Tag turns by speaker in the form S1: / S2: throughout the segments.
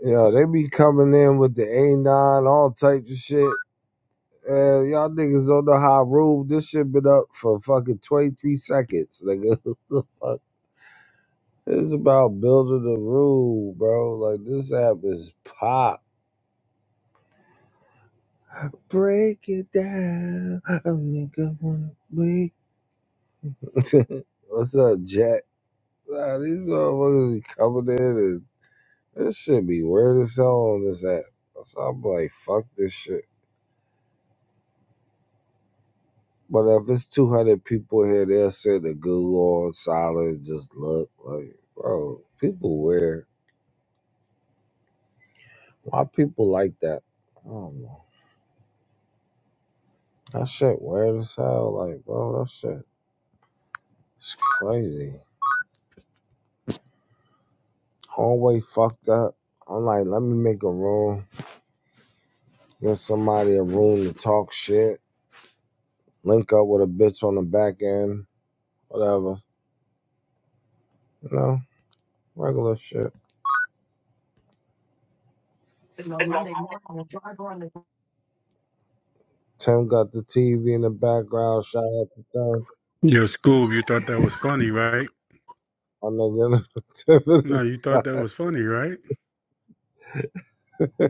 S1: Yeah, they be coming in with the A9, all types of shit. Uh, y'all niggas don't know how I rule. This shit been up for fucking 23 seconds, nigga. What The fuck? it's about building the rule, bro. Like, this app is pop. Break it down. A nigga wanna break. What's up, Jack? Nah, these motherfuckers be coming in and this shit be weird as hell on this app. So I'm like, fuck this shit. But if it's 200 people here, they'll sit the Google on solid, just look like, bro, people weird. Why people like that? I don't know. That shit weird as hell. Like, bro, that shit is crazy. Hallway fucked up. I'm like, let me make a room. Give somebody a room to talk shit. Link up with a bitch on the back end. Whatever. You know, regular shit. Tim got the TV in the background. Shout out to Tim.
S2: Your school, you thought that was funny, right?
S1: I'm not gonna tip it
S2: No,
S1: was
S2: you
S1: fine.
S2: thought that was funny, right?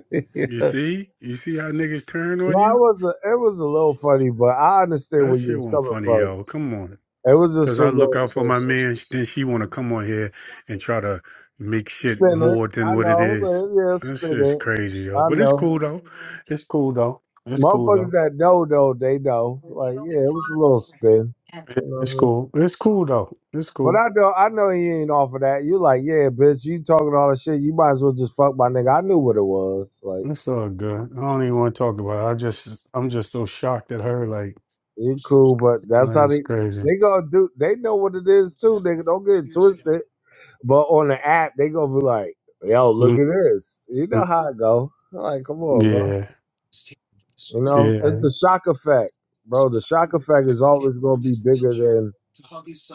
S2: You
S1: yeah.
S2: see? You see how niggas turn
S1: No,
S2: on
S1: it
S2: you?
S1: was a, it was a little funny, but I understand
S2: That
S1: where you
S2: shit
S1: was
S2: wasn't
S1: coming
S2: funny,
S1: from.
S2: yo. Come on.
S1: It was just
S2: Cause
S1: a
S2: I look
S1: little
S2: out for
S1: so-
S2: my
S1: so-
S2: man, sh- then she wanna come on here and try to make shit
S1: spin it.
S2: more than
S1: I
S2: what it
S1: know,
S2: is.
S1: but yeah,
S2: That
S1: spin
S2: shit's
S1: it.
S2: crazy, yo.
S1: I
S2: But it's
S1: know.
S2: cool though. It's cool though. It's cool
S1: Motherfuckers
S2: though.
S1: that know though, they know. Like, yeah, it was a little spin.
S2: It-
S1: You know what
S2: It's
S1: I mean?
S2: cool. It's cool though. It's
S1: But
S2: cool.
S1: I know, I know you ain't off of that. You like, yeah, bitch, you talking all that shit. You might as well just fuck my nigga. I knew what it was. Like.
S2: It's all good. I don't even want to talk about it. I just I'm just so shocked at her, like,
S1: It cool, but that's
S2: like
S1: how
S2: it's
S1: they
S2: crazy.
S1: they gonna do. They know what it is too, nigga. Don't get it twisted. But on the app, they gonna be like, "Yo, look
S2: Mm-hmm.
S1: at this." You know how it go. I'm like, come on, bro.
S2: Yeah,
S1: You know,
S2: yeah,
S1: it's the shock effect, bro. The shock effect is always gonna be bigger than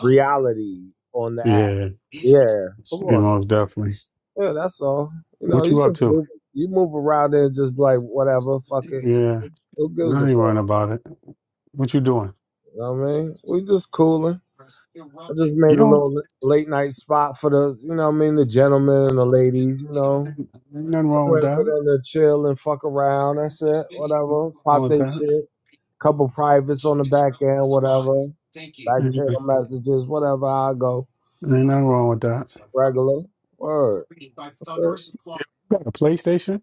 S1: reality on the app.
S2: yeah.
S1: Yeah, come
S2: You
S1: on.
S2: most definitely.
S1: Yeah, that's all. You know,
S2: What
S1: you
S2: you
S1: just
S2: up to?
S1: move, you move around there, and just be like, whatever, fuck it.
S2: Yeah,
S1: Who gives a
S2: I
S1: fuck?
S2: ain't worrying about it. What you doing?
S1: You know what I mean? We just cooling. I just
S2: You
S1: made a
S2: don't.
S1: little late night spot for the, you know, what I mean, the gentlemen and the ladies, you
S2: Ain't
S1: know,
S2: nothing wrong with
S1: somewhere for
S2: that.
S1: them to chill and fuck around. That's it.
S2: Ain't Nothing
S1: Whatever.
S2: wrong
S1: Pop
S2: with
S1: their
S2: that.
S1: shit. Couple privates on the back end. Whatever.
S2: Ain't,
S1: Back
S2: ain't
S1: channel messages. Whatever. I go
S2: nothing wrong with that.
S1: regular.
S2: You
S1: Word. That's it.
S2: got a PlayStation?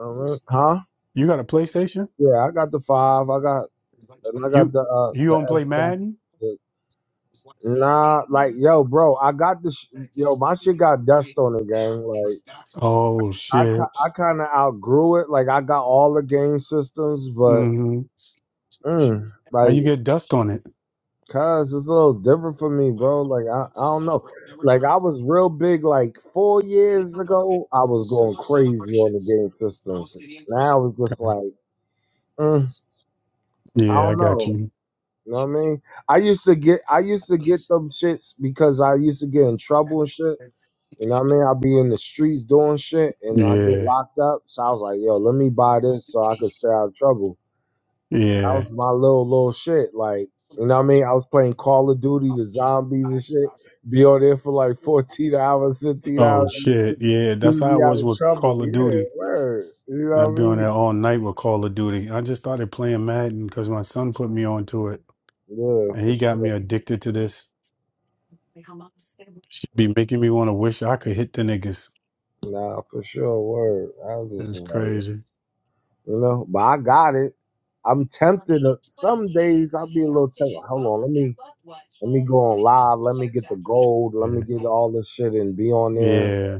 S1: All right. Huh?
S2: You got a PlayStation?
S1: Yeah. I got the five. I got and I got
S2: You
S1: the uh
S2: you
S1: the
S2: don't play
S1: Xbox.
S2: Madden?
S1: The, nah, like yo, bro. I got the sh- yo. My shit got dust on the gang. Like.
S2: Oh
S1: I ki-
S2: shit.
S1: I kind of outgrew it. Like I got all the game systems, but
S2: hmm
S1: mm,
S2: How
S1: like,
S2: you get dust on it?
S1: cause it's a little different for me, bro. Like I I don't know. Like I was real big like four years ago. I was going crazy on the game systems. Now it's just
S2: Okay.
S1: like mm, I
S2: Yeah, I
S1: don't
S2: got
S1: know.
S2: you.
S1: You know what I mean? I used to get I used to get them shits because I used to get in trouble and shit. You know what I mean? I'd be in the streets doing shit and I get
S2: Yeah.
S1: locked up. So I was like, yo, let me buy this so I could stay out of trouble. That was
S2: Yeah.
S1: my little little shit. Like, you know what I mean? I was playing Call of Duty, the zombies and shit. Be on there for like 14 hours, 15
S2: Oh
S1: hours.
S2: shit. Yeah,
S1: Keep
S2: that's how I
S1: me out
S2: was
S1: of
S2: with
S1: trouble.
S2: Call of
S1: Yeah,
S2: Duty.
S1: word. You know
S2: I'd
S1: what
S2: be
S1: I
S2: on there
S1: mean?
S2: all night with Call of Duty. I just started playing Madden because my son put me onto it,
S1: Yeah,
S2: and
S1: for
S2: he got
S1: sure.
S2: me addicted to this. She be making me want to wish I could hit the niggas.
S1: Nah, for sure. Word. I was
S2: It
S1: just
S2: was
S1: was like,
S2: crazy.
S1: you know, but I got it. I'm tempted. to- Some days I'll be a little tempted. Hold on, let me let me go on live. Let me get the gold. Let me
S2: Yeah.
S1: get all this shit and be on there.
S2: Yeah,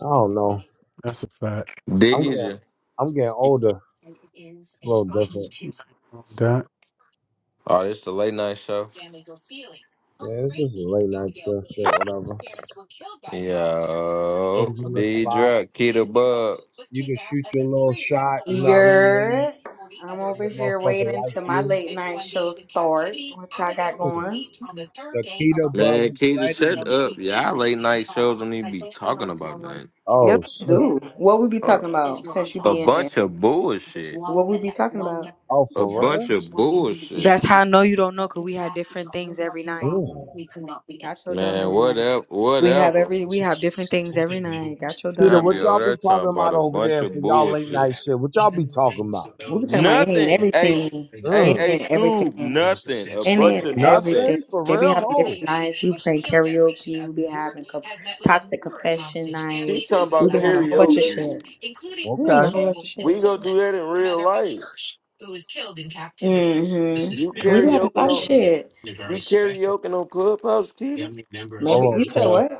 S1: I don't know.
S2: that's a fact.
S1: I'm getting
S3: Deidre.
S1: I'm getting older. It's a little different.
S2: That.
S3: Oh, this the late night show.
S1: Yeah, it's just late night stuff, but whatever.
S3: Yo,
S1: Things in the spot.
S3: Deidre, Keita Bug.
S1: You can shoot your little shot. You know what I mean? Maybe,
S4: You're. I'm
S1: maybe
S4: over
S1: a
S4: here
S1: motherfucker
S4: waiting
S1: like
S4: till my
S1: you.
S4: late night show start. What y'all got
S1: The
S4: going?
S1: keto bug
S3: Man,
S1: is
S3: Keita, shut
S1: ready.
S3: up. Y'all late night shows don't need to be talking about nothing.
S4: Yes,
S1: Oh
S4: we
S1: shit.
S4: do. What we be
S3: Hold on.
S4: talking about since you
S3: A
S4: be in there?
S3: bunch of bullshit.
S4: What we be talking about?
S1: Oh,
S3: A
S1: for real?
S3: bunch of bullshit.
S4: That's how I know you don't know, cause we have different things every night.
S1: Mm.
S4: Got your dumb
S3: Man,
S4: ass.
S3: whatever,
S4: We have
S3: whatever.
S4: every. We have different things every night. Got your dumb
S1: Keto,
S3: Y'all
S1: what
S3: be
S1: y'all
S3: over
S4: ass.
S3: there
S1: be talking
S3: talking
S1: about
S3: about a
S1: over
S3: bunch
S1: there for
S3: of
S1: y'all late night
S3: bullshit.
S1: shit? What y'all be talking about?
S4: We be talking about any and
S3: Nothing. A a
S4: everything.
S3: a
S4: Any
S1: Mm,
S3: hey,
S4: and
S3: Scoob,
S4: everything.
S3: nothing. A
S4: And then
S3: bunch of nothing.
S4: everything.
S1: Nothing for
S4: They be
S1: real?
S4: having
S1: Oh,
S4: different nights. We play karaoke. We be having co- toxic confession
S3: She
S4: nights.
S3: talking
S4: We
S3: about
S4: be having a whole bunch of
S3: karaoke.
S4: shit. We having a
S1: okay.
S4: whole bunch of
S3: We
S4: shit.
S3: go do that in real life. You
S4: Mm-hmm. We be having
S3: karaoke
S4: a lot of
S3: on
S4: shit.
S3: you karaoke on Clubhouse, Keita?
S4: Maybe
S1: Hold
S4: you
S1: on,
S4: said
S1: tell
S4: what?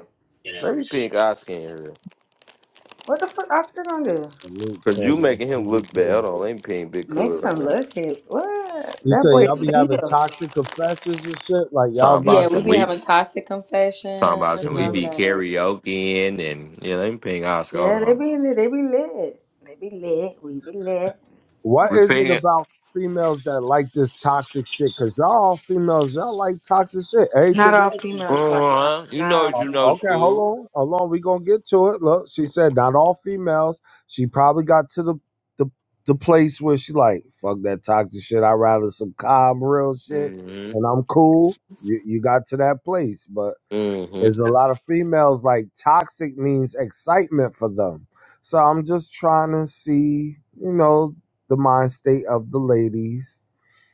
S3: Let me ping Oscar in here.
S4: What the fuck Oscar gonna do?
S3: Cause you making him look bad. Hold on, let me ping Big
S4: Make
S3: Cud right
S4: him
S3: now.
S4: look it. What?
S1: You
S4: That
S1: say
S4: boy
S1: y'all be having
S4: single.
S1: toxic confessions and shit, like y'all
S3: Talking
S4: Yeah,
S3: about
S1: be.
S4: we
S3: some
S4: be
S3: we
S4: having toxic
S3: talking
S4: confessions.
S3: about some we
S4: I'm
S1: Mm.
S3: be
S4: like,
S3: karaokeing and yeah, let me ping Oscar. Hold
S4: yeah, they
S3: on.
S4: be in it. They be lit. They be lit. We be lit.
S1: What
S3: We
S1: is
S3: ping
S1: it
S3: it.
S1: about females that like this toxic shit? Cause y'all all females, y'all like toxic shit.
S4: Not
S1: Everything
S4: all
S1: else. is-
S4: females like. that.
S3: Uh-huh. You
S4: Not
S3: know
S4: all
S3: what
S1: Oh,
S3: you
S4: females.
S3: know,
S1: Okay, hold
S3: school.
S1: on, hold on. We gonna get to it. Look, she said not all females. She probably got to the the, the place where she like fuck that toxic shit. I rather some calm, real shit, and
S3: Mm-hmm.
S1: I'm cool. You you got to that place, but is
S3: Mm-hmm.
S1: a lot of females like toxic means excitement for them. So I'm just trying to see, you know, the mind state of the ladies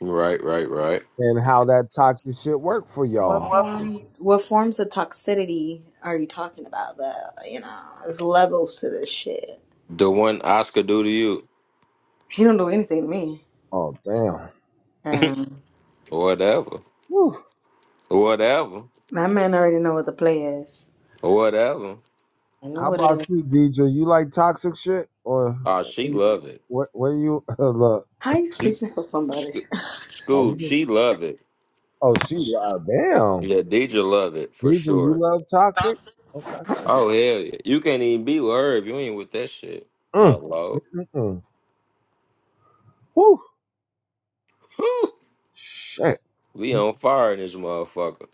S3: Right, right, right.
S1: and how that toxic shit work for
S4: What
S1: y'all. Well,
S4: forms what forms of toxicity are you talking about That You know, there's levels to this shit.
S3: The one Oscar do to you.
S4: He don't do anything to me.
S1: Oh damn.
S4: Um
S3: Or whatever.
S1: Whew.
S3: Or whatever.
S4: that man already know what the play is.
S3: Or whatever.
S4: I know
S1: How
S4: what it
S1: about
S4: is.
S1: you, DJ? You like toxic shit or
S3: Oh, she love it.
S1: where, where you look?
S4: How you
S3: She,
S4: speaking for somebody?
S3: she school, she love it.
S1: Oh, she lied. Damn,
S3: Yeah, Deidre love it for
S1: DJ, you
S3: sure.
S1: love toxic? Okay.
S3: Oh hell yeah. You can't even be with her if you ain't with that shit.
S1: Mm,
S3: Hello.
S1: mm-mm. Woo.
S3: Whew.
S1: Shit.
S3: We on fire in this motherfucker.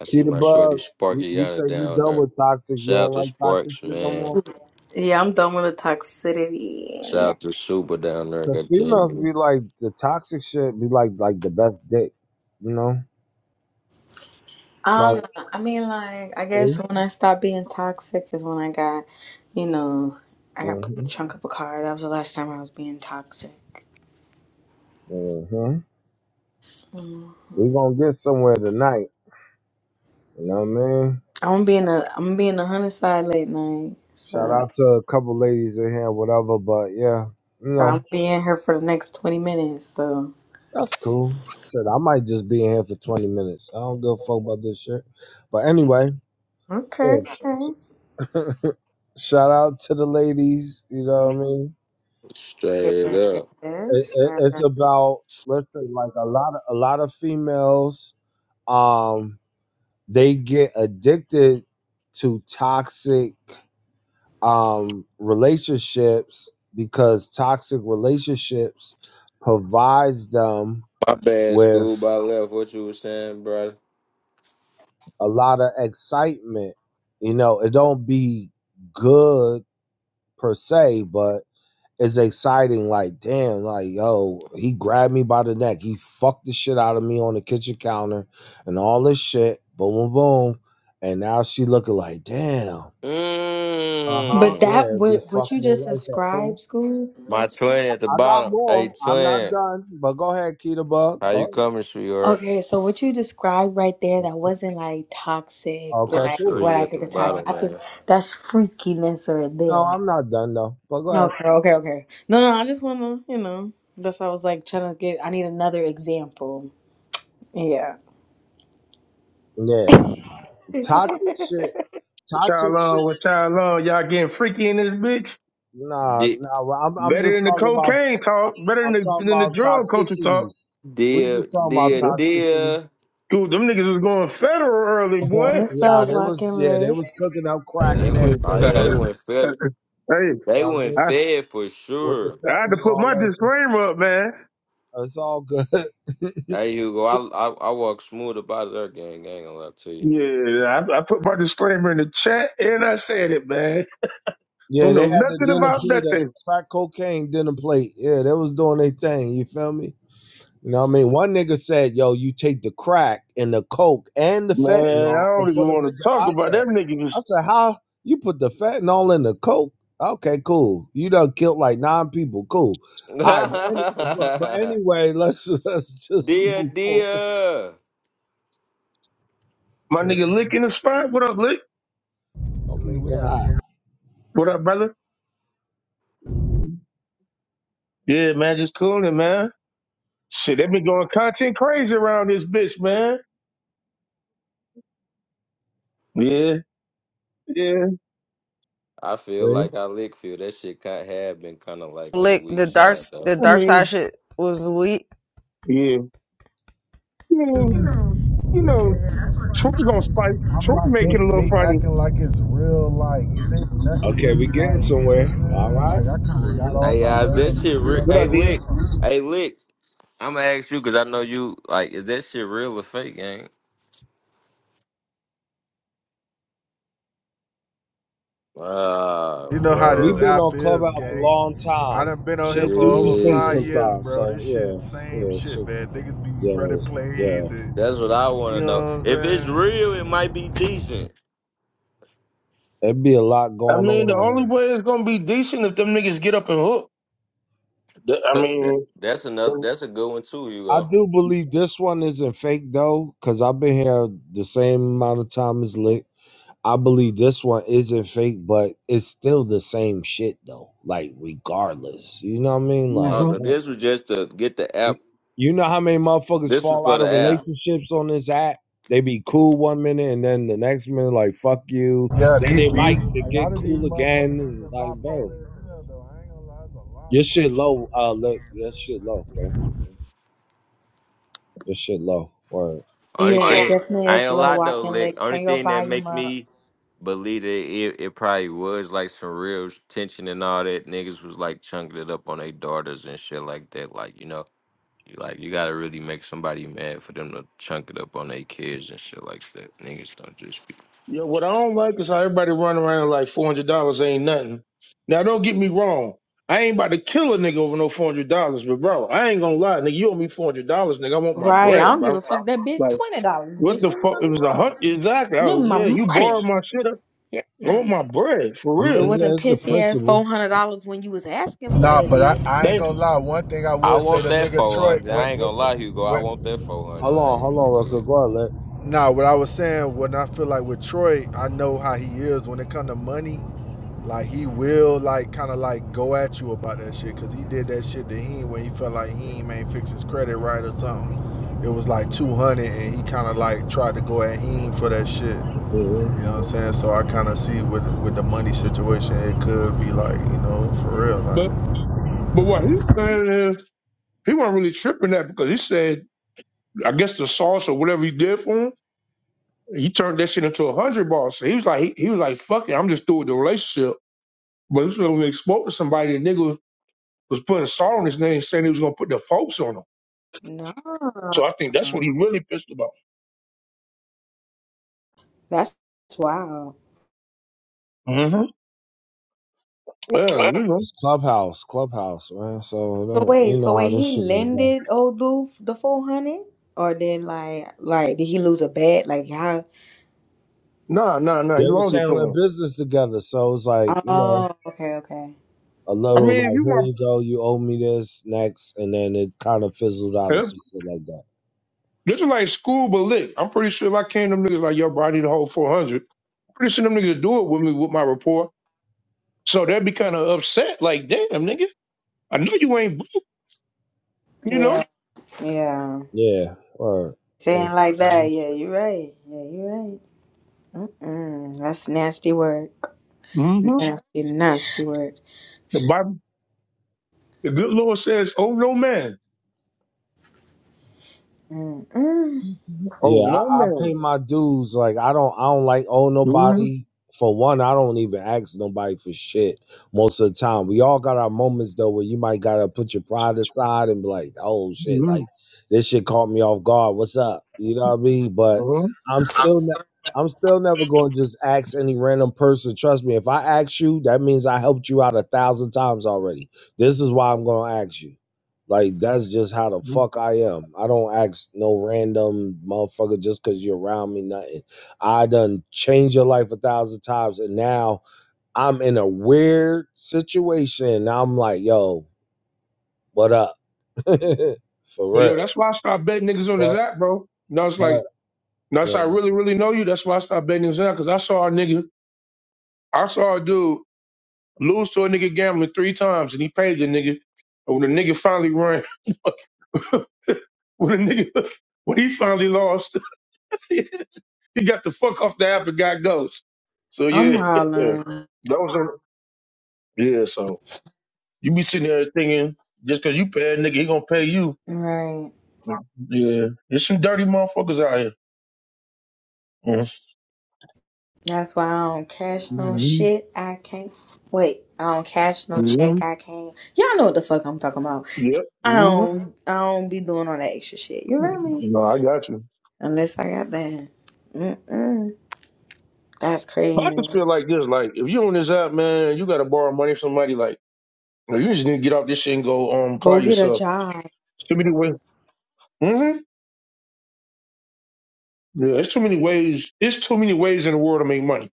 S3: I see
S1: Peter
S3: my shorty
S1: Bug, you, you say
S3: Sparkiana
S1: you
S3: down
S1: done
S3: there.
S1: with toxic. You
S3: Shout out
S1: don't
S3: to
S1: like toxic
S3: Sparks,
S1: shit no
S3: man.
S1: more.
S4: yeah, I'm done with the toxicity.
S3: Shout
S4: Yeah.
S3: out to Super down there,
S1: Cause
S3: goddamn
S1: females
S3: you.
S1: be like the toxic shit be like like the best dick, you know. Like,
S4: Um I mean like I guess
S1: see,
S4: when I stopped being toxic is when I got, you know, I got put in the
S1: mhm,
S4: trunk of a car. That was the last time I was being toxic.
S1: mhm.
S4: Mm-hmm.
S1: We gonna get somewhere tonight. You know what I mean?
S4: I'm being a I'm being a hundred side late night,
S1: Shout
S4: so
S1: out to a couple ladies in here, whatever. But yeah, you
S4: so
S1: know
S4: I'm being here for the next twenty minutes. So
S1: that's cool. Shit, I might just be in here for twenty minutes. I don't give a fuck about this shit. But anyway,
S4: okay,
S1: yeah. Shout out to the ladies. You know what I mean?
S3: Straight
S4: okay,
S3: up.
S1: it,
S4: Yes,
S1: it,
S4: sure.
S1: it's about listen like a lot of a lot of females um they get addicted to toxic um relationships because toxic relationships provides them
S3: My bad, school by
S1: with
S3: left. What you was saying, brother?
S1: a lot of excitement you know it don't be good per se but is exciting. Like, damn, like, yo, he grabbed me by the neck. He fucked the shit out of me on the kitchen counter and all this shit. Boom, boom, boom. And now she looking like, damn. Uh huh.
S4: But
S3: Mmm.
S4: that
S1: Yeah, be
S4: what what you
S1: fucking their
S4: just
S1: life up. Cool.
S4: described, school.
S3: My twin at the
S1: I got
S3: bottom. Hey,
S1: more. I'm not
S3: twin.
S1: done. But go ahead, Keita Bug.
S3: How
S1: Go
S3: you
S1: ahead.
S3: coming, sweetheart?
S4: Okay, so what you described right there that wasn't like toxic,
S3: My
S1: Okay,
S4: like
S1: cool.
S4: what
S3: shorty
S4: I
S3: at the
S4: think of
S1: All right.
S4: toxic.
S3: bottom,
S4: I just
S3: man.
S4: that's freakiness right
S1: No,
S4: there.
S1: I'm not done though. But go ahead.
S4: Okay, okay, okay. No, no, I just wanna, you know, that's why I was like trying to get. I need another example. Yeah.
S1: Yeah. Toxic shit.
S5: What
S1: Toxic
S5: y'all
S1: shit.
S5: on? What y'all on? Y'all getting freaky in this bitch?
S1: Nah, nah. well, I'm I'm
S5: Better
S1: just
S5: than the
S1: talking about
S5: cocaine talk. Better
S1: I'm
S5: than the,
S1: talking
S5: than the
S1: about
S5: drug culture
S1: toxicity.
S5: talk.
S1: We just
S3: Dear,
S1: talking about
S3: dear,
S5: Yeah.
S1: toxicity.
S3: dear.
S5: Dude, them niggas was going federal early,
S1: Uh-huh.
S5: boy.
S4: What's
S1: Yeah,
S4: up,
S1: they was
S4: walking
S1: yeah, they
S4: leg?
S1: was cooking up crack and
S3: Oh
S1: everything
S3: yeah, they
S1: too. You
S3: went fed.
S5: Hey,
S3: They
S1: know what I
S3: went
S5: I,
S1: mean?
S3: fed for
S1: With the
S3: sure.
S1: fat
S5: I had
S1: and
S5: to put
S1: all
S5: my
S1: that. shit.
S5: disclaimer up, man.
S1: It's all good.
S3: Hey Hugo, I I, I walk smooth about their gang. I ain't gonna lie
S5: Yeah, I, I put my disclaimer in the chat and I said it, man.
S1: yeah,
S5: Who
S1: they
S5: know
S1: had the
S5: nothing
S1: dinner
S5: about
S1: plate, a
S5: nothing.
S1: crack cocaine dinner plate. Yeah, they was doing their thing. You feel me? You know what I mean? One nigga said, yo, you take the crack and the coke and the
S5: Man, I
S1: fentanyl and
S5: don't even
S1: put them
S5: want to
S1: together.
S5: talk
S1: I
S5: about
S1: said,
S5: them niggas.
S1: I said, how? You put the fentanyl in the coke? Okay, cool. You done killed like nine people. Cool. All right, but, any, but, but
S3: to
S1: anyway, let's let's
S3: you.
S1: just
S3: dear,
S1: move forward.
S3: dear.
S5: My
S1: Yeah,
S5: nigga Lick in the spot. What up, Lick?
S1: Don't make it hot.
S5: What up, brother?
S1: Mhm.
S5: Yeah, man, just cooling, man. Shit, they been going content crazy around this bitch, man. Yeah, yeah.
S3: I feel
S1: See?
S3: like I lick feel that shit kind had been kind of like on the
S6: flick, the
S3: weak
S6: dark
S3: side though.
S6: the
S5: I
S6: dark side
S5: mean,
S6: shit was weak.
S5: yeah. I mean,
S7: I'm
S5: you know, Troy gonna spike. Troy
S7: like
S5: make it
S7: they
S5: a little
S7: they
S5: funny,
S7: acting like it's real like it ain't nothing
S1: Okay, we
S7: really
S1: getting
S7: like you know what
S1: somewhere. All
S7: I'm saying?
S1: right.
S7: Like I kinda got
S1: Mm-hmm.
S7: off,
S3: Hey
S7: I
S3: guys,
S7: heard a
S3: that shit. Re-
S5: but I
S3: hey
S7: and I
S5: did.
S7: got
S3: lick.
S7: off.
S3: Hey lick. I'ma ask you because I know you like. Is that shit real or fake, gang? Ah,
S7: You know how
S1: We've
S7: this
S3: bro.
S1: been
S7: app
S1: on
S7: is,
S1: Clubhouse a
S7: gang.
S1: long
S7: I
S1: time.
S7: done been on here
S1: Shit
S7: for
S1: do
S7: over
S1: be fake
S7: five
S3: Yeah.
S7: years,
S1: sometimes.
S7: bro.
S1: So
S7: This shit
S1: yeah,
S7: same
S1: yeah,
S7: shit,
S1: shit,
S7: man. Niggas be
S1: yeah.
S7: running
S1: Yeah,
S7: plays and
S3: That's what I want to
S7: you know what
S3: know.
S7: I'm
S3: If it's
S7: saying?
S3: real, it might be decent.
S1: There'd be a lot
S5: I
S1: going on
S5: mean, the
S1: on
S5: only
S1: here.
S5: way it's gonna be decent if them niggas get up and hook. The- I
S3: So that-
S5: mean,
S3: that's enough. That's a good one too,
S1: I
S3: Hugo.
S1: do believe this one isn't fake though, because I've been here the same amount of time as Lick. I believe this one isn't fake, but it's still the same shit though. Like regardless, you know what I mean?
S3: Oh,
S1: Like,
S5: hmm
S3: so this was just to get the app.
S1: you know how many motherfuckers
S3: This was
S1: fall
S3: for
S1: out
S3: the
S1: of
S3: app.
S1: relationships on this app? They be cool one minute and then the next minute like fuck you.
S7: Yeah,
S1: Then
S7: these,
S1: they
S7: these
S1: might
S7: a lot
S1: get
S7: of these
S1: cool
S7: motherfuckers
S1: again.
S7: in
S1: And
S7: here
S1: like, bro,
S7: bipolar as hell though. I ain't gonna lie, there's a lot
S1: your
S7: of
S1: shit low. Uh, Lick, your shit low. Okay,
S7: motherfuckers.
S1: your shit low. Word.
S3: Only
S4: Yeah,
S1: I
S4: it
S3: thing
S4: definitely
S3: I
S4: is
S3: ain't a
S4: a little
S3: lot though,
S4: walking
S3: lick.
S4: leg.
S3: Only
S4: Turn your
S3: thing that
S4: volume
S3: make
S4: up.
S3: me believe that it, it probably was like some real tension and all that. Niggas was like chunking it up on their daughters and shit like that. Like you know, you like you gotta really make somebody mad for them to chunk it up on their kids and shit like that. Niggas don't just be.
S5: yeah. What I don't like is how everybody run around like four hundred dollars ain't nothing. Now, don't get me wrong. I ain't about to kill a nigga over no four hundred dollars, but bro, I ain't gonna lie, nigga. You owe me four hundred dollars, nigga. I want my
S4: Right. I
S5: bread,
S4: don't give a
S5: bro.
S4: fuck. That bitch
S5: Like.
S4: twenty dollars.
S5: What
S4: Bitch,
S5: the
S4: give me
S5: fuck?
S4: my
S5: It was a
S4: money.
S5: hunt. Exactly.
S4: Give
S5: Oh,
S4: me my
S5: yeah, you borrowed
S4: money.
S5: my shit. I
S4: Yeah.
S5: want my
S4: It
S5: bread for
S1: I mean,
S5: real.
S1: yeah,
S4: wasn't
S1: it's the
S4: pissy ass four
S1: principle.
S4: hundred dollars when you was asking for
S7: Nah,
S4: that
S7: but I,
S4: bitch.
S7: I ain't
S5: Thank
S7: gonna
S5: you.
S7: lie. One thing I
S3: I
S7: would say,
S3: want
S7: the
S3: that
S7: nigga
S3: four
S7: Troy,
S3: hundred.
S7: what,
S3: I ain't
S7: what,
S3: gonna lie, Hugo. I
S7: what?
S3: want that four
S1: Hold
S3: hundred. I
S1: on,
S3: ain't gonna
S1: hold
S3: lie
S1: on,
S3: to
S1: Rucker.
S3: you.
S1: Go ahead,
S7: Nah, what I was saying when I feel like with Troy, I know how he is when it come to money. Like he will like kind of like go at you about that shit because he did that shit to him when he felt like he ain't fix his credit right or something. It was like two hundred and he kind of like tried to go at him for that shit. You
S1: let.
S7: know what I'm saying? So I kind of see with with the money situation, it could be like, you know, for real.
S5: But
S7: Like,
S5: but what he's saying is he wasn't really tripping that because he said I guess the sauce or whatever he did for him, he turned that shit into a hundred ball. So he was like he, he was like, fuck it, I'm just through with the relationship. But this when he spoke to somebody, the nigga was, putting salt on his name saying he was gonna put the folks on him.
S4: No.
S5: So I think that's what he really pissed about.
S4: That's wild.
S5: hmm Yeah,
S1: Yeah.
S5: you know.
S1: It's Clubhouse, Clubhouse, man. So
S4: So
S1: it do you
S4: wait, so
S1: know how
S4: wait,
S1: this
S4: he
S1: shit gonna go.
S4: lended old dude the four hundred? Or then like like did he lose a bet? Like how
S5: Nah, nah, nah.
S1: They
S5: He
S1: was
S5: loaned it to
S1: handling
S5: him.
S1: business together, so it's like you know
S4: Oh, okay, okay.
S1: a
S5: I
S1: little
S5: mean, if
S1: like
S5: you
S1: here you
S5: my.
S1: go, you owe me this next, and then it kind of fizzled out or something like that.
S5: This was like school, but lit. I'm pretty sure if I came to them niggas like, yo, bro, I need a whole 400. I'm pretty sure them niggas would do it with me with my report. So they'd be kind of upset, like, damn, nigga, I know you ain't, broke, you know?
S4: Yeah, yeah.
S1: Yeah, or
S4: Saying like
S1: yeah.
S4: that. Yeah, you're right. Yeah, you're right. Mm-mm. That's nasty work.
S5: hmm
S4: Nasty, nasty work.
S5: The Bible, the good Lord says, oh, no man.
S4: Mm-mm.
S5: Oh,
S1: Yeah, I,
S5: no
S1: I pay
S5: man.
S1: my dues. Like I don't I don't like owe
S5: hmm
S1: nobody. For one, I don't even ask nobody for shit most of the time. We all got our moments though where you might gotta put your pride aside and be like, oh shit, like
S5: hmm
S1: this shit caught me off guard. What's up? You know what I mean? But
S5: hmm
S1: I'm still ne- I'm still never going to just ask any random person. Trust me, if I ask you, that means I helped you out a thousand times already. This is why I'm going to ask you. Like that's just how the fuck I am. I don't ask no random motherfucker just cause you're around me, nothing. I done changed your life a thousand times and now I'm in a weird situation. I'm like, yo, what up? For
S5: Well, yo,
S1: real.
S5: that's why I started betting niggas on this
S1: But,
S5: app, bro. And I was
S1: but
S5: like, that's
S1: yeah.
S5: I really, really know you. That's why I started betting niggas app, because I saw a nigga, I saw a dude lose to a nigga gambling three times, and he paid the nigga. And when the nigga finally run when a nigga when he finally lost, he got the fuck off the app and got ghost. So
S4: I'm
S5: yeah, yeah.
S4: hollering.
S5: that was on. Yeah, so you be sitting there thinking just cause you pay a nigga, he gonna pay you.
S4: Right.
S5: Yeah, there's some dirty motherfuckers out here.
S4: That's why I don't cash no
S5: Mm-hmm.
S4: shit. I can't. Wait, I don't cash no
S5: Yeah. Mm-hmm.
S4: check. I can't. Y'all know what the fuck I'm talking about.
S5: Yep.
S4: I
S5: hmm
S4: don't. I don't be doing all that extra shit. You hear me?
S5: No, I got you.
S4: Unless I got that. Mm-mm. That's
S5: But I
S4: crazy.
S5: just feel like this, like if you on this app, man, you gotta borrow money from somebody. Like you just need to get off this shit and go um apply
S4: Go get a
S5: yourself.
S4: job.
S5: Give me the way. Mhm. Yeah, there's too many ways. It's too many ways in the world to make money.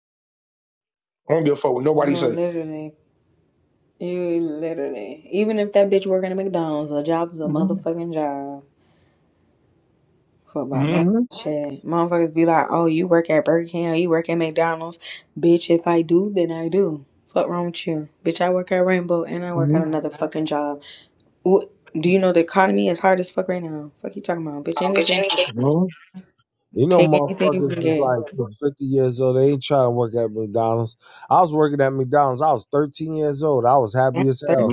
S5: I don't give a fuck what nobody
S4: No,
S5: say.
S4: literally. You literally, even if that bitch working at McDonald's, a job is a
S5: hmm
S4: motherfucking job Fuck about nothing.
S5: hmm
S4: Shit, motherfuckers be like, "Oh, you work at Burger King, or you work at McDonald's, bitch." If I do, then I do. Fuck wrong with you, bitch? I work at Rainbow and I work
S5: hmm
S4: at another fucking job. What? Do you know the economy is hard as fuck right now? Fuck you talking about, bitch?
S1: Oh, bitch,
S4: Anything,
S1: any case. You know,
S4: take anything you
S1: motherfuckers
S4: can
S1: is
S4: get.
S1: like 50 years old. They ain't trying to work at McDonald's. I was working at McDonald's. I was 13 years old. I was happy
S4: Damn,
S1: as hell.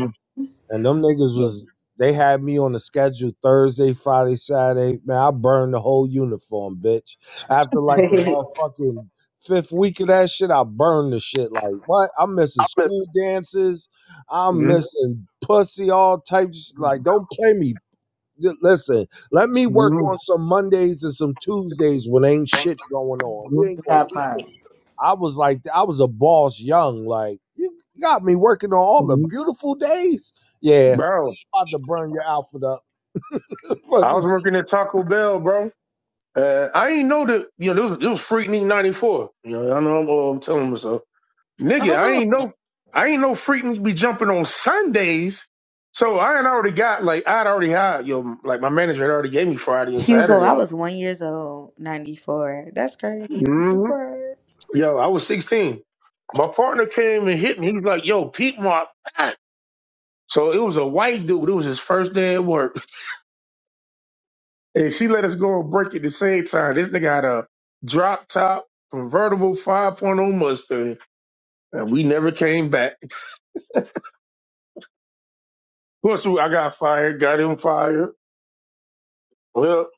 S1: And them niggas was they had me on the schedule Thursday, Friday, Saturday. Man, I burned the whole uniform, bitch. After like the
S4: Thirteen.
S1: motherfucking fifth week of that shit, I burned the shit. Like what? I'm
S5: I
S1: missing
S5: bet.
S1: school dances. I'm
S5: Mhm.
S1: missing pussy, all types. Like,
S5: Mhm.
S1: don't play me. Li- Listen, let me work on some Mondays and some Tuesdays when ain't shit going on. You ain't gonna
S4: that
S1: keep.
S4: part.
S1: it. I was like, I was a boss young. Like, you got me working on all the
S5: Mhm.
S1: beautiful days. Yeah,
S5: Bro,
S1: about to burn your outfit up.
S5: I
S1: Fucking
S5: was working at Taco Bell, bro. Uh, I ain't know that, you know, this was, this was Freaknik 94. You know, I know I'm, uh, I'm telling myself. Nigga, I
S4: Oh,
S5: ain't know, I ain't know Freaknik be jumping on Sundays. So I had already got, like, I would already had, you know, like my manager had already gave me Friday and
S4: Hugo,
S5: Saturday
S4: I was
S5: off.
S4: one years old, ninety four. That's crazy. You crazy.
S5: Yo, I was 16. My partner came and hit me. He was like, yo, Pete Mark. ah." So it was a white dude. It was his first day at work. And she let us go and break at the same time. This nigga had a drop top convertible 5.0 point oh Mustang. And we never came back. Of course, we- I got fired, got him fired. Well,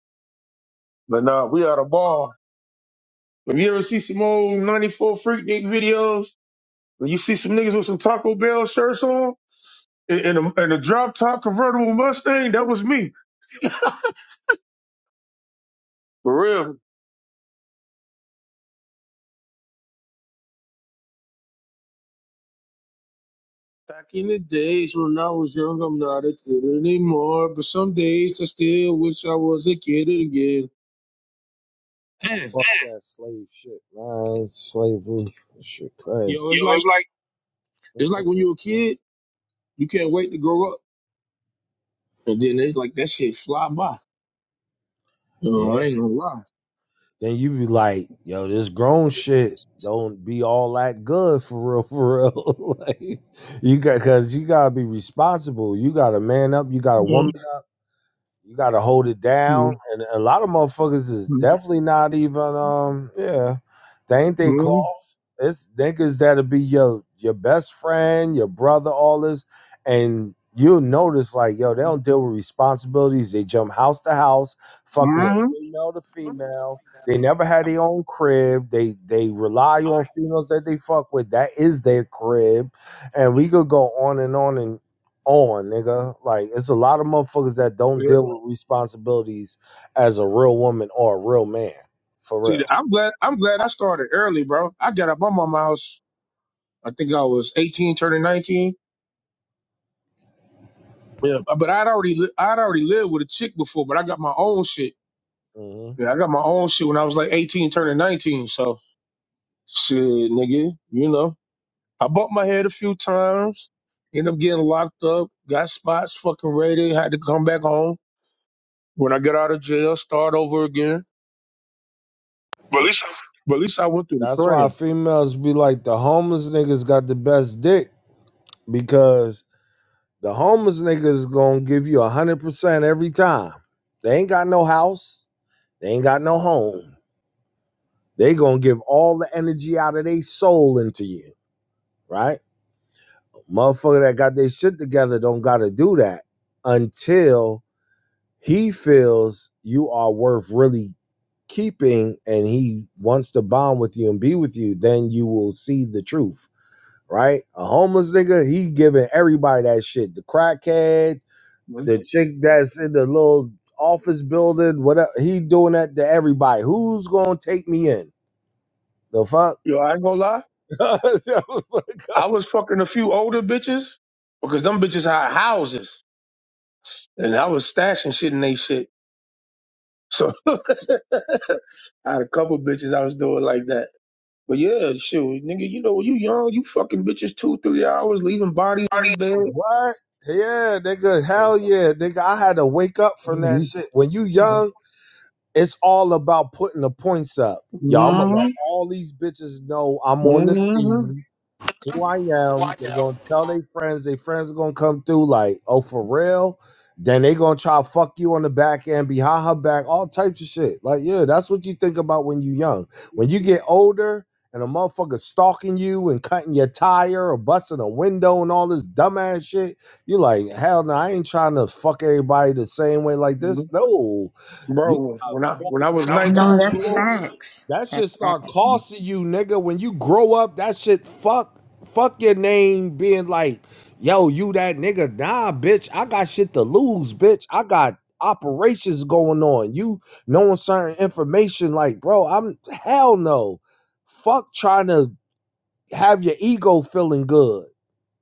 S5: but nah, we out of ball. If you ever see some old 94 Freak Dick videos, when you see some niggas with some Taco Bell shirts on and and a, and a drop top convertible Mustang, that was me. For real. Back in the days when I was young, I'm not a kid anymore. But some days I still wish I was a kid again. Man,
S1: Fuck that slave shit, man. Slavery shit, crazy.
S5: yo, it's
S1: Yo, it's
S5: like
S1: like
S5: it's like when you're a kid, you can't wait to grow up, and then it's like that shit fly by. You
S1: Yeah.
S5: I ain't gonna lie.
S1: Then you be like, yo, this grown shit don't be all that good for real, for real. like you got, cause you gotta be responsible. You got to man up. You got a woman. You got to hold it down,
S5: Mm-hmm.
S1: and a lot of motherfuckers is definitely not even. Um, yeah, they ain't they
S5: Mm-hmm.
S1: claws. It's niggas that'll be your your best friend, your brother, all this, and you'll notice like yo, they don't deal with responsibilities. They jump house to house, fucking with female to female. They never had their
S8: I
S1: own crib. They they rely on females that they fuck with. That is their crib, and we could go on and on and on, nigga. Like it's a lot of motherfuckers that don't
S5: Yeah.
S1: deal with responsibilities as a real woman or a real man, for real.
S5: See, I'm glad I'm glad I started early, bro. I got up on my mouse. I think I was 18, turning 19. Yeah, but I'd already li- I'd already lived with a chick before, but I got my own shit.
S1: hmm
S5: Yeah, I got my own shit when I was like 18, turning 19. So, shit, nigga, you know. I bumped my head a few times, ended up getting locked up, got spots fucking raided, had to come back home. When I got out of jail, start over again.
S1: But at least I
S5: But at least I went through the
S1: That's why
S5: training.
S1: females be like the homeless niggas got the best dick because the homeless niggas gonna give you a hundred percent every time. They ain't got no house, they ain't got no home. They gonna give all the energy out of their soul into you, right? Motherfucker that got their shit together don't gotta do that until He feels you are worth really keeping and he wants to bond with you and be with you, then you will see the truth, right? A homeless nigga, he giving everybody that shit. The crackhead, the chick that's in the little office building, whatever. He doing that to everybody. Who's gonna take me in? The fuck?
S5: Yo, I ain't gonna lie. I
S1: what?
S5: was fucking a few older bitches because them bitches had houses and I was stashing shit in they shit. So I had a couple bitches I was doing like that. But yeah, shoot, nigga, you know when you young, you fucking bitches two, three hours, leaving bodies in the bed,
S1: Yeah, nigga. Hell yeah, nigga. I had to wake up from that
S5: Mm-hmm.
S1: shit. When you
S5: Mm-hmm.
S1: young. It's all about putting the points up. Y'all, I'm gonna let all these bitches know I'm on the team who I am.
S9: Watch
S1: They're gonna
S9: out.
S1: tell their friends. Their friends are gonna come through like, oh, for real. Then they gonna try to fuck you on the back end, behind her back, all types of shit. Like, yeah, that's what you think about when you young. When you get older and a motherfucker stalking you and cutting your tire or busting a window and all this dumbass shit, you're like, hell no, I ain't trying to fuck everybody the same way like this. No, you
S5: bro.
S1: gotta
S5: When I
S1: fuck
S5: when I
S1: the
S5: was
S1: When I fuck was back,
S5: nineteen
S4: No,
S5: in
S4: that's
S5: school,
S1: nigga.
S4: facts.
S1: That
S4: That's
S1: shit
S4: facts.
S1: start
S5: Mhm.
S1: costing you, nigga. When you grow up, that shit fuck fuck your name being like, yo, you that nigga. Nah, bitch. I got shit to lose, bitch. I got operations going on. You knowing certain information, like, bro, I'm hell no. Fuck trying to have your ego feeling good.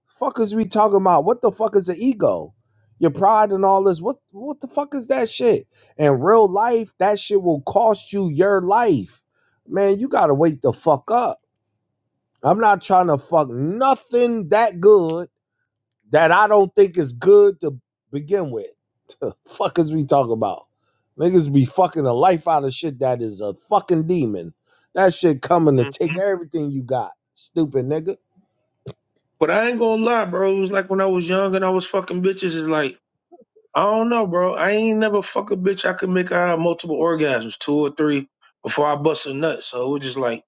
S1: Fuck is we talking about? What the fuck is the ego? Your pride and all this. What what the fuck is that shit? In real life, that shit will cost you your life. Man, you gotta wake the fuck up. I'm not trying to fuck nothing that good that I don't think is good to begin with. fuck is we talking about? Niggas be fucking the life out of shit that is a fucking demon. That shit coming to take everything you got. Stupid nigga.
S5: but I ain't gonna lie, bro. It was like when I was young and I was fucking bitches. It's like I don't know, bro. I ain't never fuck a bitch. I could make her have multiple orgasms, two or three, before I bust a nut. So it was just like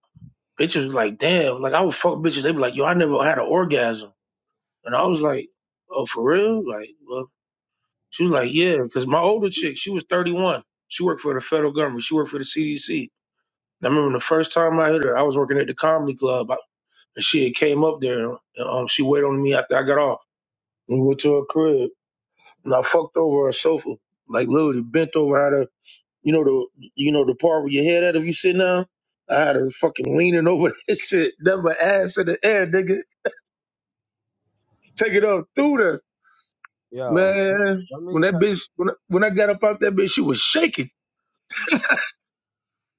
S5: bitches was like, damn. Like I would fuck bitches. They be like, yo, I never had an orgasm. And I was like, oh, for real? Like, well, she was like, yeah, because my older chick, she was 31. She worked for the federal government. She worked for the CDC. And I remember the first time I hit her, I was working at the comedy club. I, and she had came up there, and um, she waited on me after I got off. We went to her crib, and I fucked over her sofa, like literally bent over. I had her, you know the, you know the part where your head at if you sit down. I had her fucking leaning over this shit, never ass in the air, nigga. Take it up through there.
S1: Yo,
S5: Man,
S1: let me
S5: when that
S1: tell
S5: bitch, when, I- when I got up out that bitch, she was shaking.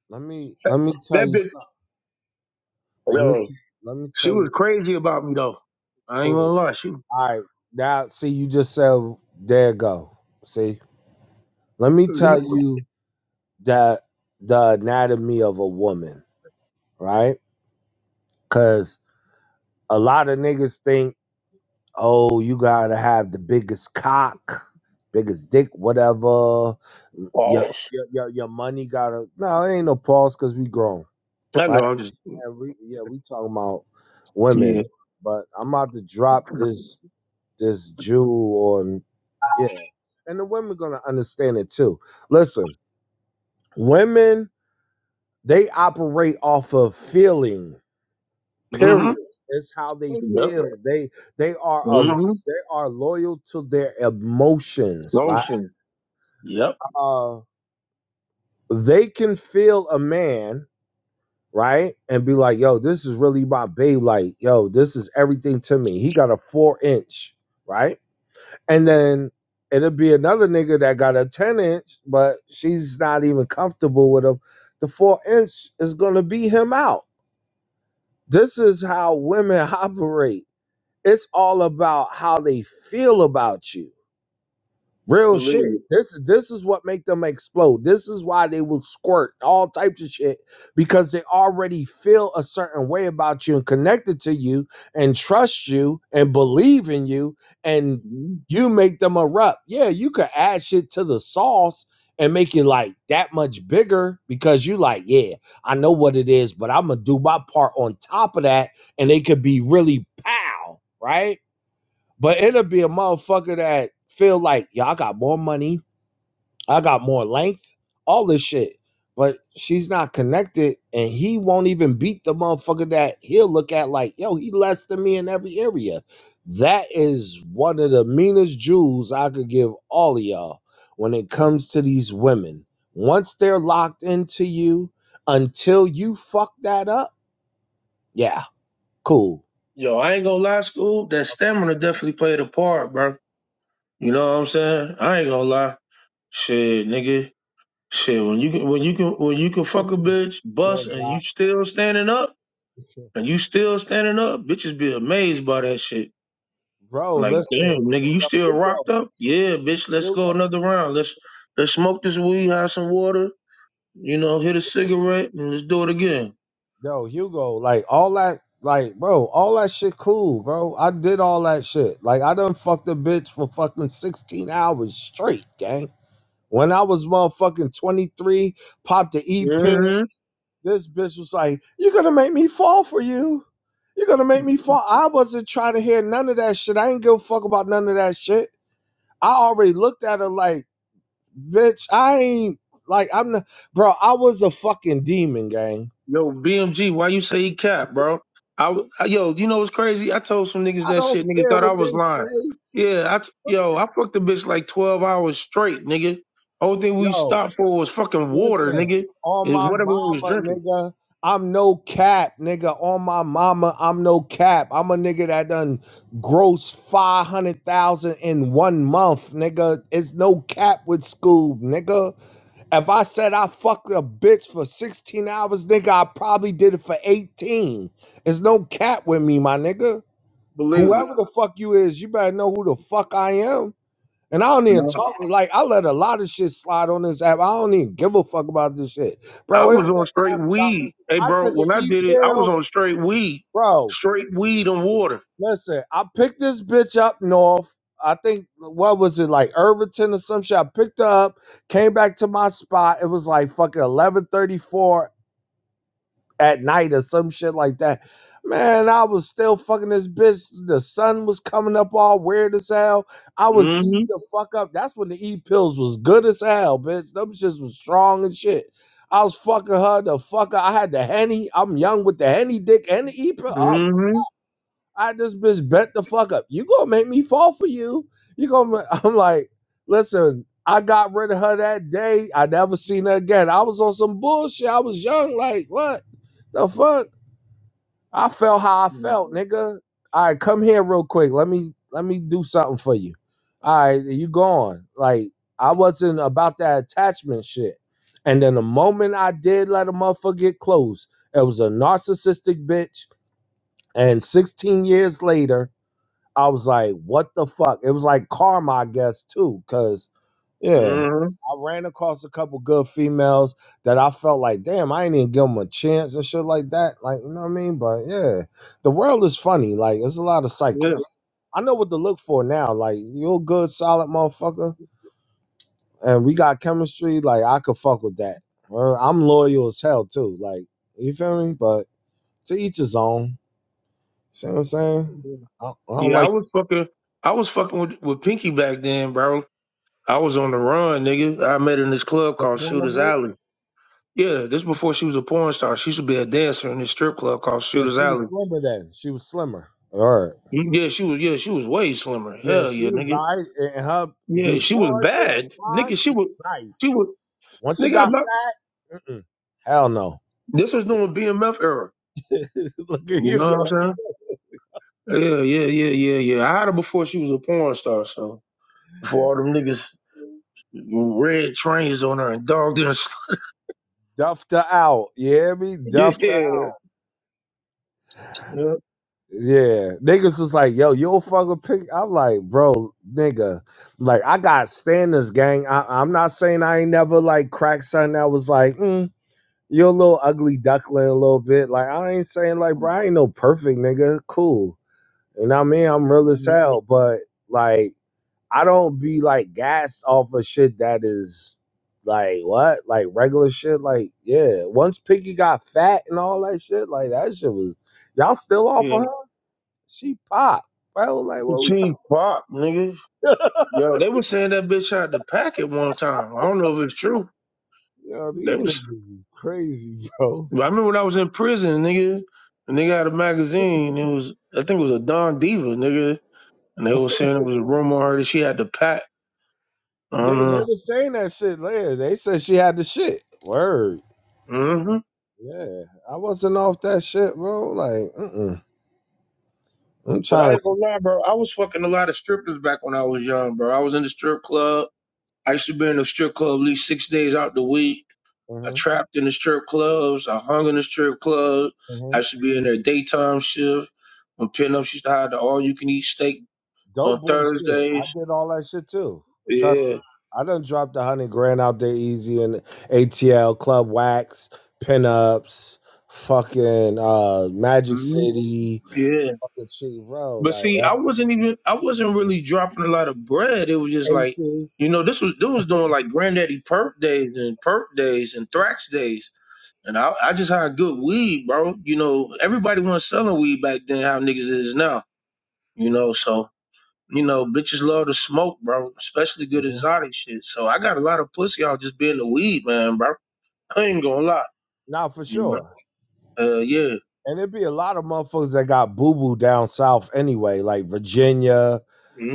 S1: Let me let me tell
S5: That
S1: you
S5: bitch,
S1: let me
S5: yo,
S1: let me
S5: she
S1: tell
S5: was
S1: you
S5: crazy about me though. I ain't
S1: cool.
S5: gonna lie, she.
S1: All right. Now see you just said there you go. See? Let me tell you that the anatomy of a woman, right? Cause a lot of niggas think, oh, you gotta have the biggest cock, biggest dick, whatever. Your
S5: Pause.
S1: your your, your money gotta no, it ain't no pause cause we grown,
S5: I
S1: right?
S5: know, I'm just.
S1: And we, yeah, we talking about women.
S5: Yeah.
S1: But I'm about to drop
S5: mm
S1: this. this Jew on yeah. And the women gonna understand it too. Listen, women they operate off of feeling.
S5: hmm
S1: Period. It's how they
S5: Yep.
S1: feel. They they are a
S5: mm hmm
S1: they are loyal to their emotions, right?
S5: Lotion. Yep.
S1: Uh they can feel a man, right? And be like, yo, this is really my babe. Like, yo, this is everything to me. He got a four inch, right? And then it'll be another nigga that got a 10 inch, but she's not even comfortable with him. The four inch is going to be him out. This is how women operate. It's all about how they feel about you Real shit.
S5: Believe it.
S1: This this is what make them explode. This is why they will squirt all types of shit because they already feel a certain way about you and connected to you and trust you and believe in you and
S5: hmm
S1: you make them erupt. Yeah, you could add shit to the sauce and make it like that much bigger because you like, yeah, I know what it is, but I'm gonna do my part on top of that and they could be really pow, right? But it'll be a motherfucker that feel like, yeah, I got more money, I got more length, all this shit. But she's not connected, and he won't even beat the motherfucker that he'll look at like, yo, he less than me in every area. That is one of the meanest jewels I could give all of y'all when it comes to these women. Once they're locked into you, until you fuck that up, yeah, cool.
S5: Yo, I ain't gonna lie, school. That stamina definitely played a part, bro. You know what I'm saying? I ain't gonna lie. Shit, nigga. Shit, when you can, when you can, when you can fuck a bitch,
S1: Yeah,
S5: bust, and you
S1: Doc.
S5: still standing up. and you still standing up, bitches be amazed by that shit.
S1: bro.
S5: Like,
S1: Listen,
S5: damn, nigga, you
S1: yo,
S5: still
S1: Hugo,
S5: rocked up? Yeah, bitch, let's go
S1: Hugo,
S5: another round. Let's let's smoke this weed, have some water, you know, hit a cigarette, and let's do it again.
S1: yo, Hugo. Like all that, like, bro, all that shit, cool, bro. I did all that shit. Like, I done fucked a bitch for fucking sixteen hours straight, gang. When I was motherfucking twenty three, popped the e pill.
S5: hmm
S1: This bitch was like, "You're gonna make me fall for you." You're gonna make me fall. I wasn't trying to hear none of that shit. I ain't give a fuck about none of that shit. I already looked at her like, bitch, I ain't like I'm not, bro. I was a fucking demon, gang.
S5: Yo, BMG, why you say he cap, bro? I, w- I- yo, you know what's crazy? I told some niggas
S1: I
S5: that
S1: don't
S5: shit. Niggas
S1: care
S5: thought I
S1: what
S5: was
S1: they
S5: lying.
S1: say.
S5: Yeah, I t- yo, I fucked a bitch like twelve hours straight, nigga. Only thing we
S1: Yo,
S5: stopped for was fucking water,
S1: listen,
S5: nigga,
S1: on
S5: and
S1: my
S5: whatever we was
S1: mama,
S5: drinking.
S1: nigga. I'm no cap, nigga. On my mama, I'm no cap. I'm a nigga that done gross five hundred thousand in one month, nigga. It's no cap with Scoob, nigga. If I said I fucked a bitch for sixteen hours, nigga, I probably did it for eighteen. It's no cap with me, my nigga.
S5: Believe
S1: Whoever the fuck you is, you better know who the fuck I am. And I don't
S5: it.
S1: even talk like I let a lot of shit slide on this app. I don't even give a fuck about this shit,
S5: I
S1: bro. It ain't
S5: was on
S1: no
S5: straight
S1: app about me.
S5: weed. Hey,
S1: I
S5: bro,
S1: took an
S5: when I
S1: e
S5: did it, I
S1: pill,
S5: was on straight weed,
S1: bro.
S5: straight weed and water.
S1: Listen, I picked this bitch up north. I think what was it like Irvington or some shit. I picked her up, came back to my spot. It was like fucking eleven thirty four at night or some shit like that. Man, I was still fucking this bitch. The sun was coming up all weird as hell. I was E
S5: Mm-hmm.
S1: the fuck up. That's when the E pills was good as hell, bitch. Them shits was strong and shit. I was fucking her the fuck up. I had the henny. I'm young with the henny dick and the E pill. Oh,
S5: Mm-hmm.
S1: I had this bitch bent the fuck up. You gonna make me fall for you? You gonna? I'm like, listen. I got rid of her that day. I never seen her again. I was on some bullshit. I was young. Like what? The fuck? I felt how I felt, nigga. All right, come here real quick. Let me let me do something for you. All right, you gone. Like I wasn't about that attachment shit. And then the moment I did let a motherfucker get close, it was a narcissistic bitch. And 16 years later, I was like, what the fuck? It was like karma, I guess, too, because yeah,
S5: Mm-hmm.
S1: I ran across a couple good females that I felt like, damn, I ain't even give them a chance and shit like that. Like, you know what I mean? But yeah, the world is funny. Like, it's a lot of
S5: Yeah.
S1: cycles. I know what to look for now. Like, you're a good, solid motherfucker, and we got chemistry. Like, I could fuck with that. Well, I'm loyal as hell too. Like, you feel me? But to each his own. See what I'm saying? I, I don't
S5: Yeah, I
S1: like.
S5: was fucking. I was fucking with, with Pinky back then, bro. I was on the run, nigga. I met her in this club
S1: that
S5: called Shooter's
S1: corner,
S5: Alley. Yeah, this before she was a porn star. She used to be a dancer in this strip club called
S1: Yeah,
S5: Shooter's
S1: she was
S5: Alley.
S1: slimmer then. She was slimmer. All right.
S5: Mm-hmm. Yeah, she was. Yeah, she was way slimmer.
S1: Yeah,
S5: Hell
S1: she
S5: yeah,
S1: was
S5: nigga.
S1: right. And her
S5: Yeah, she was
S1: before this
S5: bad,
S1: time,
S5: nigga. She
S1: it
S5: was.
S1: was nice.
S5: She was.
S1: Once she
S5: Nigga,
S1: got fat, mm-mm. hell no.
S5: This was during BMF era.
S1: Look at
S5: You
S1: you
S5: know what
S1: go.
S5: I'm saying? Yeah, yeah, yeah, yeah, yeah. I had her before she was a porn star, so before all them niggas red trains on her and dogged her. And stuff.
S1: Duffed her out. You hear me?
S5: Yeah,
S1: Duffed her out.
S5: yeah,
S1: Yeah. Niggas was like, yo, you don't fuck with pig. I'm like, bro, nigga. Like, I got standards, gang. I, I'm not saying I ain't never like cracked something that was like, mm. you're a little ugly duckling a little bit. Like I ain't saying like bro, I ain't no perfect nigga. Cool. You know what I mean? I'm real as hell, but like I don't be like gassed off of shit that is like what? Like regular shit. Like, yeah. Once Pinky got fat and all that shit, like that shit was y'all still off
S5: yeah.
S1: of her? She popped. Bro, like what we talking
S5: She pop, niggas. Yo, they was saying that bitch had the pack at one time. I don't know if it's true.
S1: Yo,
S5: They
S1: these
S5: was.
S1: niggas is crazy, bro.
S5: I remember when I was in prison, nigga, and they got a magazine. It was, I think it was a Don Diva, nigga, and they was saying it was a rumor on her that she had the pack. I
S1: They they
S5: don't
S1: was saying that shit later. They said she had the shit. Word.
S5: know.
S1: Yeah, I wasn't off that shit, bro. Like, mm-mm. I'm
S5: But I
S1: trying
S5: ain't
S1: to.
S5: gonna lie, bro. I was fucking a lot of strippers back when I was young, bro. I was in the strip club. I used to be in the strip club at least six days out the week. I
S1: Uh-huh,
S5: trapped in the strip clubs. I hung in the strip club.
S1: uh-huh.
S5: I used to be in their daytime shift. When pinups used to have the all you can eat steak
S1: Dope
S5: on
S1: boy shit. I
S5: Thursdays.
S1: did all that shit too. Trust
S5: Yeah.
S1: me. I done dropped a hundred grand out there easy in ATL, Club Wax, pinups, fucking uh, Magic
S5: hmm
S1: City,
S5: Yeah.
S1: fucking cheap, bro.
S5: But
S1: Like,
S5: see,
S1: what?
S5: I wasn't even I wasn't really dropping a lot of bread. It was just like,
S1: Aces.
S5: you know, this was this was doing like granddaddy Perk days and Perk days and thrax days. And I, I just hired good weed, bro. You know, everybody wasn't selling weed back then, how niggas is now. You know, so, you know, bitches love to smoke, bro, especially good
S1: uh,
S5: exotic shit. So I got a lot of pussy out just being the weed, man, bro. I ain't gonna lie.
S1: Not for
S5: You know?
S1: sure.
S5: Uh, yeah.
S1: And it'd be a lot of motherfuckers that got boo boo down south anyway, like Virginia.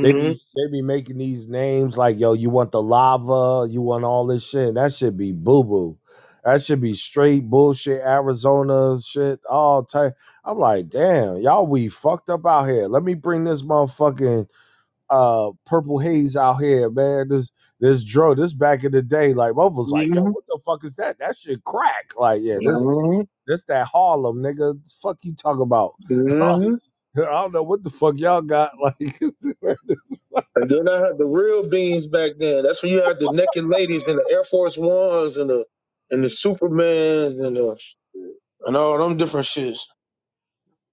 S1: They be they be making these names like yo, you want the lava, you want all this shit. And That should be boo boo. That should be straight bullshit. Arizona shit, all type. I'm like, damn, y'all we fucked up out here. Let me bring this motherfucking uh purple haze out here, man. This this dro, this back in the day, like both was like, yo, what
S5: Mm-hmm.
S1: the fuck is that? That shit crack. Like, yeah, this
S5: Mm-hmm.
S1: that's that Harlem, nigga. Fuck you talk about. I
S5: Mm-hmm.
S1: don't know what the fuck y'all got. Like,
S5: And then I had the real beans back then. That's when you had the naked ladies and the Air Force Ones and the and the Supermans and the, and all them different shits.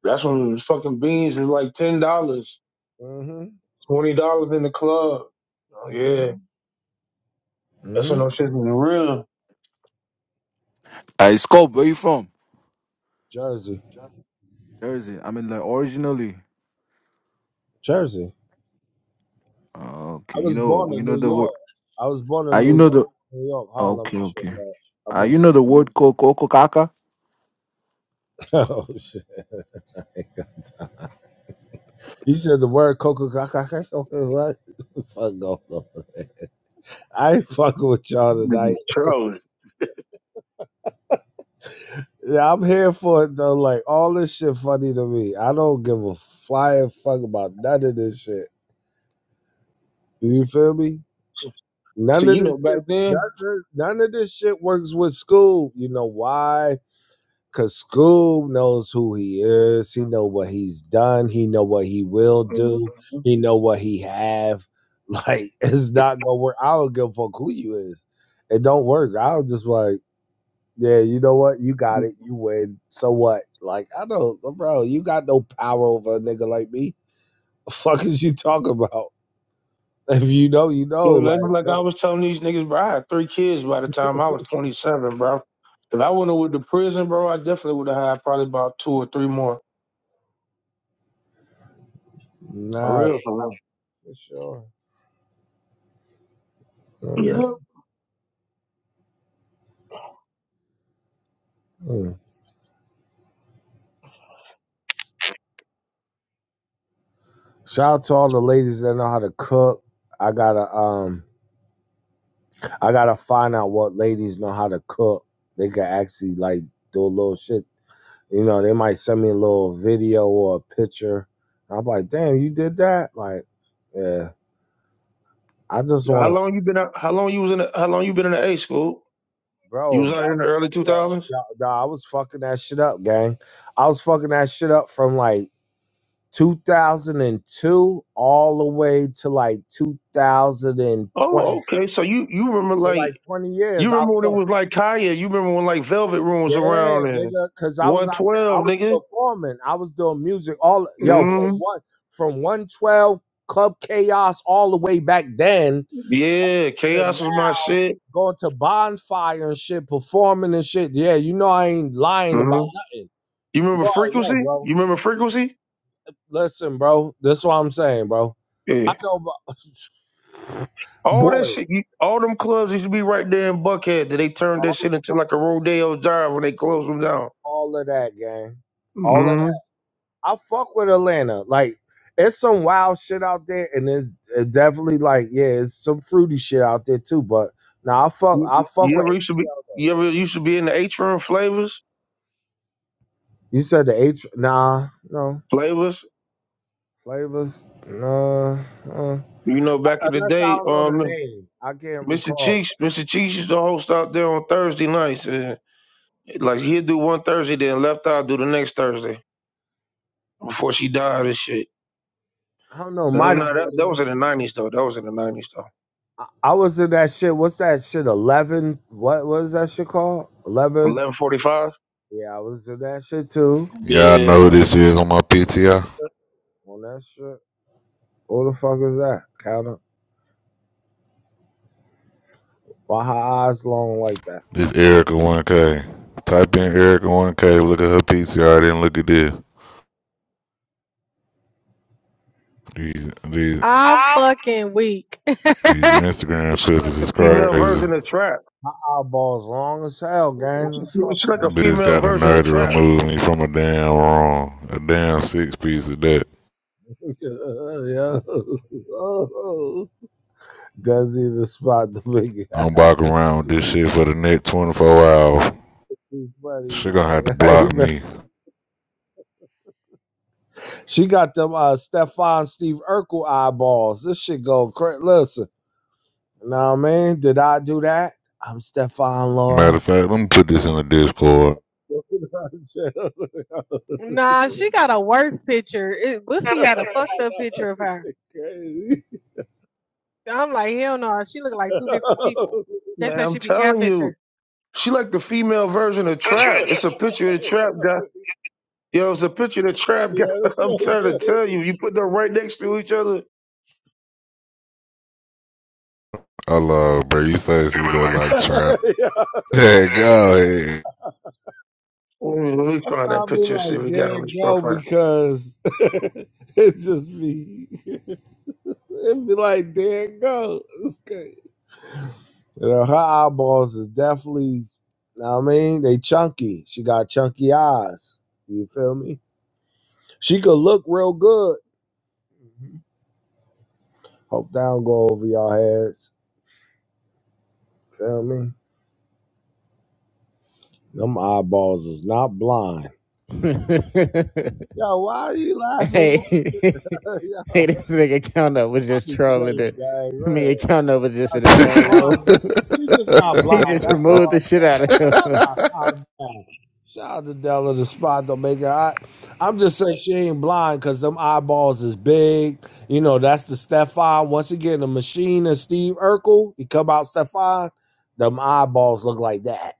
S5: That's when fucking beans was like ten dollars,
S1: hmm
S5: twenty dollars in the club. Oh yeah, that's when
S1: hmm
S5: no shit was real.
S10: Hey, Scope, where you from?
S1: Jersey,
S10: Jersey. I mean, like originally.
S1: Jersey.
S10: Uh,
S1: I
S10: okay, you
S1: was
S10: know,
S1: born
S10: you
S1: in
S10: know
S1: New
S10: the word.
S1: York. I was born
S10: Uh,
S1: in
S10: you
S1: New
S10: know
S1: York,
S10: the.
S1: New York, Harlem, and
S10: Okay,
S1: shit.
S10: okay.
S1: Man. I've
S10: Uh,
S1: been.
S10: you know the word ko coco caca.
S1: Oh shit. I ain't got time. You said the word Coca Cola. What? the Fuck off. I ain't fucking with y'all tonight.
S5: Niggas Trolling.
S1: Yeah, I'm here for it though. Like all this shit funny to me. I don't give a flying fuck about none of this shit. Do you feel me?
S5: So
S1: None of
S5: you
S1: this
S5: know back
S1: shit. None
S5: then,
S1: of, none of this shit works with school. You know why? Cause school knows who he is. He know what he's done. He know what he will
S5: you
S1: do. He know what he have. Like it's not gonna work. I don't give a fuck who you is. It don't work. I was just like. Yeah, you know what? You got it. You win. So what? Like, I don't, bro, you got no power over a nigga like me. The fuck is you talking about? If you know, you
S5: know,
S1: know.
S5: like,
S1: Like,
S5: like
S1: no,
S5: I was telling these niggas, bro, I had three kids by the time I was twenty seven, bro. If I wouldn't have went to prison, bro, I definitely would have had probably about two or three more. For
S1: nah,
S5: real, for real.
S1: for sure.
S5: Yeah.
S1: Mm, mm. Shout out to all the ladies that know how to cook. I gotta, um, I gotta find out what ladies know how to cook. They can actually, like, do a little shit. You know, they might send me a little video or a picture. I'm like, damn, you did that? Like, yeah. I just
S5: Yeah, How
S1: want
S5: long you been? Out, how long you was in? The, how long you been in the A school? You
S1: Bro,
S5: was out here
S1: back
S5: in the early two
S1: yo,
S5: thousands.
S1: yo, yo, I was fucking that shit up, gang. I was fucking that shit up from like 2002 all the way to like 2020.
S5: Oh, okay. So you you remember
S1: For like
S5: like
S1: 20
S5: You
S1: years, I was
S5: remember when it
S1: fuck-
S5: was like Kaya? You remember when like Velvet Room
S1: yeah,
S5: was around and
S1: nigga, because I was out there, I
S5: 112,
S1: was
S5: nigga?
S1: performing, I was doing music all yo from
S5: Mm-hmm.
S1: one from 112 Club Chaos all the way back then
S5: Yeah,
S1: to
S5: Chaos was my
S1: now
S5: shit.
S1: going to bonfire and shit, performing and shit. Yeah, you know I ain't lying about
S5: Mm-hmm.
S1: nothing.
S5: You
S1: You
S5: remember
S1: already
S5: Frequency?
S1: know, bro.
S5: You remember Frequency?
S1: Listen, bro. This is what I'm saying, bro. I
S5: Yeah.
S1: know, but
S5: All that
S1: boy,
S5: shit, you- all them clubs used to be right there in Buckhead that they turned that shit into like a Rodeo Drive when they closed them down.
S1: all of that, gang. All of that.
S5: Mm-hmm.
S1: I fuck with Atlanta. Like, it's some wild shit out there, and it's it definitely like, yeah, it's some fruity shit out there too. But now nah, I fuck,
S5: You,
S1: I fuck
S5: you
S1: with.
S5: ever used to be, you ever used to be in the atrium flavors?
S1: You said the H? Nah, no
S5: Flavors,
S1: flavors. Nah, uh,
S5: you know, back in the
S1: unless I
S5: day,
S1: don't know the
S5: um,
S1: name, I can't
S5: Mr.
S1: recall.
S5: Cheeks, Mr. Cheeks used to host out there on Thursday nights. And Like he'd do one Thursday, then left out do the next Thursday before she died and shit.
S1: I don't know.
S5: No,
S1: Might have
S5: no,
S1: been.
S5: that, that
S1: there.
S5: was in the nineties though. That was in the nineties though.
S1: I I was in that shit. What's that shit? Eleven. What was that shit called? Eleven.
S5: Eleven forty five.
S1: Yeah, I was in that shit too.
S11: Y'all
S5: Yeah,
S11: know who this is on my PTR.
S1: On that shit. Who the fuck is that? Count up. Why her eyes long like that?
S11: This Erica 1K. Type in Erica 1K. Look at her PTR. Then look at this. These these
S12: I'm
S1: I'm
S12: fucking weak.
S11: these Instagram
S5: it's
S11: filters
S5: like the
S11: is
S5: female
S11: crazy.
S5: version of trap.
S1: Eyeballs long as hell, gang. Fuck.
S5: It's like a
S11: Bitch
S5: female
S11: got the
S5: version of
S11: nerve to
S1: gonna
S5: trap.
S1: try.
S11: remove me from a damn wrong. A damn six piece of that.
S1: yeah. Oh, Desi the spot the big
S11: I'm
S1: guy.
S11: walking around with this shit for the next 24 hours.
S1: He's funny.
S11: She gonna have to
S1: Like he
S11: block
S1: been-
S11: me.
S1: she got them uh Stephon Steve Urkel eyeballs. This shit go crazy. Listen. Now, man, did I do that? I'm Stefan
S11: Matter
S1: Laura.
S11: of fact, let me put this in the Discord.
S12: nah, she got a worse picture. It, Bussy had a fucked up picture of her.
S1: Okay. Good
S12: I'm like, hell no, she look like two different people. They
S5: Man,
S12: said
S5: I'm
S12: she be
S5: telling
S12: catfishing.
S5: you, she like the female version of trap. It's a picture of the trap guy. Yo, it's a picture of the trap guy.
S1: like-
S5: I'm trying to tell you, you put them right next to each other.
S11: I love, bro. You say she look like trap.
S1: Yeah.
S11: Hey, go ahead.
S5: Let me let me find that
S1: I'll be
S5: picture. See, what
S1: like,
S5: we got
S1: there
S5: on this
S1: go,
S5: profile.
S1: because it's just me. It'd be like, there go. goes. It's good. You know, her eyeballs is definitely, know what I mean, they chunky. She got chunky eyes. You feel me? She could look real good. Mm-hmm. Hope that don't go over y'all heads. Feel me? Them eyeballs is not blind.
S13: hey,
S1: Yo, why are you laughing? Yo,
S13: hey, this nigga Count-Up was
S1: I
S13: just
S1: be
S13: trolling
S1: chilling,
S13: her.
S1: guys.
S13: Me
S1: Look,
S13: and Count-Up was just in the same
S1: she's
S13: room.
S1: blind. though. She just not
S13: she
S1: blind.
S13: just
S1: That's
S13: removed
S1: all
S13: the
S1: I
S13: shit out of
S1: said. Let
S13: him.
S1: her calm down. Shout out to Della, the spot don't make her. I, I'm just saying she ain't blind because them eyeballs is big. You know, that's the Stefan. Once again, the machine and Steve Urkel, he come out Stefan. Them eyeballs look like that.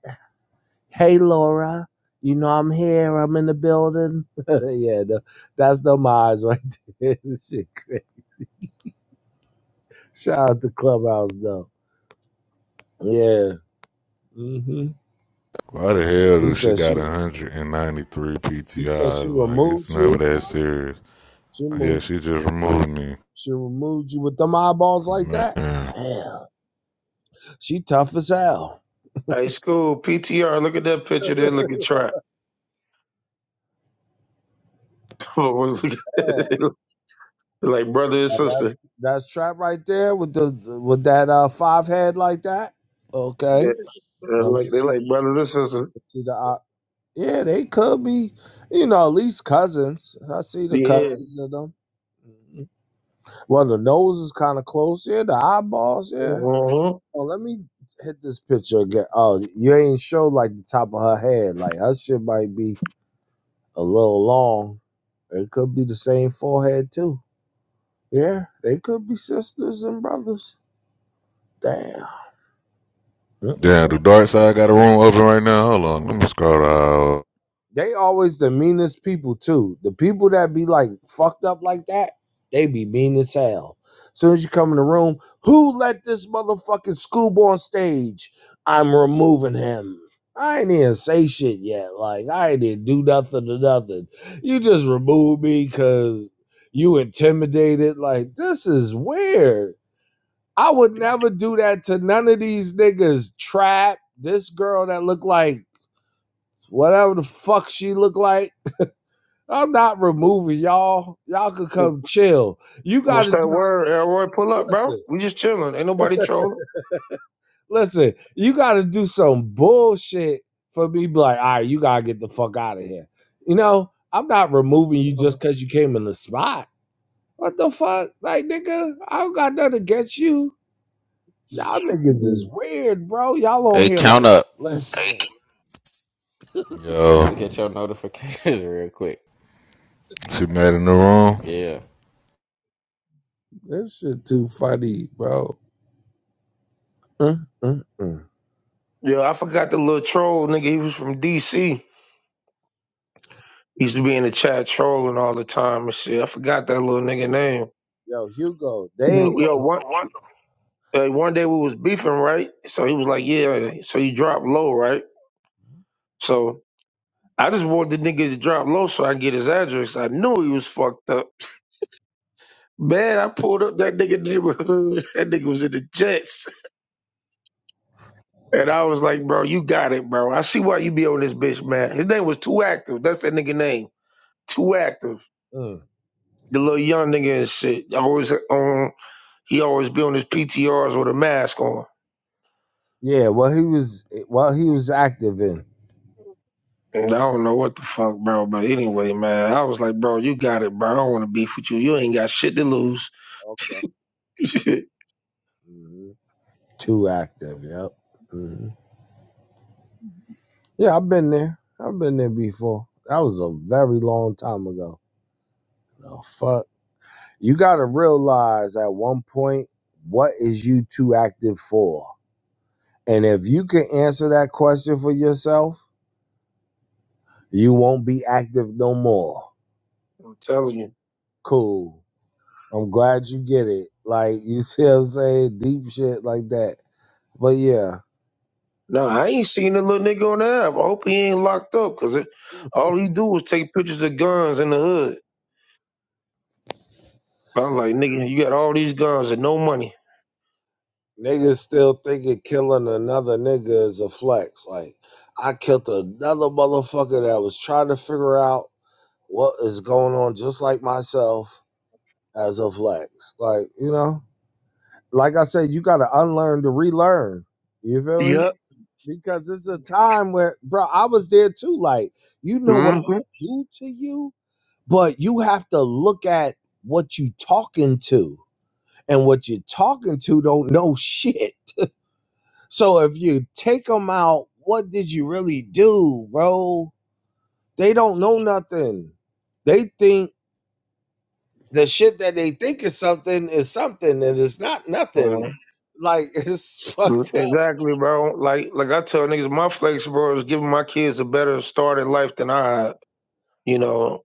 S1: Hey Laura, you know I'm here. I'm in the building. yeah, no, that's no eyes right there. Shit, cra- Shout out to Clubhouse though. Yeah. hmm
S11: Why the hell
S1: You
S11: do she
S1: said
S11: got
S1: she.
S11: 193
S1: You said she
S11: PTIs? Like, it's
S1: removed
S11: never
S1: you.
S11: that serious.
S1: She mo-
S11: Yeah, she just removed me.
S1: she removed you with them eyeballs like
S11: Man.
S1: that. Damn. She tough as hell.
S5: Hey, school PTR. Look at that picture. Then look at trap.
S1: Yeah.
S5: like brother and
S1: That
S5: sister.
S1: that's trap right there with the with that uh five head like that.
S5: Yeah,
S1: Okay.
S5: they're
S1: Let me
S5: like they
S1: see, let
S5: like brother and sister.
S1: me see the eye- Yeah, they could be, you know, at least cousins. I see the
S5: Yeah.
S1: cousins of them. Mhm. Well, the nose is kind of close. Yeah, the eyeballs. Yeah.
S5: Uh-huh.
S1: Oh, let me hit this picture again. Oh, you ain't show like the top of her head. Like her shit might be a little long. It could be the same forehead too. Yeah, they could be sisters and brothers. Damn.
S11: Damn, the dark side got a room open right now. Hold on, let me scroll out.
S1: They always the meanest people too. The people that be like fucked up like that, they be mean as hell. Soon as you come in the room, who let this motherfucking Scoob on stage? I'm removing him. I ain't even say shit yet. Like I ain't even do nothing to nothing. You just remove me because you intimidated. Like this is weird. I would never do that to none of these niggas. Trap this girl that look like whatever the fuck she look like. I'm not removing y'all. Y'all can come chill. You
S5: What's
S1: gotta
S5: that
S1: do
S5: word? Elroy, pull up, bro.
S1: listen,
S5: We just chilling. Ain't nobody trolling.
S1: listen, you gotta do some bullshit for me be like, all right, you gotta get the fuck out of here. You know, I'm not removing you
S5: Uh-huh.
S1: just cause you came in the spot. What the fuck? Like nigga, I don't got nothing against you. Y'all niggas is
S5: Mhm.
S1: weird, bro. Y'all on
S13: Hey,
S1: here
S13: count
S1: like,
S13: up.
S1: listen,
S13: Look
S11: Yo,
S13: at your notifications real quick.
S11: she mad in the room.
S13: Yeah.
S1: this shit too funny, bro. Uh, uh, uh.
S5: Yeah, I forgot the little troll nigga. He was from DC. He used to be in the chat trolling all the time and shit. I forgot that little nigga name.
S1: Yo, Hugo, they ain't
S5: Yo, one uh, one day we was beefing, right? So he was like, "Yeah." So he dropped low, right? So I just wanted the nigga to drop low so I can get his address. I knew he was fucked up. Man, I pulled up that nigga neighborhood. That nigga was in the jets. And I was like, bro, you got it, bro. I see why you be on this bitch, man. His name was Too Active. That's that nigga name. Too Active.
S1: gonna.
S5: The little young nigga and shit. Always on he always be on his PTRs with a mask on.
S1: Yeah, well, he was well, he was active in
S5: And I don't know what the fuck, bro. But anyway, man, I was like, bro, you got it, bro. I don't want to beef with you. You ain't got shit to lose.
S1: Okay.
S5: I'm
S1: hmm too active. Yep. hmm Yeah, I've been there. I've been there before. That was a very long time ago. Oh fuck! You got to realize at one point what is you too active for, and if you can answer that question for yourself, you won't be active no more.
S5: telling you.
S1: Cool. I'm glad you get it. Like you see, what I'm saying deep shit like that. But yeah.
S5: No, I ain't seen the little nigga on the app. I hope he ain't locked up, cause it, all he do is take pictures of guns in the hood. I'm like, nigga, you got all these guns and no money.
S1: Niggas still thinking killing another nigga is a flex. Like, I killed another motherfucker that was trying to figure out what is going on, just like myself, as a flex. Like, you know, like I said, you got to unlearn to relearn. You feel me?
S5: Yep.
S1: Because it's a time where, bro, I was there too. Like, you know what I
S5: Mm-hmm.
S1: do to you, but you have to look at what you talking to, and what you're talking to don't know shit. So if you take them out, what did you really do, bro? They don't know nothing. They think the shit that they think is something is something, and it's not nothing.
S5: Well,
S1: Like it's
S5: Mm,
S1: fucked up.
S5: Exactly, bro. Like, like I tell niggas, my flex, bro, is giving my kids a better start in life than I had. You know,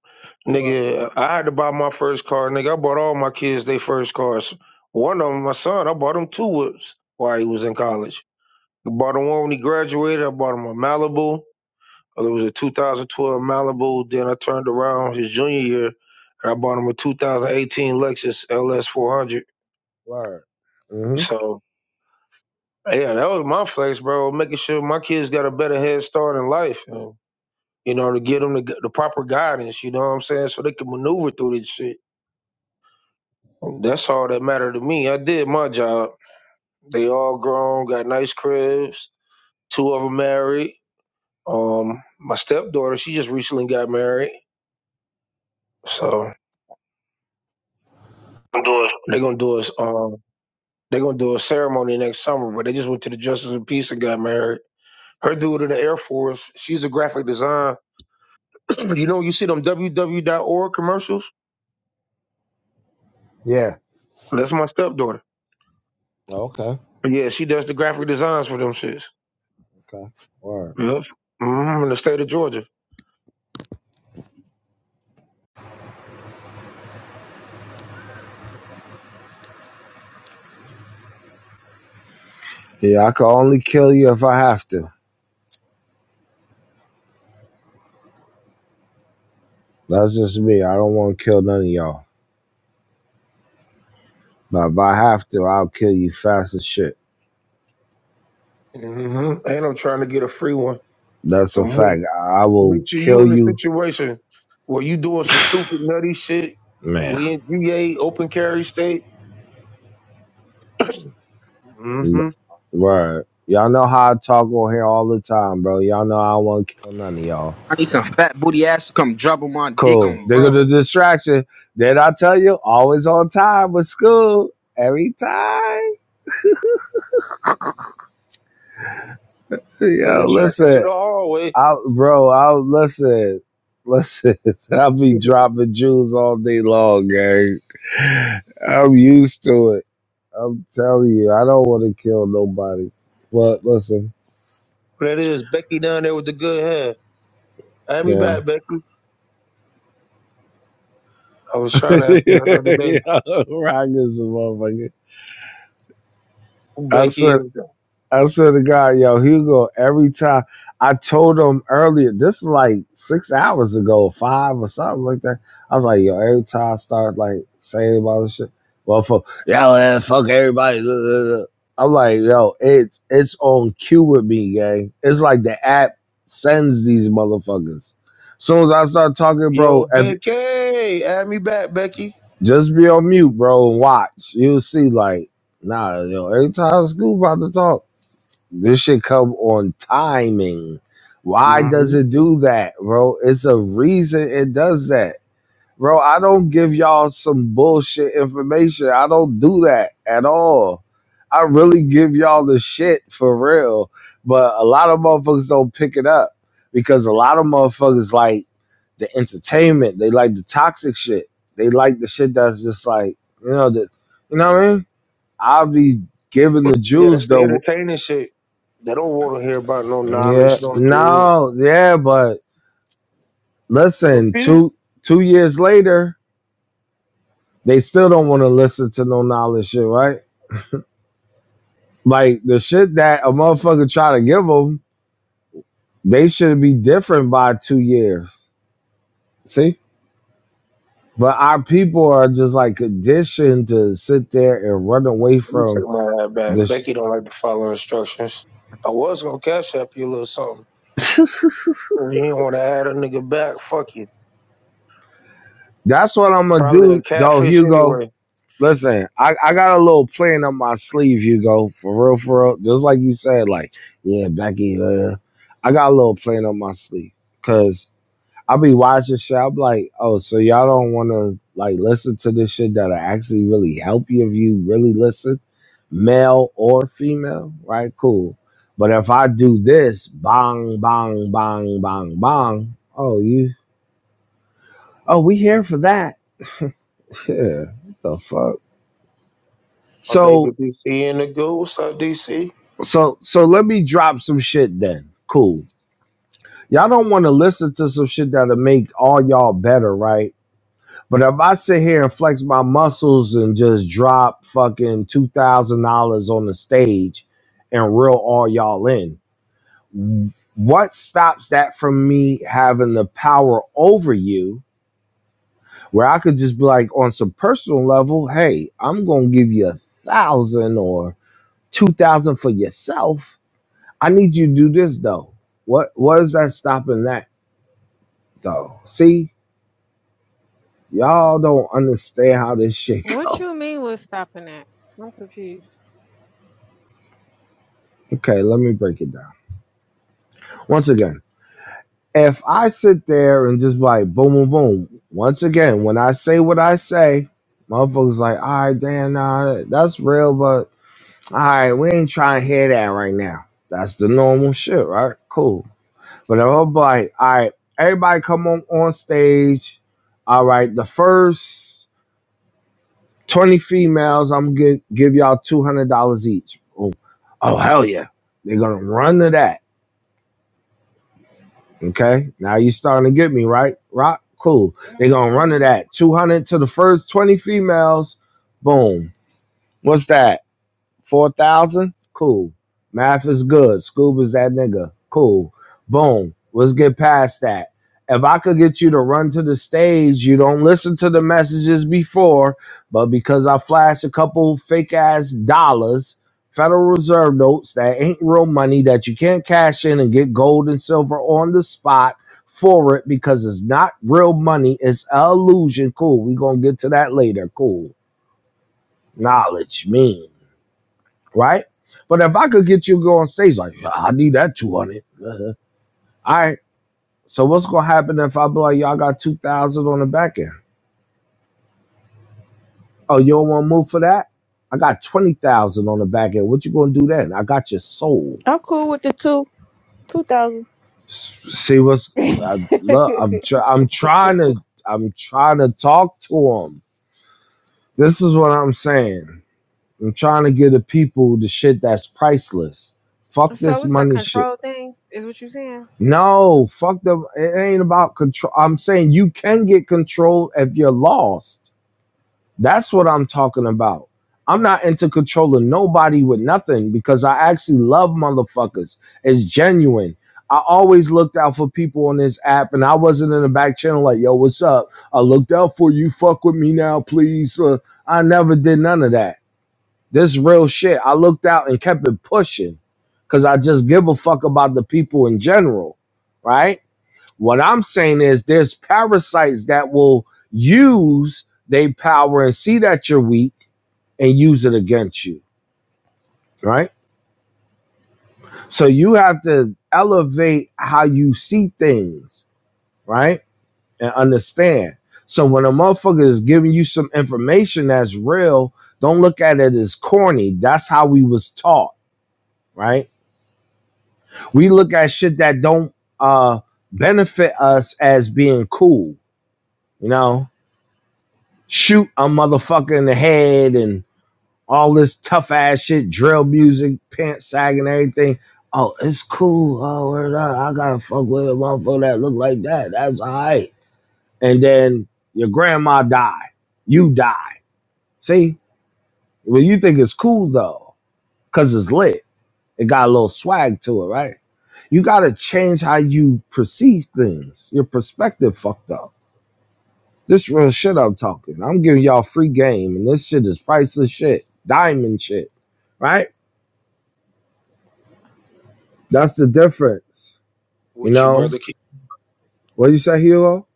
S1: Word.
S5: nigga, I had to buy my first car. Nigga, I bought all my kids their first cars. One of them, my son, I bought him two whips while he was in college. I bought him one when he graduated. I bought him a Malibu. It was a 2012 Malibu. Then I turned around his junior year, and I bought him a 2018 Lexus LS 400.
S1: Word. hmm
S5: So yeah, that was my flex, bro. Making sure my kids got a better head start in life, and, you know, to give them the, the proper guidance. You know what I'm saying? So they can maneuver through this shit. And that's all that mattered to me. I did my job. They all grown, got nice cribs. Two of them married. Um, my stepdaughter, she just recently got married. So
S1: I'm doing.
S5: they are gonna do us. um They're gonna do a ceremony next summer, but they just went to the Justice of Peace and got married. Her dude in the Air Force, she's a graphic design. you know, you see them w w w dot org commercials?
S1: Yeah.
S5: That's my stepdaughter.
S1: Okay.
S5: But yeah, she does the graphic designs for them shits.
S1: Okay. Word.
S5: Yep. hmm in the state of Georgia.
S1: Yeah, I can only kill you if I have to. That's just me. I don't want to kill none of y'all. But if I have to, I'll kill you fast as shit.
S5: hmm And I'm trying to get a free one.
S1: That's a
S5: So make,
S1: fact. I will
S5: make sure you
S1: kill
S5: in a
S1: you,
S5: situation where you doing some stupid nutty shit.
S1: man.
S5: We in GA, open carry state. Mm-hmm.
S1: Right. Y'all know how I talk on here all the time, bro. Y'all know I don't want to kill none of y'all.
S14: I need some fat booty ass to come drop on my dick
S1: Cool.
S14: on,
S1: There go
S14: bro.
S1: the distraction. Did I tell you? Always on time with school. Every time.
S5: Then
S1: Yo,
S5: it tracks into
S1: listen.
S5: the hallway.
S1: I bro, I listen. Listen, I'll be dropping jewels all day long, gang. I'm used to it. I'm telling you, I don't want to kill nobody. But listen,
S5: Well, That is Becky down there with the good hair. Have me
S1: yeah.
S5: back, Becky. I was trying to ask you that the other day.
S1: yeah, Rock is a motherfucker.
S5: Who
S1: I swear
S5: Becky is?
S1: I swear to God, yo, Hugo, every time I told him earlier, this is like six hours ago, five or something like that. I was like, yo, every time I start like saying about this shit, well, fuck, yo, man, fuck everybody. I'm like, yo, it's it's on cue with me, gang. It's like the app sends these motherfuckers. Soon as I start talking,
S5: Yo,
S1: bro, if,
S5: Becky, Add me back, Becky.
S1: just be on mute, bro, and watch. You'll see, like, nah, yo, every time school about to talk. This should come on timing. Why does
S5: hmm
S1: it do that, bro? It's a reason it does that. Bro, I don't give y'all some bullshit information. I don't do that at all. I really give y'all the shit for real. But a lot of motherfuckers don't pick it up because a lot of motherfuckers like the entertainment. They like the toxic shit. They like the shit that's just like, you know, the, you know what I mean? I'll be giving the
S5: Yeah,
S1: Jews
S5: that's the
S1: though.
S5: entertaining shit. They don't want to hear about no
S1: Yeah,
S5: knowledge, no jewels.
S1: no, yeah, but
S5: But
S1: listen,
S5: Phil, let
S1: two two years later, they still don't want to listen to no knowledge shit, right? Like the shit that a motherfucker try to give them, they should be different by two years. See, but our people are just like conditioned to sit there and run away
S5: me take
S1: from
S5: my hat back.
S1: this.
S5: Becky don't like to follow instructions. I was gonna cash up you a little something. You didn't want to add a nigga back. Fuck you.
S1: That's what I'm gonna
S5: Probably
S1: do,
S5: a
S1: though,
S5: catfish
S1: Hugo
S5: anyway.
S1: Listen, I, I got a little plan on my sleeve, Hugo. For real, for real. Just like you said, like, yeah, Becky, uh, I got a little plan on my sleeve. Cause I be watching shit. I'm like, oh, so y'all don't wanna like listen to this shit that'll actually really help you if you really listen, male or female, right? Cool. But if I do this, bong, bong, bong, bong, bong, oh you oh, we here for that. Yeah, what the fuck?
S5: My
S1: So
S5: baby DC in the goose, up DC.
S1: So so let me drop some shit then. Cool. Y'all don't want to listen to some shit that'll make all y'all better, right? But if I sit here and flex my muscles and just drop fucking two thousand dollars on the stage and reel all y'all in, what stops that from me having the power over you where I could just be like on some personal level, hey, I'm gonna give you a thousand or two thousand for yourself I need you to do this though. What what is that stopping that though? See, y'all don't understand how this shit
S12: What
S1: go.
S12: you mean was stopping that? I'm confused.
S1: Okay, let me break it down. Once again, if I sit there and just like boom boom boom, once again, when I say what I say, motherfuckers like, all right, damn, nah, that's real, but all right, we ain't trying to hear that right now. That's the normal shit, right? Cool. But I'm like, all right, everybody come on on stage. All right, the first 20 females, I'm going to give y'all $200 each. Oh, oh, hell yeah. They're going to run to that. Okay. Now you starting to get me, right? Rock? Cool. They're going to
S12: Mm-hmm.
S1: run to that. 200 to the first 20 females. Boom. What's that? Four thousand? Cool. Math is good. Scuba's that nigga. Cool. Boom. Let's get past that. If I could get you to run to the stage, you don't listen to the messages before, but because I flashed a couple fake ass dollars, Federal Reserve notes that ain't real money that you can't cash in and get gold and silver on the spot for it because it's not real money. It's an illusion. Cool. we going to get to that later. Cool. Knowledge means right? But if I could get you to go on stage, like "Yeah, I need that two hundred. All right. So what's gonna happen if I be like, y'all got two thousand on the back end? Oh, you don't want to move for that? I got twenty thousand on the back end. What you gonna do then? I got your soul.
S15: I'm cool with the two two thousand.
S1: See what's I love. I'm tr- I'm trying to I'm trying to talk to them. This is what I'm saying. I'm trying to give the people the shit that's priceless. Fuck
S12: So
S1: this
S12: it's a
S1: money shit.
S12: control thing, is what you saying?
S1: No, fuck the. It ain't about control. I'm saying you can get control if you're lost. That's what I'm talking about. I'm not into controlling nobody with nothing because I actually love motherfuckers. It's genuine. I always looked out for people on this app, and I wasn't in the back channel like, "Yo, what's up?" I looked out for you. Fuck with me now, please. Uh, I never did none of that. This real shit. I looked out and kept it pushing because I just give a fuck about the people in general, right? What I'm saying is there's parasites that will use their power and see that you're weak and use it against you, right? So you have to elevate how you see things, right? And understand. So when a motherfucker is giving you some information that's real, don't look at it as corny. That's how we was taught, right? We look at shit that don't uh benefit us as being cool, you know? shoot a motherfucker in the head and all this tough ass shit, drill music, pants sagging, everything. Oh, it's cool. Oh, I gotta fuck with a motherfucker that look like that. That's alright. And then your grandma die. You die. See? Well, you think it's cool though, cause it's lit. It got a little swag to it, right? You gotta change how you perceive things. Your perspective fucked up This real shit I'm talking. I'm giving y'all free game, and this shit is priceless shit, diamond shit, right? That's the difference, you
S5: With you,
S1: know.
S5: brother?
S1: What did you say, hero?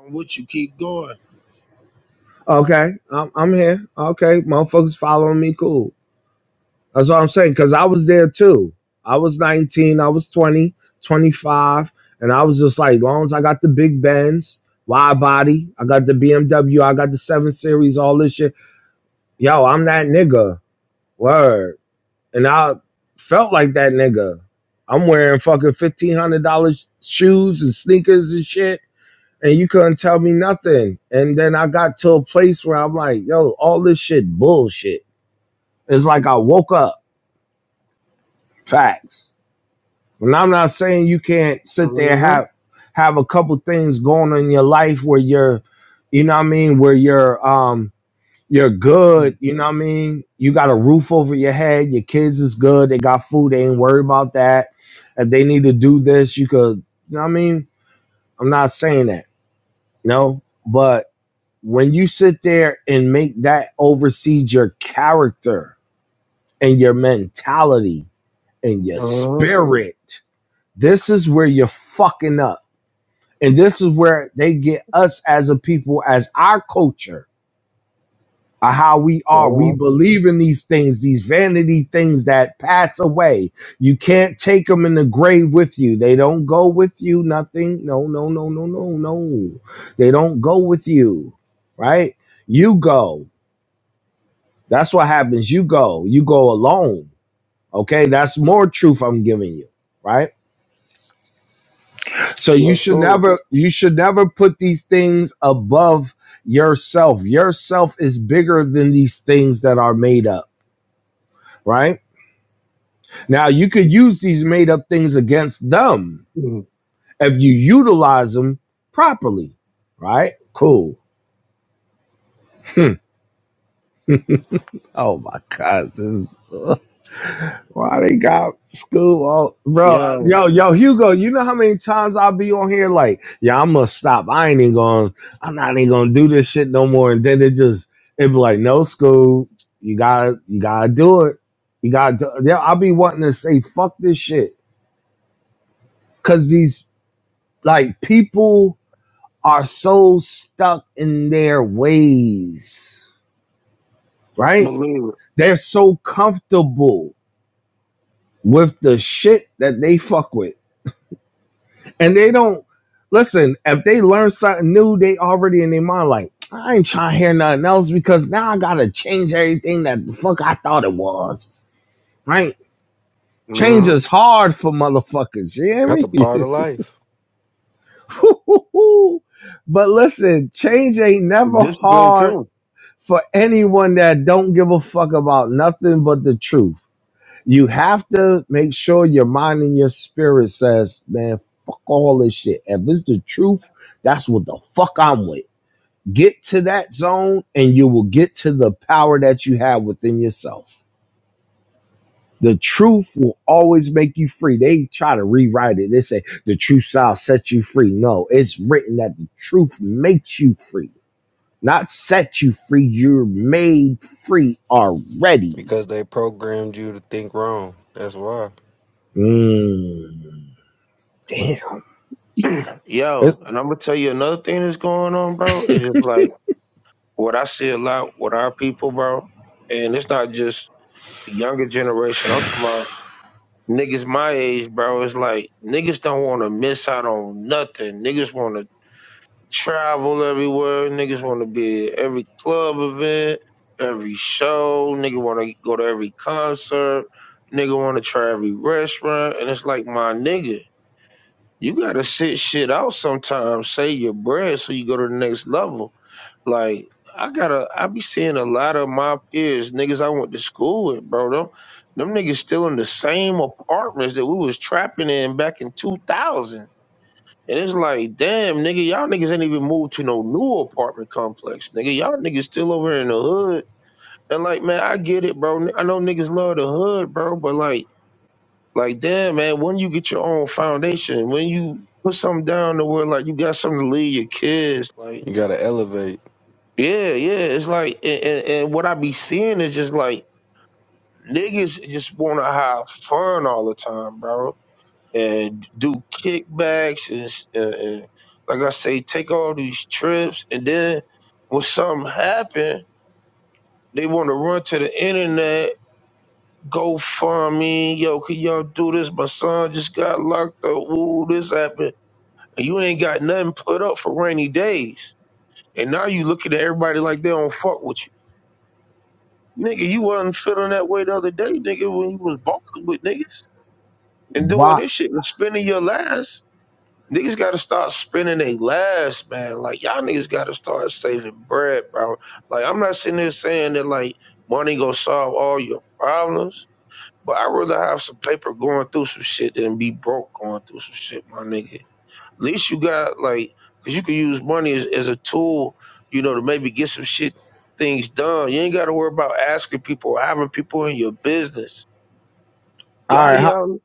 S5: I'm with you. Keep going.
S1: Okay, I'm I'm here. Okay, motherfuckers following me, cool. That's what I'm saying. Cause I was there too. I was 19, I was 20, 25, and I was just like, as long as I got the big bends, wide body, I got the BMW, I got the seven series, all this shit. Yo, I'm that nigga. Word. and I felt like that nigga. I'm wearing fucking fifteen hundred dollars shoes and sneakers and shit, and you couldn't tell me nothing. And then I got to a place where I'm like, yo, all this shit bullshit. It's like I woke up. Facts. And I'm not saying you can't sit there and have
S5: Mm-hmm.
S1: have a couple things going on in your life where you're, you know what I mean, where you're um you're good. You know what I mean? You got a roof over your head. Your kids is good. They got food. They ain't worried about that. If they need to do this, you could, you know what I mean? I'm not saying that, no, but when you sit there and make that overseed your character and your mentality and your
S5: Uh-huh.
S1: spirit, this is where you're fucking up. And this is where they get us as a people, as our culture of how we are. We
S5: Uh-huh.
S1: believe in these things, these vanity things that pass away. You can't take them in the grave with you. They don't go with you, nothing. No, no, no, no, no, no. They don't go with you, right? You go. That's what happens. You go. You go alone. Okay? That's more truth I'm giving you, right? So you
S5: Let's
S1: should
S5: go.
S1: never you should never put these things above yourself. Yourself is bigger than these things that are made up, right? Now, you could use these made up things against them
S5: Mhm.
S1: if you utilize them properly, right? Cool. Oh my God, this is why they got school all bro.
S5: Yo,
S1: Yo, yo, Hugo, you know how many times I'll be on here like, yeah, I'm gonna stop. I ain't even going I'm not even gonna do this shit no more. And then it just, it'd be like, no school, you gotta, you gotta do it. You gotta, do, yeah, I'll be wanting to say, fuck this shit. Cause these, like, people, are so stuck in their ways, right?
S5: believe it.
S1: They're so comfortable with the shit that they fuck with. And they don't listen, if they learn something new, they already in their mind like, I ain't trying to hear nothing else because now I gotta change everything that the fuck I thought it was, right? Change
S5: hmm
S1: is hard for motherfuckers, you hear
S16: That's a
S1: me?
S16: part of life
S1: but listen, change ain't never
S5: Discipline
S1: hard
S5: too.
S1: for anyone that don't give a fuck about nothing but the truth. You have to make sure your mind and your spirit says, man, fuck all this shit. If it's the truth, that's what the fuck I'm with. Get to that zone and you will get to the power that you have within yourself. The truth will always make you free. They try to rewrite it. They say the truth shall set you free. No, it's written that the truth makes you free not set you free. You're made free already.
S16: because they programmed you to think wrong. That's why
S1: Mm, damn.
S5: Yo,
S1: It's,
S5: and I'm gonna tell you another thing that's going on, bro. It's just like what I see a lot with our people, bro. And it's not just the younger generation. I'm talking about niggas my age, bro. It's like niggas don't want to miss out on nothing. Niggas want to travel everywhere. Niggas want to be at every club event, every show. Nigga want to go to every concert. Nigga want to try every restaurant. And it's like, my nigga, you got to sit shit out sometimes, save your bread so you go to the next level. Like, I gotta, I be seeing a lot of my peers, niggas I went to school with, bro. Them, them niggas still in the same apartments that we was trapping in back in 2000 and it's like, damn, nigga, y'all niggas ain't even moved to no new apartment complex, nigga. Y'all niggas still over here in the hood. And like, man, I get it, bro. I know niggas love the hood, bro, but like, like, damn, man, when you get your own foundation, when you put something down to where like you got something to leave your kids, like,
S16: you gotta elevate.
S5: yeah, yeah, it's like, and, and, and what I be seeing is just like niggas just want to have fun all the time, bro and do kickbacks and, s- and, and like I say, take all these trips. And then when something happen, they want to run to the internet, go find me. Yo, can y'all do this? My son just got locked up. Ooh, this happened. And you ain't got nothing put up for rainy days. And now you looking at everybody like they don't fuck with you. Nigga, you wasn't feeling that way the other day, nigga, when you was balling with niggas and doing
S1: why?
S5: this shit and spending your last. Niggas gotta start spending their last, man. Like y'all niggas gotta start saving bread, bro. Like I'm not sitting there saying that like money gonna solve all your problems, but I rather have some paper going through some shit than be broke going through some shit, my nigga. At least you got like, cause you can use money as, as a tool, you know, to maybe get some shit things done. You ain't gotta worry about asking people or having people in your business. A
S1: All
S5: lot
S1: right.
S5: of
S1: How,
S5: y'all,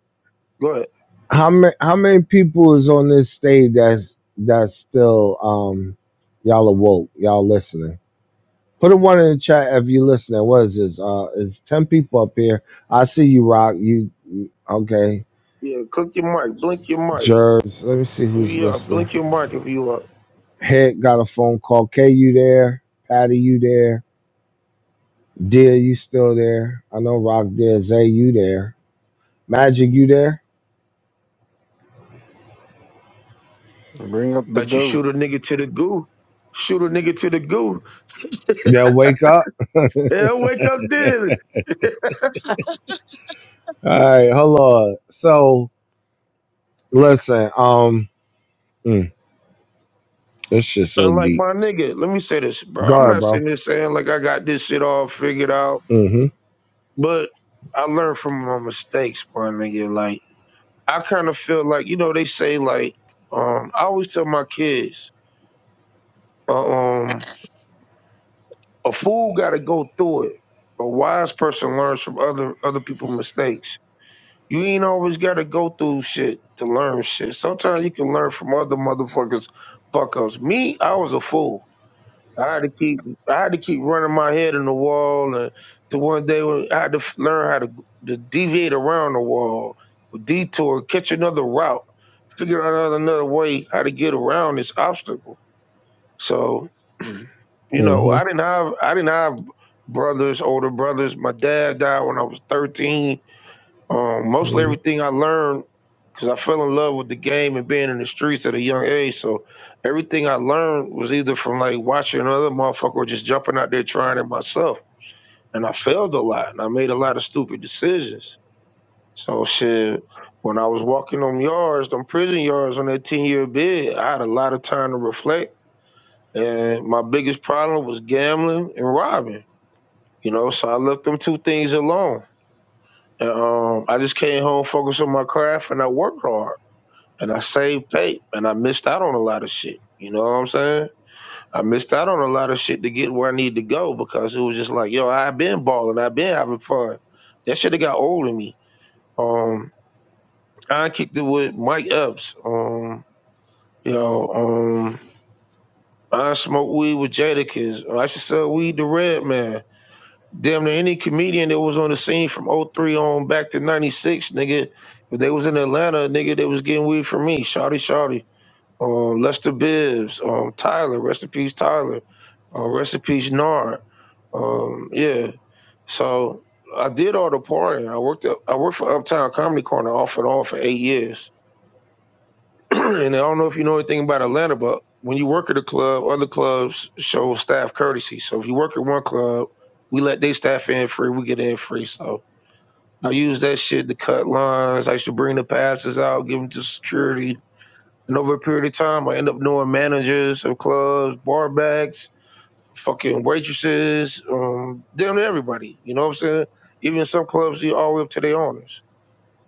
S5: go ahead.
S1: how many how many people is on this stage that's that's still um y'all awoke y'all listening? Put a one in the chat if you listening. What is this? Uh, it's ten people up here. I see you, Rock. You okay?
S5: Yeah, click your mic, blink your mic.
S1: Jervis. Let me see
S5: Yeah,
S1: who's listening.
S5: blink your mic if you up.
S1: Head got a phone call. K, you there? Patty, you there? Dear, you still there? I know Rock there. Zay, you there? Magic, you there?
S16: Bring up the
S5: Bet you
S16: goo.
S5: shoot a nigga to the goo. Shoot a nigga to the goo.
S1: They'll wake up. All
S5: They'll wake up dead.
S1: right, hold on. So listen, um, mm, this shit's so
S5: Unlike
S1: deep.
S5: my nigga, let me say this, bro.
S1: Go
S5: I'm
S1: ahead,
S5: not
S1: bro.
S5: sitting here saying like I got this shit all figured out,
S1: Mm-hmm.
S5: but I learned from my mistakes, bro, nigga. Like I kind of feel like you know they say like um I always tell my kids uh, um a fool got to go through it. A wise person learns from other other people's mistakes You ain't always gotta go through shit to learn shit. Sometimes you can learn from other motherfuckers fuck ups. Me, I was a fool. I had to keep I had to keep running my head in the wall and to one day when I had to f- learn how to, to deviate around the wall, detour, catch another route, figure out another, another way how to get around this obstacle. So you know, I
S1: Mm-hmm.
S5: didn't have I didn't have brothers, older brothers. My dad died when I was 13 um, mostly
S1: hmm
S5: everything I learned because I fell in love with the game and being in the streets at a young age. So everything I learned was either from like watching another motherfucker or just jumping out there trying it myself. And I failed a lot and I made a lot of stupid decisions. So shit, when I was walking them yards, them prison yards on that 10 year bid, I had a lot of time to reflect. And my biggest problem was gambling and robbing. You know, so I left them two things alone. And, um, I just came home, focused on my craft, and I worked hard, and I saved tape, and I missed out on a lot of shit. You know what I'm saying? I missed out on a lot of shit to get where I need to go because it was just like, yo, I've been balling, I've been having fun. That shit got old in me. Um, I kicked it with Mike Epps. Um, you know, um, I smoked weed with Jadakiss. I should sell weed to Red Man. damn near any comedian that was on the scene from '03 on back to 96, nigga, if they was in Atlanta, nigga, they was getting weed from me. Shawty Shawty. Um, Lester Bibbs, um, Tyler, rest in peace, Tyler, uh, rest in peace, Nard. Um, yeah. So I did all the partying. I worked up, I worked for Uptown Comedy Corner off and on for eight years. and I don't know if you know anything about Atlanta, but when you work at a club, other clubs show staff courtesy. So if you work at one club, we let their staff in free, we get in free. So I use that shit to cut lines. I used to bring the passes out, give them to security. And over a period of time, I end up knowing managers of clubs, bar backs, fucking waitresses, um, damn near everybody. You know what I'm saying? Even some clubs, you all the way up to their owners.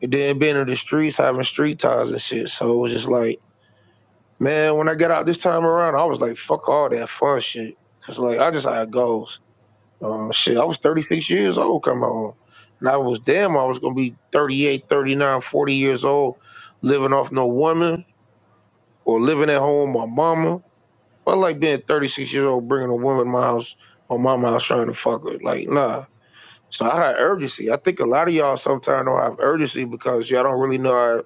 S5: And then being in the streets, having street ties and shit. So it was just like, Man, when I got out this time around, I was like, fuck all that fun shit. Cause like, I just had goals. Um, shit, I was 36 years old coming home. And I was damn, I was going to be 38, 39, 40 years old, living off no woman or living at home with my mama. I like being 36 years old, bringing a woman to my house, my mama house trying to fuck her. Like, nah. So I had urgency. I think a lot of y'all sometimes don't have urgency because y'all don't really know how,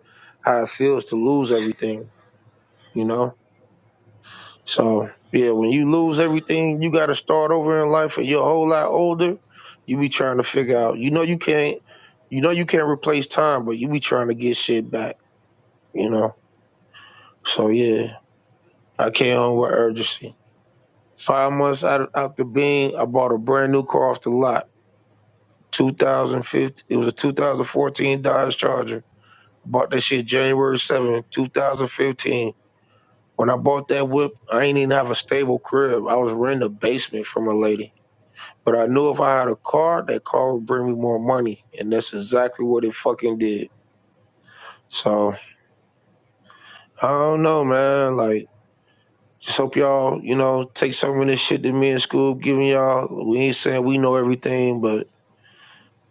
S5: how it feels to lose everything, you know? So yeah, when you lose everything, you got to start over in life, and you're a whole lot older. You be trying to figure out. You know you can't. You know you can't replace time, but you be trying to get shit back. You know. So yeah, I came home with urgency. Five months out out the bean, I bought a brand new car off the lot. 2015. It was a 2014 Dodge Charger. I bought that shit January 7, 2015. When I bought that whip, I ain't even have a stable crib. I was renting a basement from a lady. But I knew if I had a car, that car would bring me more money. And that's exactly what it fucking did. So I don't know, man. Like, just hope y'all, you know, take some of this shit that me and Scoob giving y'all. We ain't saying we know everything, but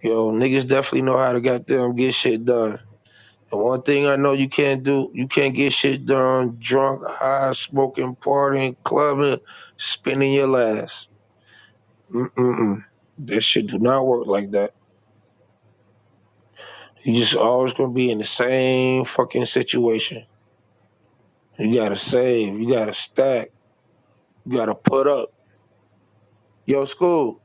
S5: yo, niggas definitely know how to goddamn get shit done. And one thing I know you can't do, you can't get shit done drunk, high, smoking, partying, clubbing, spinning your last. Mm-mm-mm. This shit do not work like that. You just always gonna be in the same fucking situation. You gotta save. You gotta stack. You gotta put up. Yo, school.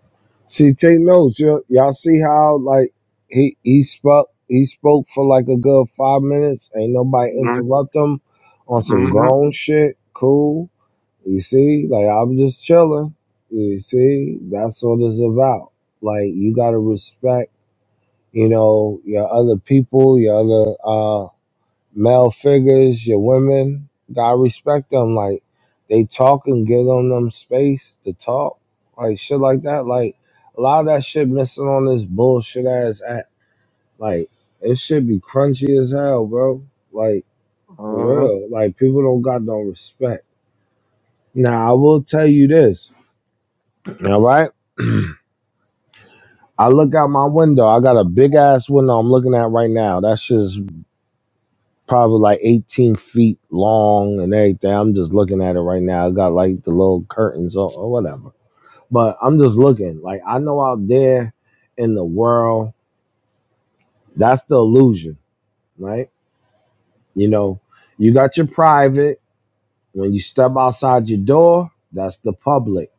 S1: See, take notes. Y'all, y'all see how like he he spoke he spoke for like a good five minutes. Ain't nobody interrupt him on some
S5: Mm-hmm.
S1: grown shit. Cool. You see, like I'm just chilling. You see, that's what it's about. Like you gotta respect, you know, your other people, your other uh male figures, your women. Gotta respect them. Like they talk and give them them space to talk, like shit like that. Like a lot of that shit missing on this bullshit ass app. Like it should be crunchy as hell, bro. Like for
S5: Uh-huh.
S1: real. Like people don't got no respect. Now I will tell you this. All right. I look out my window. I got a big ass window I'm looking at right now. That's just probably like 18 feet long and everything. I'm just looking at it right now. I got like the little curtains or, or whatever. But I'm just looking. Like I know out there in the world, that's the illusion, right? You know, you got your private. When you step outside your door, that's the public.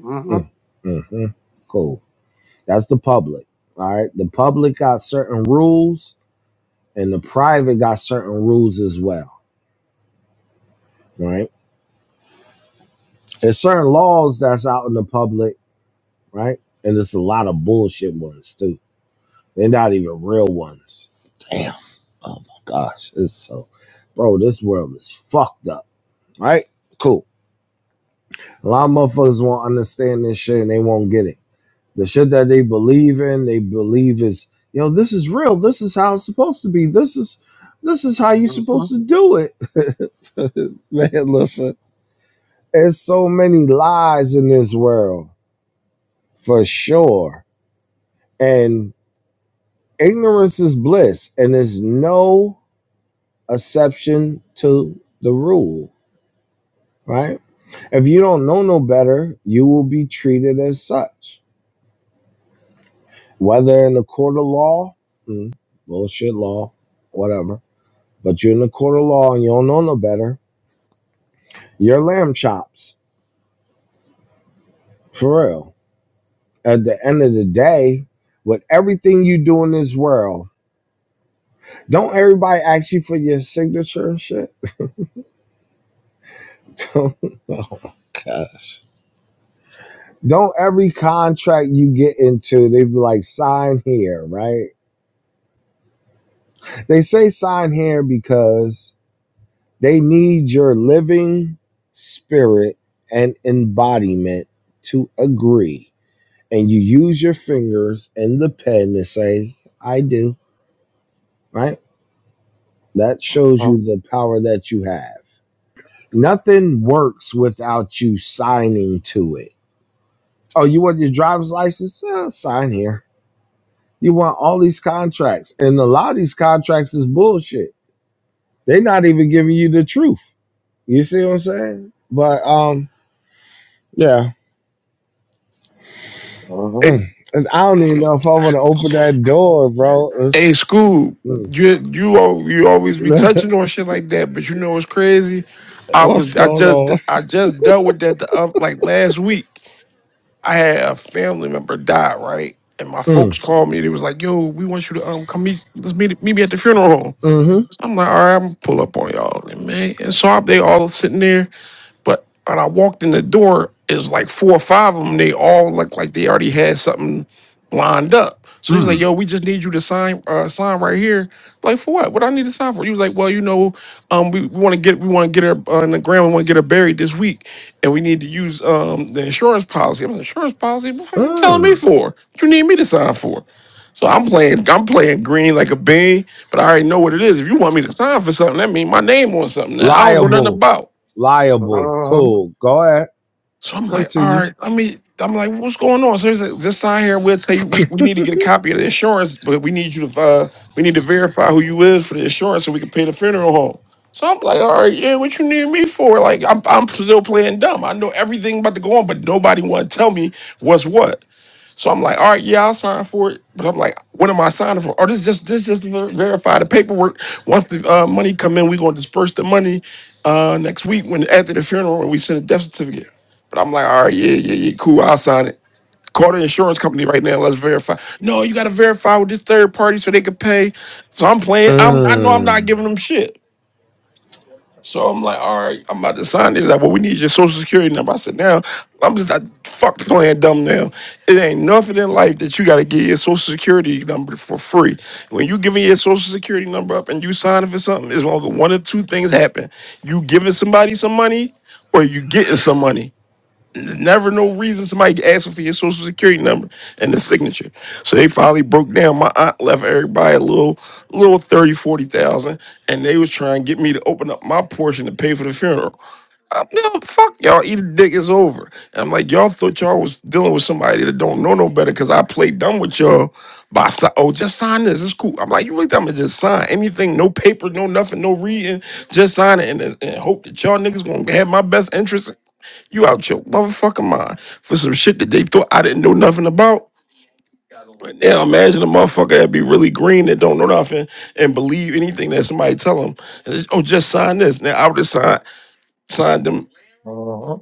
S5: Uh-huh.
S1: Mm, mhm. Cool. That's the public. All right. The public got certain rules and the private got certain rules as well, right? There's certain laws that's out in the public, right? And there's a lot of bullshit ones too. They're not even real ones. Damn. Oh my gosh. It's so bro, this world is fucked up, right? Cool. A lot of motherfuckers won't understand this shit and they won't get it. The shit that they believe in, they believe is, you know, this is real. This is how it's supposed to be. This is this is how you're supposed
S5: Uh-huh.
S1: to do it. Man, listen. There's so many lies in this world, for sure. And ignorance is bliss, and there's no exception to the rule, right? If you don't know no better, you will be treated as such, whether in the court of law, mm, bullshit law, whatever. But you're in the court of law and you don't know no better. You're lamb chops, for real. At the end of the day, with everything you do in this world, Don't everybody ask you for your signature and shit? Don't- oh gosh. Don't every contract you get into, they be like, sign here, right? They say sign here because they need your living spirit and embodiment to agree. And you use your fingers and the pen to say, I do, right? That shows you the power that you have. Nothing works without you signing to it Oh, you want your driver's license? Uh, sign here. You want all these contracts. And a lot of these contracts is bullshit. They're not even giving you the truth. You see what I'm saying? But um, yeah.
S5: Uh-huh.
S17: Hey,
S1: And I don't even know if I want to open that door, bro.
S17: hey,
S1: It's,
S17: school,
S1: mm.
S17: you you al- you always be touching on shit like that, but you know what's crazy? I was
S1: What's
S17: I
S1: going
S17: just
S1: on?
S17: I just dealt with that the other, like last week. I had a family member die, right? And my folks
S1: Mm.
S17: called me. They was like, "Yo, we want you to um come meet. Let's meet meet me at the funeral home."
S1: Mm-hmm.
S17: I'm like, "All right, I'm gonna pull up on y'all, and man." And so i they all sitting there. But when I walked in the door, it was like four or five of them. They all looked like they already had something lined up. So he was like,
S1: Mm.
S17: "Yo, we just need you to sign, uh, sign right here." Like for what? What I need to sign for? He was like, "Well, you know, um, we, we want to get we want to get her uh, on the ground. We want to get her buried this week, and we need to use um the insurance policy." I'm like, "Insurance policy? What the fuck you telling me
S1: Mm.
S17: for? What you need me to sign for?" So I'm playing, I'm playing green like a bean, but I already know what it is. If you want me to sign for something, that means my name on something that I don't know nothing
S1: Liable.
S17: about.
S1: Liable.
S5: Uh-huh.
S1: Cool. Go ahead.
S17: So I'm like, all
S1: Continue.
S17: right, let me. I'm like, what's going on? So he's like, just sign here. We'll tell you we, we need to get a copy of the insurance, but we need you to uh we need to verify who you is for the insurance so we can pay the funeral home. So I'm like, all right, yeah, what you need me for? Like, I'm I'm still playing dumb. I know everything about to go on, but nobody want to tell me what's what. So I'm like, all right, yeah, I'll sign for it. But I'm like, what am I signing for? Or this just this just to ver- verify the paperwork. Once the uh, money come in, we're gonna disperse the money uh, next week when after the funeral and we send a death certificate. But I'm like, all right, yeah, yeah, yeah, cool, I'll sign it. Call the insurance company right now. Let's verify. No, you gotta verify with this third party so they can pay. So I'm playing. I'm I know I'm not
S1: Mm.
S17: giving them shit. So I'm like, all right, I'm about to sign. They're like, well, we need your social security number. I said, now I'm just not fuck playing dumb now. It ain't nothing in life that you gotta get your social security number for free. When you giving your social security number up and you signing for something, it's only one of two things happen. You giving somebody some money or you getting some money. Never no reason somebody asking for your social security number and the signature. So they finally broke down. My aunt left everybody a little little 30, 40,000, and they was trying to get me to open up my portion to pay for the funeral. I'm no fuck y'all, eat a dick, it's over. And I'm like, y'all thought y'all was dealing with somebody that don't know no better because I played dumb with y'all by si- oh, just sign this. It's cool. I'm like, you really think I'm gonna just sign anything, no paper, no nothing, no reading, just sign it and, and hope that y'all niggas gonna have my best interest you out your motherfucking mind for some shit that they thought I didn't know nothing about. Right now, imagine a motherfucker that be really green that don't know nothing and believe anything that somebody tell them. Oh, just sign this. Now I would have signed signed them
S5: Uh-huh.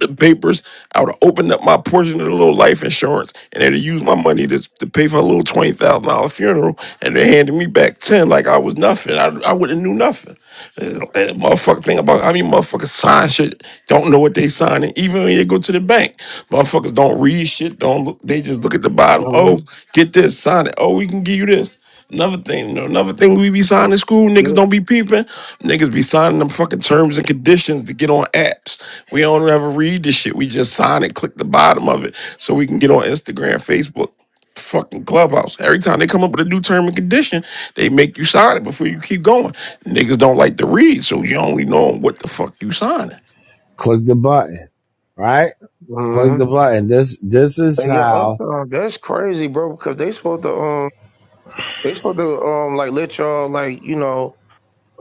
S17: the papers. I would have opened up my portion of the little life insurance, and they'd have used my money to, to pay for a little twenty thousand dollar funeral, and they handed me back ten like I was nothing. I I wouldn't knew nothing. And and motherfucker thing about I mean motherfuckers sign shit, don't know what they signing. Even when you go to the bank, motherfuckers don't read shit. Don't look. They just look at the bottom.
S5: Uh-huh.
S17: Oh, get this, sign it. Oh, we can give you this. Another thing, you know, another thing we be signing in school, niggas
S5: Yeah.
S17: don't be peeping. Niggas be signing them fucking terms and conditions to get on apps. We don't ever read this shit. We just sign it, click the bottom of it, so we can get on Instagram, Facebook, fucking Clubhouse. Every time they come up with a new term and condition, they make you sign it before you keep going. Niggas don't like to read, so you only know what the fuck you signing.
S1: Click the button. Right? Click
S5: Uh-huh.
S1: the button. This this is
S5: Hey, yo,
S1: how.
S5: uptown. That's crazy, bro. Because they supposed to um, they supposed to um, like let y'all like you know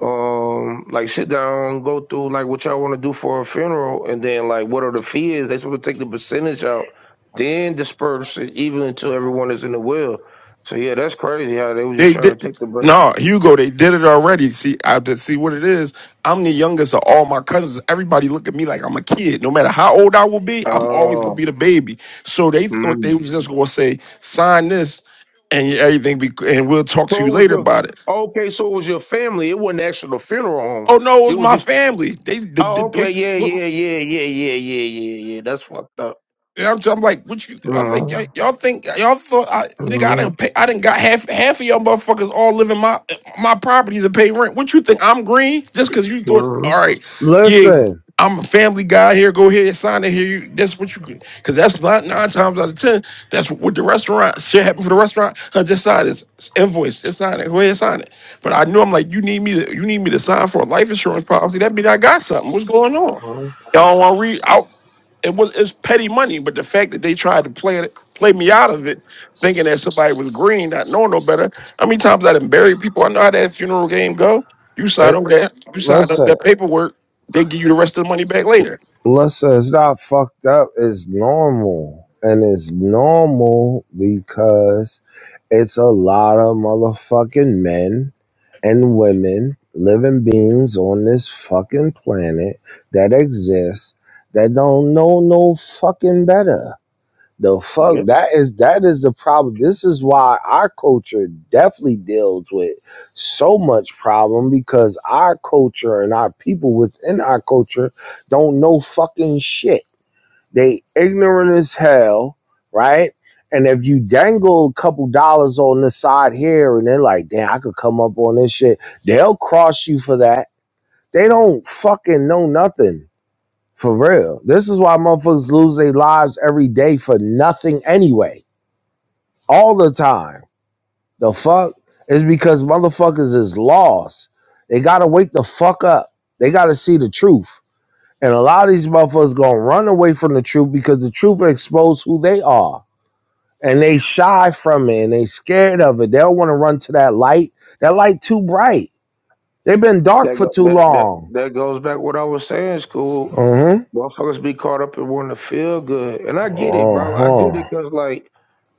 S5: um like sit down go through like what y'all want to do for a funeral and then like what are the fees they supposed to take the percentage out then disperse it even until everyone is in the will so yeah that's crazy how they were just
S17: They
S5: trying
S17: did
S5: to take the break
S17: no, Hugo, they did it already. See, I just see what it is. I'm the youngest of all my cousins. Everybody look at me like I'm a kid. No matter how old I will be, I'm always gonna
S5: oh
S17: be the baby. So they thought they
S5: mm.
S17: was just gonna say, sign this and everything be and we'll talk
S5: so
S17: to you
S5: it was
S17: later
S5: the
S17: about it.
S5: okay so it was your family it wasn't actually the funeral home
S17: Oh no, it
S5: it
S17: was
S5: was
S17: my
S5: just
S17: family. They
S5: oh okay
S17: did
S5: yeah yeah yeah yeah yeah yeah yeah yeah that's fucked up
S17: And I'm, I'm like, what you? I think y'all,
S5: mm-hmm.
S17: y'all think y'all thought I, nigga. I
S5: Mm-hmm.
S17: didn't pay. I didn't got half half of y'all motherfuckers all live in my my properties and pay rent. What you think? I'm green just because you thought.
S5: Mm-hmm.
S17: All right, yeah,
S1: Listen,
S17: I'm a family guy here. Go here, sign it here. You, that's what you because that's not nine times out of ten. That's what the restaurant shit happened for the restaurant. Huh, just sign this invoice. Just sign it. Go ahead, sign it. But I knew I'm like, you need me to you need me to sign for a life insurance policy. That mean I got something. What's going on?
S5: Mm-hmm.
S17: Y'all want to read out? it was it's petty money, but the fact that they tried to play it, play me out of it, thinking that somebody was green, not knowing no better. How many times I done buried people? I know how that funeral game go. You sign
S1: it,
S17: over that, you sign over
S1: listen,
S17: that paperwork, they give you the rest of the money back later.
S1: listen. It's not fucked up. It's normal, and it's normal because it's a lot of motherfucking men and women, living beings on this fucking planet that exist that don't know no fucking better. The fuck
S5: Yeah.
S1: that is that is the problem. This is why our culture definitely deals with so much problem because our culture and our people within our culture don't know fucking shit. They ignorant as hell, right? And if you dangle a couple dollars on the side here and they're like, damn, I could come up on this shit, they'll cross you for that. They don't fucking know nothing. For real. This is why motherfuckers lose their lives every day for nothing anyway all the time. The fuck is because motherfuckers is lost. They gotta wake the fuck up. They gotta see the truth. And a lot of these motherfuckers gonna run away from the truth because the truth will expose who they are. And they shy from it and they scared of it. They don't wanna run to that light. That light too bright. They've been dark
S5: That
S1: for
S5: go,
S1: too
S5: that that
S1: long.
S5: that goes back what I was saying. School
S1: Uh-huh.
S5: motherfuckers be caught up in wanting to feel good, and I get it, bro. I get
S1: Uh-huh.
S5: it because like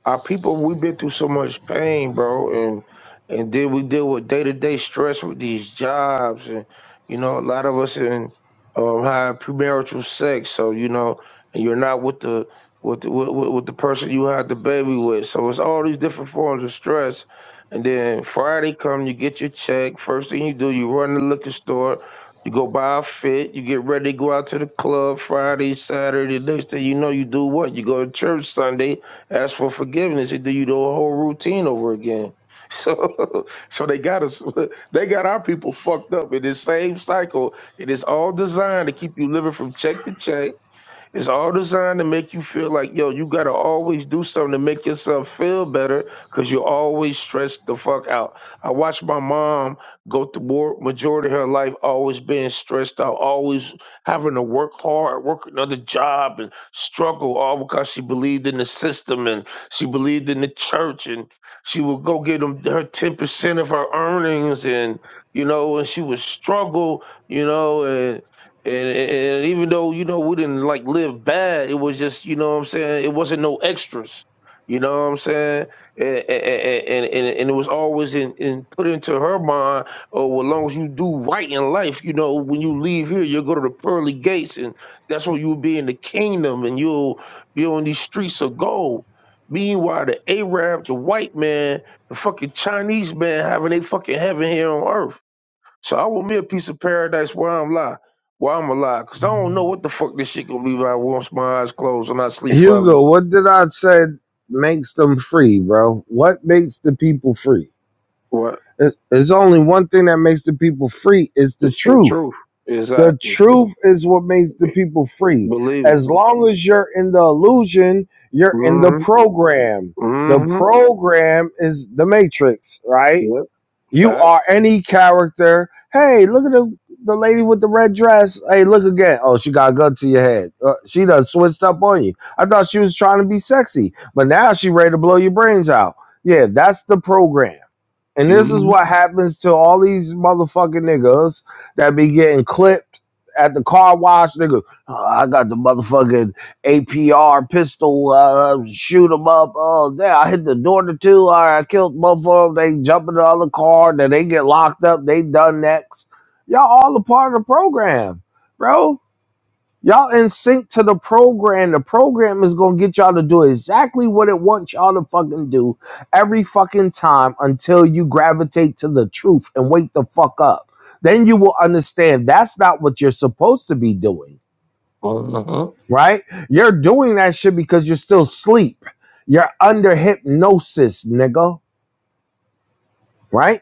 S5: our people we've been through so much pain, bro, and and then we deal with day to day stress with these jobs, and you know a lot of us in um have premarital sex, so you know and you're not with the with the, with, with with the person you had the baby with, so it's all these different forms of stress. And then Friday come, you get your check. First thing you do, you run to the liquor store. You go buy a fit, you get ready to go out to the club Friday, Saturday. Next thing you know, you do what? You go to church Sunday, ask for forgiveness. He do you the whole routine over again. So, so they got us. They got our people fucked up in this same cycle. It is all designed to keep you living from check to check it's all designed to make you feel like, yo, you gotta always do something to make yourself feel better because you're always stressed the fuck out. I watched my mom go through more majority of her life always being stressed out, always having to work hard, work another job and struggle, all because she believed in the system and she believed in the church and she would go get them her 10% of her earnings and you know, and she would struggle, you know, and, and even though you know we didn't like live bad, it was just you know what I'm saying it wasn't no extras, you know what I'm saying, and and and, and, and it was always in, in put into her mind. Oh, well, as long as you do right in life, you know when you leave here, you'll go to the pearly gates, and that's where you'll be in the kingdom, and you'll be on these streets of gold. Meanwhile, the Arab, the white man, the fucking Chinese man having a fucking heaven here on earth. So I want me a piece of paradise while I'm alive, while I'm alive, because I don't know what the fuck this shit gonna be when I once my eyes closed and I sleep forever.
S1: Hugo, what did I say makes them free, bro? What makes the people free?
S5: What?
S1: There's only one thing that makes the people free is the
S5: It's your
S1: truth.
S5: truth.
S1: The
S5: Exactly.
S1: truth is what makes the people free.
S5: Believe it.
S1: As long as you're in the illusion, you're in the
S5: Mm-hmm.
S1: program. The
S5: Mm-hmm.
S1: program is the matrix, right?
S5: Yep.
S1: You are
S5: Facts.
S1: any character. Hey, look at the, the lady with the red dress. Hey, look again. Oh, she got a gun to your head. Uh, she done switched up on you. I thought she was trying to be sexy, but now she ready to blow your brains out. Yeah, that's the program. And this is
S5: Mm-hmm.
S1: what happens to all these motherfucking niggas that be getting clipped at the car wash. Nigga, "Oh, I got the motherfucking APR pistol, uh, shoot them up. Oh, damn, I hit the door to two. right, I killed both of them. They jump in the other car. Then they get locked up. They done next. Y'all all a part of the program, bro. Y'all in sync to the program. The program is gonna get y'all to do exactly what it wants y'all to fucking do every fucking time until you gravitate to the truth and wake the fuck up. Then you will understand that's not what you're supposed to be doing,
S5: Uh-huh.
S1: right? You're doing that shit because you're still asleep. You're under hypnosis, nigga, right?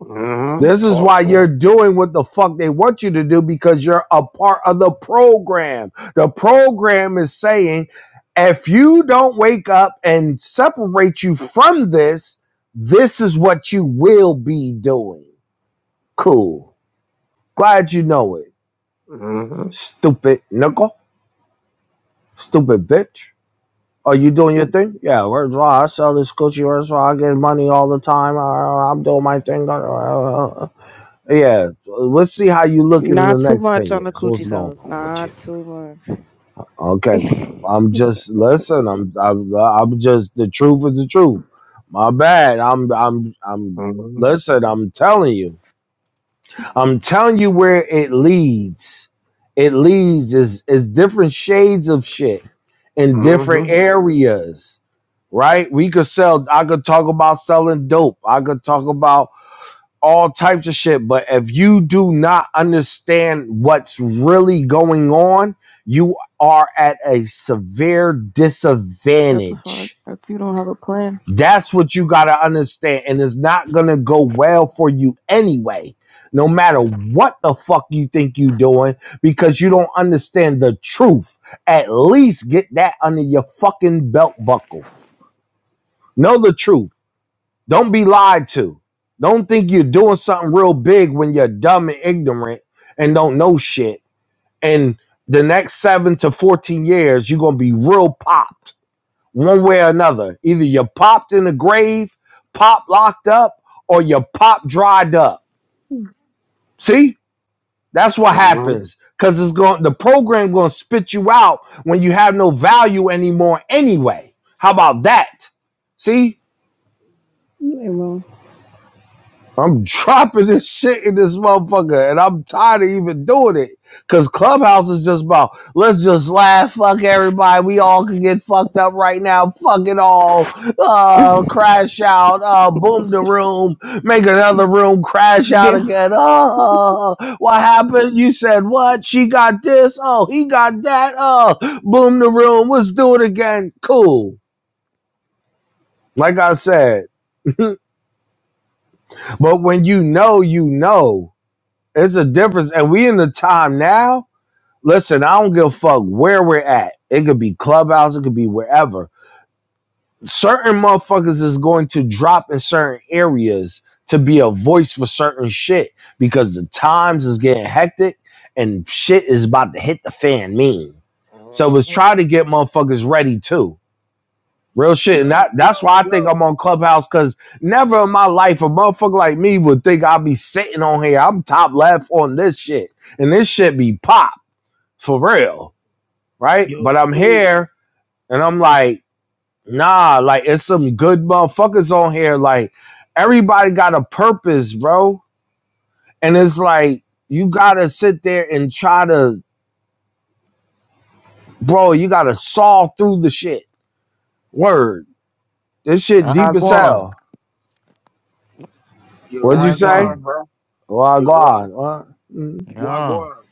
S5: Mm-hmm.
S1: This is
S5: Talk
S1: why you're
S5: to
S1: doing what the fuck they want you to do because you're a part of the program. The program is saying if you don't wake up and separate you from this, this is what you will be doing. Cool. Glad you know it.
S5: him. Mm-hmm.
S1: Stupid nickel. Stupid bitch. Are you doing your thing? Yeah, where's why I sell this Gucci, where's why I get money all the time. Uh, I'm doing my thing. Yeah, let's see how you look in the
S15: Not too
S1: next
S15: much
S1: ten
S15: on the
S1: years.
S15: coochie
S1: What's going
S15: sales.
S1: on with you?
S15: Not too much.
S1: Okay, I'm just listen. I'm I'm, I'm just the truth is the truth. My bad. I'm I'm I'm
S5: Mm-hmm.
S1: listen. I'm telling you. I'm telling you where it leads. It leads is is different shades of shit in different
S5: Mm-hmm.
S1: areas right? We could sell. I could talk about selling dope. I could talk about all types of shit. But if you do not understand what's really going on, you are at a severe
S15: That's a fuck.
S1: disadvantage.
S15: If you don't have a plan.
S1: That's what you got to understand. And it's not going to go well for you anyway, no matter what the fuck you think you're doing, because you don't understand the truth. At least get that under your fucking belt buckle. Know the truth. Don't be lied to. Don't think you're doing something real big when you're dumb and ignorant and don't know shit. And the next seven to 14 years, you're going to be real popped one way or another. Either you're popped in the grave, pop locked up, or you're pop dried up. See? That's what
S5: Mm-hmm.
S1: happens. Cause it's going the program gonna spit you out when you have no value anymore anyway. How about that? See?
S15: You
S1: I'm dropping this shit in this motherfucker, and I'm tired of even doing it. Cause Clubhouse is just about let's just laugh, fuck everybody. We all can get fucked up right now. Fuck it all.
S15: ain't
S1: Uh,
S15: wrong.
S1: crash out. Uh, boom the room. Make another room. Crash out
S15: yeah.
S1: again. Oh, uh, what happened? You said what? She got this. Oh, he got that. Oh, uh, boom the room. Let's do it again. Cool. Like I said, but when you know, you know. It's a difference. And we in the time now, listen, I don't give a fuck where we're at. It could be clubhouse, it could be wherever. Certain motherfuckers is going to drop in certain areas to be a voice for certain shit because the times is getting hectic and shit is about to hit the fan mean. So let's
S5: Mm-hmm.
S1: try to get motherfuckers ready too. Real shit. And
S5: Yo,
S1: that, that's
S5: yo,
S1: why I think
S5: yo.
S1: I'm on Clubhouse because never in my life a motherfucker like me would think I'd be sitting on here. I'm top left on this shit. And this shit be pop for real. Right?
S5: Yo,
S1: But I'm
S5: school.
S1: here and I'm like, nah, like it's some good motherfuckers on here. Like everybody got a purpose, bro. And it's like, you gotta sit there and try to, bro, you gotta saw through the shit. Word. This shit deep as
S18: Wagwan.
S1: hell.
S5: You're
S1: What'd you
S5: right
S1: say?
S5: now,
S18: Wagwan.
S5: bro.
S1: Oh,
S5: You're right.
S1: God.
S18: Yeah.
S5: Wagwan.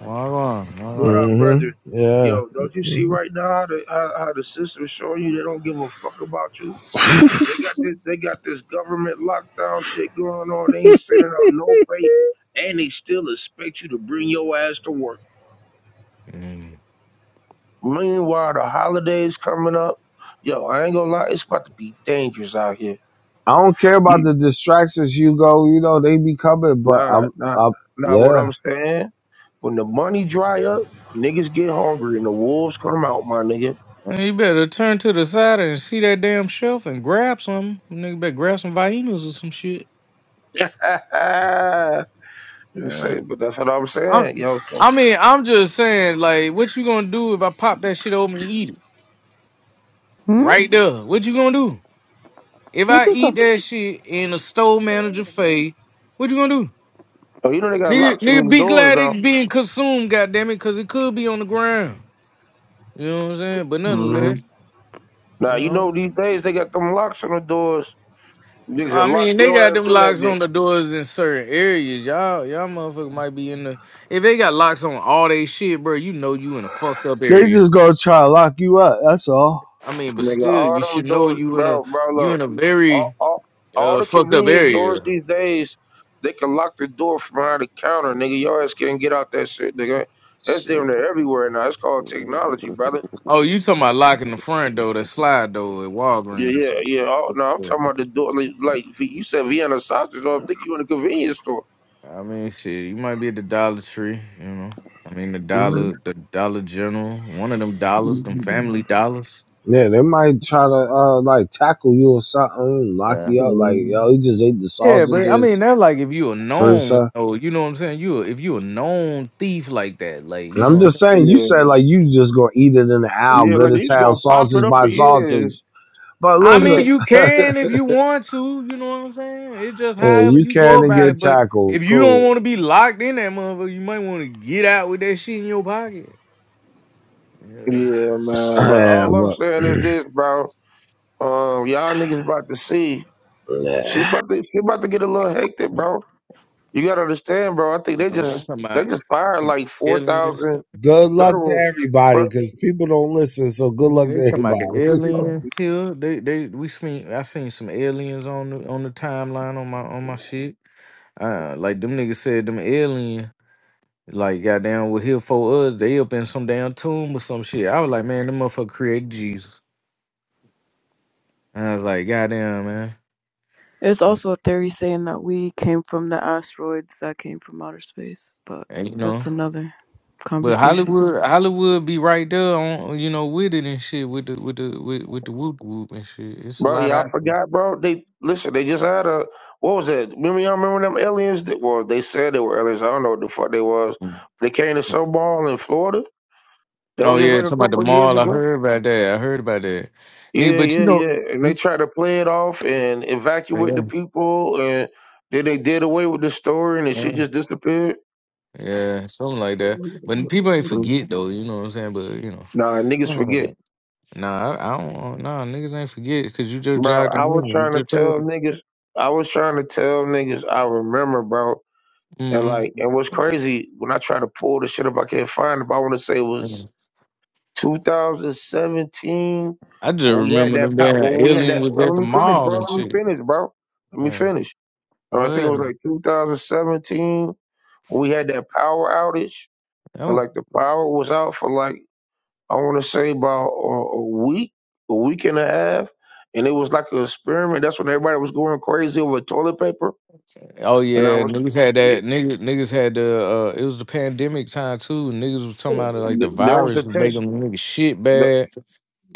S18: Wagwan.
S5: What
S18: Wagwan.
S5: up,
S1: hmm
S5: brother?
S1: Yeah.
S5: Yo, don't you see right now how the how, how the system's showing you they don't give a fuck about you? They got this they got this government lockdown shit going on. They ain't sending out no pay, and they still expect you to bring your ass to work.
S18: Mm.
S5: Meanwhile, the holidays coming up. Yo, I ain't gonna lie, it's about to be dangerous out here.
S1: I don't care about
S5: You
S1: the distractions, Hugo. You know, they be coming, but
S5: nah
S1: I'm,
S5: nah
S1: I'm
S5: nah. What
S1: yeah.
S5: I'm saying, when the money dry up, niggas get hungry and the wolves come out, my nigga.
S18: Man, you better turn to the side and see that damn shelf and grab some. Nigga better grab some vainos or some shit.
S5: You
S18: Yeah.
S5: say, but that's what I'm
S18: I'm,
S5: saying, yo. So,
S18: I mean, I'm just saying, like, what you gonna do if I pop that shit open and eat it?
S15: Hmm?
S18: Right there. What you gonna do? If
S15: What
S18: I
S15: you
S18: eat
S15: thought?
S18: that shit in a store manager
S5: so
S18: face, what you gonna do?
S5: you know they got
S18: Nigga,
S5: locks on
S18: nigga
S5: these
S18: be
S5: doors
S18: glad
S5: now.
S18: it being consumed, goddammit, cause it could be on the ground. You know what I'm saying? But
S5: hmm
S18: nonetheless. you
S5: Now you
S18: know.
S5: know these days they got them locks on the doors. Niggas
S18: I
S5: can lock
S18: mean, they
S5: your
S18: got
S5: ass
S18: them
S5: in that
S18: locks on
S5: bitch.
S18: the doors in certain areas. Y'all, y'all motherfuckers might be in the. If they got locks on all they shit, bro, you know you in a fucked up
S1: They
S18: area.
S1: just gonna try to lock you up. That's all.
S18: I mean, but
S5: Nigga,
S18: still,
S5: all
S18: you
S5: them
S18: should know
S5: doors,
S18: you in a
S5: bro, bro.
S18: you
S5: Look,
S18: in a
S5: all,
S18: very
S5: all, all
S18: uh,
S5: the
S18: fucked up
S5: convenience
S18: area.
S5: stores these days, they can lock the door from behind the counter, nigga. Your ass can't get out that shit, nigga. That's damn
S18: Shit.
S5: near everywhere now. It's called technology, brother.
S18: Oh, you talking about locking the front door, that slide door at
S5: Yeah,
S18: Walgreens or
S5: yeah, yeah. Oh,
S18: something?
S5: no, I'm talking
S18: Yeah.
S5: about the door. Like, like if you said, Vienna sausage. I don't think you in a convenience store.
S18: I mean, shit, you might be at the Dollar Tree, you know. I mean, the dollar, the Dollar General, one of them dollars, them
S5: Mm-hmm.
S18: Family Dollars.
S1: Yeah, they might try to uh like tackle you or something, lock you up. Like yo, he just ate the
S18: Yeah, but I mean
S1: sausages
S18: that's like if you a
S1: first.
S18: known
S1: Uh,
S18: oh, you know what I'm saying? You a- if you a known thief like that, like
S1: and
S18: you know
S1: I'm
S18: what I'm
S1: just
S18: saying?
S1: saying, you
S5: Yeah,
S1: said like you just gonna eat it in the hour,
S5: yeah,
S1: good
S5: like
S1: as
S5: he's
S1: hell,
S5: gonna pop it
S1: sausage
S5: up
S1: by
S5: for years.
S1: sausage. But
S18: I mean
S1: listen,
S18: you can if you want to, you know what I'm saying? It's just
S1: yeah,
S18: however
S1: you
S18: you go
S1: can and
S18: about
S1: get
S18: it. But
S1: tackled.
S18: if you don't
S1: Cool.
S18: want to be locked in that motherfucker, you might want to get out with that shit in your pocket. Yeah.
S5: yeah, man. But
S1: yeah,
S5: all
S1: but.
S5: I'm saying is this, bro. Um, y'all niggas about to see shit about to shit about to get a little hectic, bro. You gotta understand, bro. I think they
S18: Man, they
S5: just
S18: talking
S5: they
S18: about
S5: just
S18: they
S5: fired
S18: talking about
S5: like four
S18: aliens
S5: thousand
S18: stuff.
S1: Good luck to
S5: federal, f-
S1: everybody, because people don't listen. So good
S18: Nigga,
S1: luck to
S18: They talking about the
S1: everybody.
S18: aliens too. They they we seen I seen some aliens on the on the timeline on my on my shit. Uh like them niggas said them aliens. Like goddamn, with here for us, they up in some damn tomb or some shit. I was like, man, them motherfucker created Jesus. And I was like, goddamn, man.
S15: It's also a theory saying that we came from the asteroids that came from outer space, but
S18: And you
S15: that's
S18: know,
S15: another
S18: but
S15: conversation.
S18: Hollywood, Hollywood be right there on you know with it and shit with the with the with, with the whoop whoop and shit. It's a
S5: bro.
S18: lot
S5: Y'all
S18: out.
S5: forgot, bro. They listen. They just had a what was that? Remember y'all remember them aliens that well, they said they were aliens. I don't know what the fuck they was.
S18: there.
S5: They came to Soball in Florida That
S18: Oh
S5: was just
S18: yeah,
S5: like a
S18: talking about the
S5: couple of years
S18: mall. I
S5: ago.
S18: heard about that. I heard about that, nigga.
S5: Yeah,
S18: But you
S5: yeah,
S18: know,
S5: yeah. And they tried to play it off and evacuate
S18: yeah,
S5: the people, and then they did away with the story, and the
S18: yeah,
S5: shit just disappeared.
S18: yeah, something like that. But people ain't forget though. You know what I'm saying? But you know.
S5: Nah, niggas
S18: something like that.
S5: forget,
S18: Nah, I, I don't. Nah, niggas ain't forget because you just
S5: bro.
S18: jogged. I
S5: I was
S18: remember you
S5: trying to
S18: just told
S5: tell niggas. I was trying to tell niggas. I remember, bro. And
S18: me.
S5: like, and what's crazy when I try to pull the shit up, I can't find it. But I want to say it
S18: Mm-hmm.
S5: was 2017
S18: I just
S5: when we had
S18: remember
S5: that.
S18: them
S5: pow-
S18: damn
S5: When we had
S18: aliens
S5: that.
S18: was
S5: Well,
S18: at
S5: let
S18: the
S5: me finish,
S18: mall
S5: bro.
S18: and
S5: Let me
S18: shit.
S5: finish, bro. Let me
S18: Yeah.
S5: finish
S18: Go
S5: And I think it was
S18: ahead.
S5: like 2017 when we had that power outage, and
S18: Oh,
S5: like the power was out for like I want to say about a, a week, a week and a half, and it was like an experiment. That's when everybody was going crazy over toilet paper,
S18: oh
S5: and I
S18: yeah,
S5: was
S18: niggas had that. Niggas, niggas had the. Uh, it was the pandemic time too. Niggas was talking about it like the
S5: that was the
S18: virus was
S5: test.
S18: making niggas shit
S5: That,
S18: bad,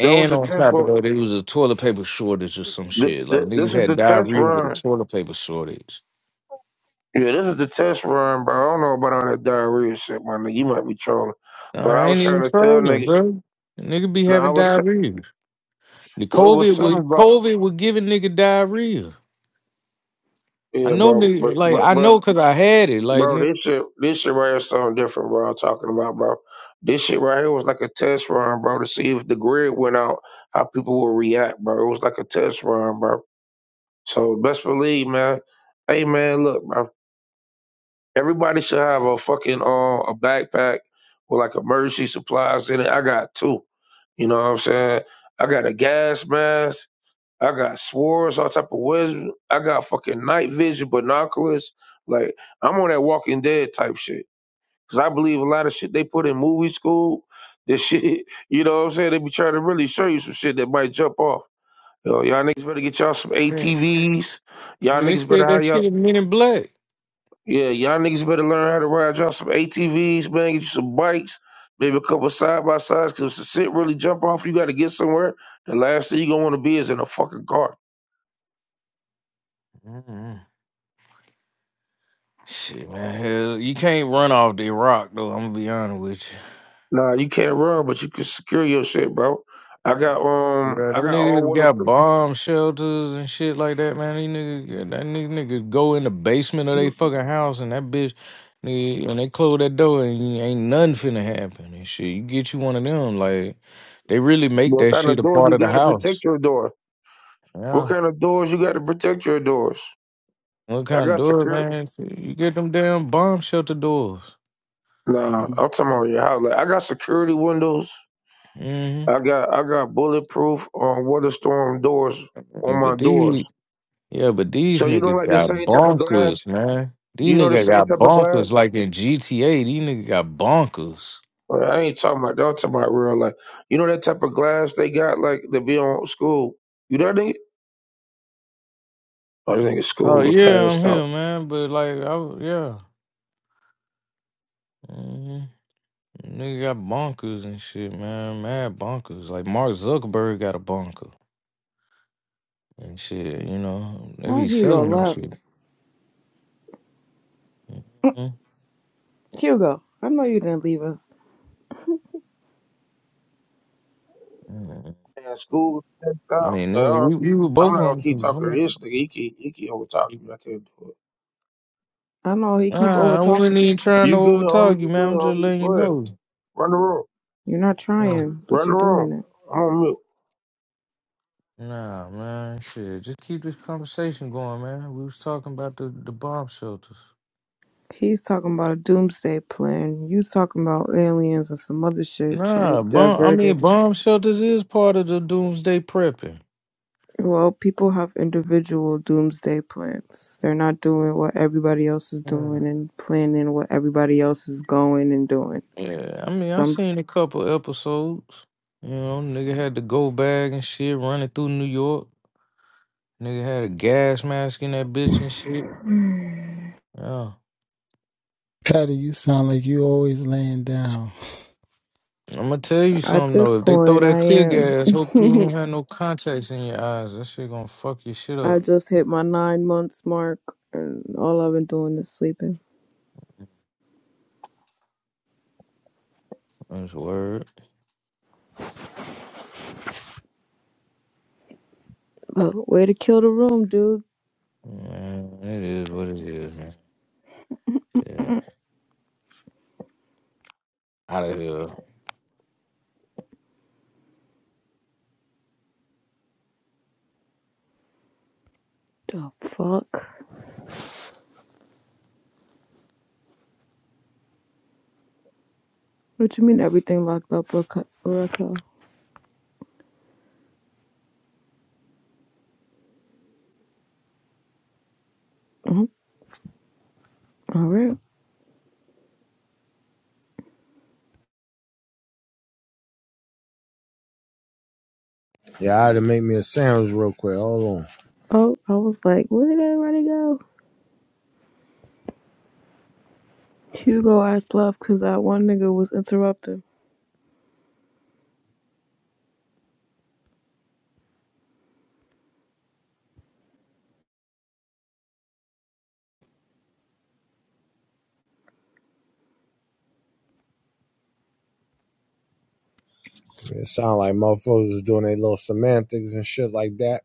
S5: that was the
S18: on
S5: test,
S18: top of
S5: but
S18: that, it was a toilet paper shortage or some
S5: th-
S18: shit. Like
S5: th-
S18: niggas
S5: this is
S18: had
S5: the test
S18: diarrhea with a
S5: run.
S18: toilet paper shortage.
S5: Yeah, this is the test run, bro. I don't know about all that diarrhea shit, my nigga. You might be trolling, but I
S18: I
S5: was
S18: ain't
S5: trying
S18: even
S5: to tell
S18: trolling,
S5: niggas.
S18: bro. Nigga be
S5: No, I
S18: having
S5: was. T-
S18: diarrhea. The
S5: well, it was
S18: COVID was
S5: something about.
S18: COVID was giving nigga diarrhea. I
S5: Yeah,
S18: know
S5: bro.
S18: nigga
S5: But
S18: like
S5: but
S18: I
S5: but
S18: know cause I had it. Like
S5: bro,
S18: nigga,
S5: this shit this shit right here is something different, bro. I'm talking about, bro. This shit right here was like a test run, bro, to see if the grid went out, how people would react, bro. It was like a test run, bro. So best believe, man. Hey man, look, bro. Everybody should have a fucking uh, a backpack with like emergency supplies in it. I got two. You know what I'm saying? I got a gas mask. I got swords, all type of wisdom. I got fucking night vision, binoculars. Like I'm on that Walking Dead type shit. Cause I believe a lot of shit they put in movie school. This shit, you know what I'm saying? They be trying to really show you some shit that might jump off. Yo, y'all niggas better get y'all some
S18: man,
S5: ATVs. Y'all
S18: they
S5: niggas better
S18: said
S5: how
S18: that shit
S5: y'all
S18: in Men in Black.
S5: yeah, y'all niggas better learn how to ride y'all some ATVs, man. Get you some bikes, maybe a couple side by sides. Cause if the shit really jump off, you got to get somewhere. The last thing you gonna want to be is in a fucking car.
S18: Mm. Shit, man, hell, you can't run off the Iraq though. I'm gonna be honest with
S5: Nah, you can't run, but you can secure your shit, bro. I got
S18: you,
S5: um,
S18: bro.
S5: I
S18: Them
S5: got all
S18: niggas
S5: water.
S18: got bomb shelters and shit like that, man. These niggas, yeah, that nigga, nigga go in the basement of their fucking house and that bitch, nigga, and they close that door and you- ain't nothing finna happen and shit. You get you one of them, like they really make
S5: What
S18: that
S5: kind
S18: shit
S5: of
S18: a
S5: door
S18: part
S5: you
S18: of the
S5: got to
S18: house.
S5: protect your door? What
S18: Yeah.
S5: kind of doors you got to protect your doors?
S18: What
S5: I
S18: kind of
S5: got
S18: doors,
S5: security.
S18: man? See, You get them damn bomb shelter doors.
S5: Nah, I'm talking about your house. Like, I got security windows.
S18: hmm
S5: I got I got bulletproof on waterstorm doors on my
S18: But
S5: doors.
S18: these, yeah, but these
S5: So you don't
S18: niggas
S5: like the
S18: got
S5: same type of glass?
S18: bonkers, man. These
S5: You know the
S18: niggas
S5: same
S18: got
S5: type of glass?
S18: bonkers like in GTA. These niggas got bonkers.
S5: Well, I ain't talking about that. I'm talking about real life. You know that type of glass they got like to be on school. You know that? I think
S18: Oh
S5: school would
S18: yeah, I'm
S5: passed out.
S18: here, man. But like, I w- yeah, hmm nigga got bonkers and shit, man. Mad bonkers. Like Mark Zuckerberg got a bonker and shit. You know, they
S15: Oh,
S18: be
S15: Hugo
S18: selling them
S15: left.
S18: shit. hmm
S15: Hugo, I know you didn't leave us.
S5: Man, school was passed
S18: I
S5: out.
S18: mean, nigga,
S5: Uh,
S18: we, we were
S5: I'm
S18: both
S5: not gonna
S18: on
S5: keep
S18: some. I
S5: talking to
S18: mean,
S5: this nigga. He keep he keep over talking me. I can't do it.
S15: I know he keep
S18: nah,
S15: over
S18: I wasn't
S15: talking.
S18: even trying to
S5: You good,
S18: overtalk
S5: homie?
S18: you,
S5: You good,
S18: man. I'm just
S5: homie?
S18: letting you
S5: Go ahead.
S18: know.
S5: Run the room.
S15: You're not
S18: Oh,
S15: trying, but
S5: Run the
S15: you're
S5: room.
S15: doing it.
S5: I'm on mute.
S18: nah, man, shit. Just keep this conversation going, man. We was talking about the, the bomb shelters.
S15: He's talking about a doomsday plan. You talking about aliens and some other shit trying to
S18: Nah, bomb. I
S15: divert it.
S18: mean, bomb shelters is part of the doomsday prepping.
S15: Well, people have individual doomsday plans. They're not doing what everybody else is
S18: Yeah,
S15: doing and planning what everybody else is going and doing.
S18: yeah. I mean, I
S15: Some
S18: seen a couple episodes. You know, nigga had the go bag and shit running through New York. Nigga had a gas mask in that bitch and shit. Yeah.
S19: Patty, you sound like you always laying down.
S18: I'm gonna tell you
S15: at
S18: something
S15: this
S18: though. If they throw
S15: point, I
S18: that tear
S15: am.
S18: gas, hope you ain't have no contacts in your eyes. That shit gonna fuck your shit
S15: I
S18: up.
S15: just hit my nine months mark, and all I've been doing is sleeping.
S18: That's word.
S15: But way to kill the room, dude.
S18: Man, it is what it is, man. Shit. Out of here.
S15: The fuck? What you mean everything locked up, Raquel? Raquel? Mhm. All right.
S1: yeah, I had to make me a sandwich real quick. Hold on.
S15: Oh, I was like, where did everybody go? Hugo asked left because that one nigga was interrupting.
S1: It sound like motherfuckers is doing their little semantics and shit like that.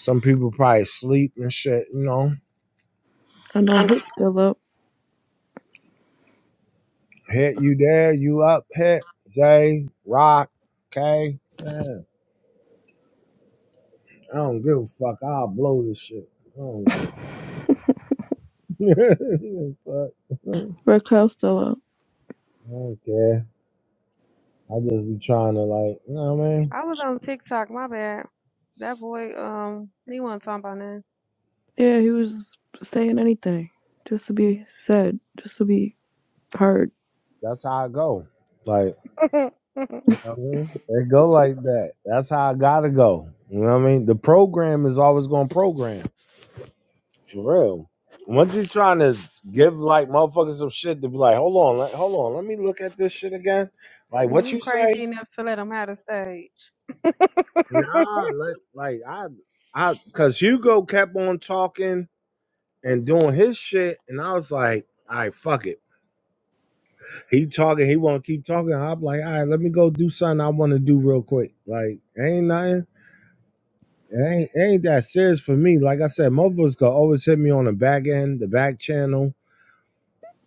S1: Some people probably sleep and shit. You know,
S15: I know
S1: I'm-
S15: he's still up.
S1: hit you there, you up, hit Jay Rock, K. Man, I don't give a fuck. I'll blow this shit. I don't give. a fuck.
S15: Raquel's still up.
S1: I don't care. I just be trying to like, you know what I mean?
S12: I was on TikTok, my bad. That boy, um, he wasn't talking about
S15: Yeah, he was saying anything just to be said, just to be heard.
S1: That's how I go. Like.
S12: nothing.
S1: You know what I mean? They go like that. That's how I gotta go. You know what I mean? The program is always gonna program. For real. Once you're trying to give like motherfuckers some shit to be like, hold on, let, hold on, let me look at this shit again. Like what
S12: you
S1: you say?
S12: crazy enough to let him have
S1: Nah, let, like I I cause Hugo kept on talking and doing his shit and I was like, all right, fuck it. He talking, he wanna keep talking. I'm like, all right, let me go do something I wanna do real quick. Like, ain't nothing. It ain't, it ain't that serious for me. Like I said, motherfuckers could always hit me on the back end, the back channel.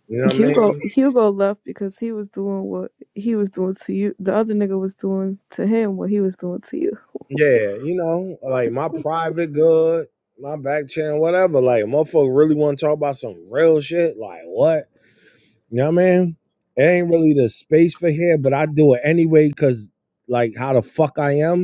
S1: You know what I
S15: Hugo
S1: mean?
S15: Hugo left because he was doing what he was doing to you. The other nigga was doing to him what he was doing to you.
S1: Yeah, you know, like my private good, my back channel, whatever. Like, motherfucker really want to talk about some real shit. Like, what? You know what I mean? It ain't really the space for here, but I do it anyway because, like, how the fuck I am.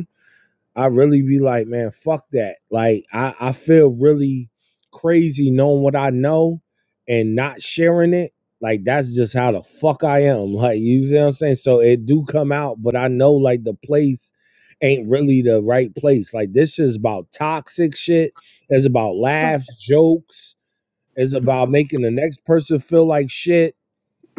S1: I really be like, man, fuck that. Like, I, I feel really crazy knowing what I know and not sharing it. Like, that's just how the fuck I am. Like, you see what I'm saying? So it do come out, but I know like the place ain't really the right place. Like, this is about toxic shit. It's about
S12: the
S1: laughs, jokes. It's about making the next person feel like shit.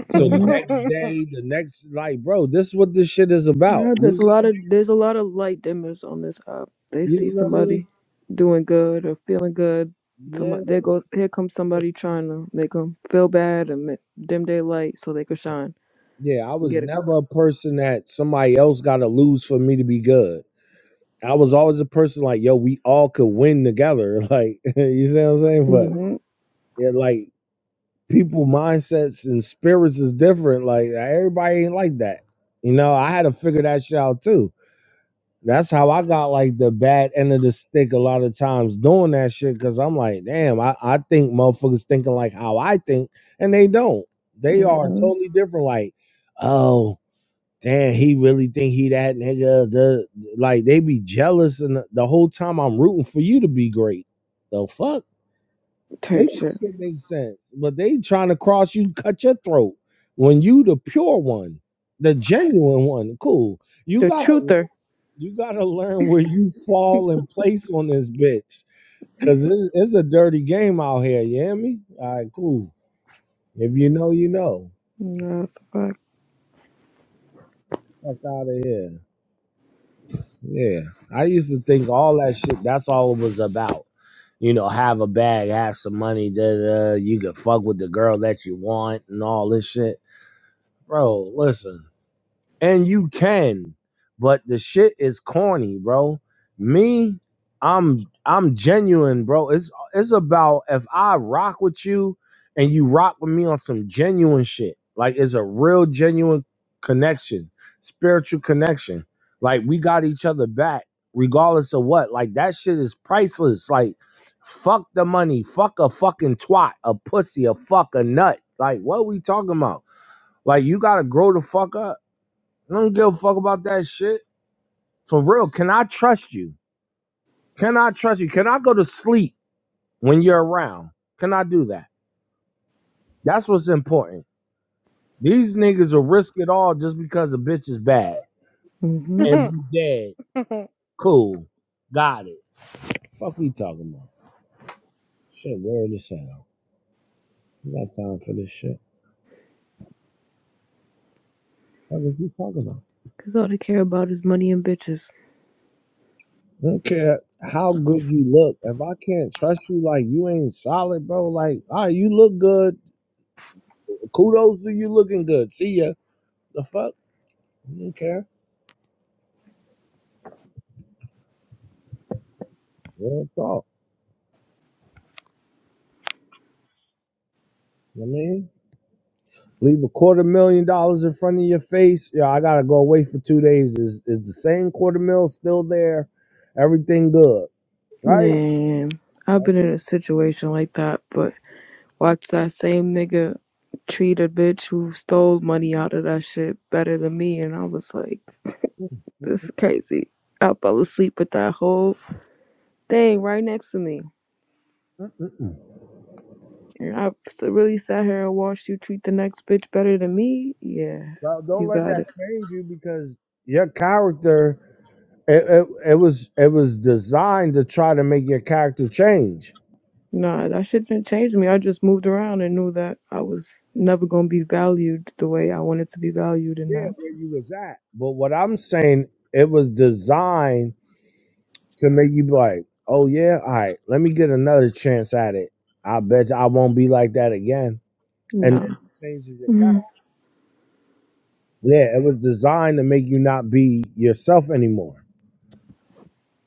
S1: So the next day, the next like, bro, this is what this shit is about.
S15: Yeah, there's
S1: You,
S15: a
S1: see-
S15: lot of there's a lot of light dimmers on this app. They see
S1: you know what I
S15: somebody
S1: mean?
S15: doing good or feeling good.
S1: Yeah.
S15: Somebody there goes here comes somebody trying to make them feel bad and ma- dim their light so they could shine
S1: Yeah, I
S15: and
S1: was
S15: get it.
S1: never a person that somebody else got to lose for me to be good. I was always a person like, yo, we all could win together. Like, you see what I'm saying? But
S15: Mhm,
S1: yeah, like people mindsets and spirits is different. Like everybody ain't like that. You know, I had to figure that shit out too. That's how I got like the bad end of the stick a lot of times doing that shit. Cause I'm like, damn, I, I think motherfuckers thinking like how I think and they don't. They are
S15: mhm.
S1: totally different. Like, oh, damn, he really think he that nigga. The like they be jealous, and the, the whole time I'm rooting for you to be great. The fuck, maybe
S15: Type shit.
S1: shit makes sense, but they trying to cross you, cut your throat when you the pure one, the genuine one. Cool, you
S15: The
S1: gotta,
S15: truther.
S1: you gotta learn where you fall in place on this bitch, cause it's, it's a dirty game out here. You hear me? All right, cool. If you know, you know.
S15: Yeah, that's a fact.
S1: Fuck out of here. Yeah. I used to think all that shit, that's all it was about. You know, have a bag, have some money, da da. You can fuck with the girl that you want and all this shit. Bro, listen and you can but the shit is corny bro me i'm i'm genuine bro it's it's about if i rock with you and you rock with me on some genuine shit like it's a real genuine connection spiritual connection like we got each other back regardless of what like that shit is priceless like fuck the money fuck a fucking twat a pussy a fuck a nut like what we talking about like you gotta grow the fuck up I don't give a fuck about that shit. For real, can I trust you? Can I trust you? Can I go to sleep when you're around? Can I do that? That's what's important. These niggas will risk it all just because a bitch is bad
S15: Mhm.
S1: and be dead. Cool. Got it. Fuck we talking about? Shit, weird as hell. You got time for this shit. What is you talking about?
S15: Cause all they care about is money and bitches.
S1: I don't care how good you look. If I can't trust you, like you ain't solid, bro. Like, all right, you look good. Kudos to you looking good. See ya. The fuck? I Don't care. Real talk. You know what I mean, leave a quarter million dollars in front of your face. Yeah, I gotta go away for two days. Is is the same quarter mil still there? Everything good, right?
S15: Man, I've been in a situation like that, but Watch that same nigga treat a bitch who stole money out of that shit better than me. And I was like, this is crazy. I fell asleep with that whole thing right next to me.
S1: Mm-mm-mm.
S15: And I s- really sat here and watched you treat the next bitch better than me. Yeah,
S1: Well, don't
S15: you
S1: let
S15: got
S1: that
S15: it.
S1: change you because your character. It, it, it was it was designed to try to make your character change.
S15: Nah, that shit didn't change me. I just moved around and knew that I was never gonna be valued the way I wanted to be valued, and
S1: Yeah,
S15: that,
S1: where you was at. But what I'm saying, it was designed to make you be like, oh yeah, all right, let me get another chance at it. I bet you I won't be like that again. And
S15: no,
S1: changes your character.
S15: Mhm.
S1: Yeah, it was designed to make you not be yourself anymore.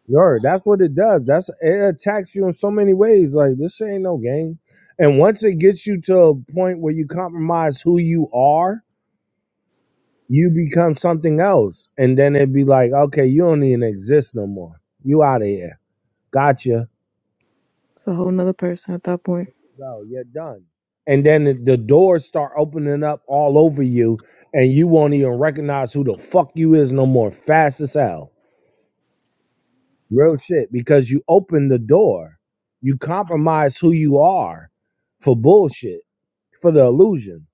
S1: Yo, that's what it does. That's it attacks you in so many ways. Like this shit ain't no game. And once it gets you to a point where you compromise who you are, you become something else. And then it'd be like, okay, you don't even exist no more. You out of here. Gotcha
S15: it's a whole nother person at that point.
S1: No, You're done. And then the the doors start opening up all over you, and you won't even recognize who the fuck you is no more. Fast as hell. Real shit. Because you open the door, you compromise who you are for bullshit, for the illusion.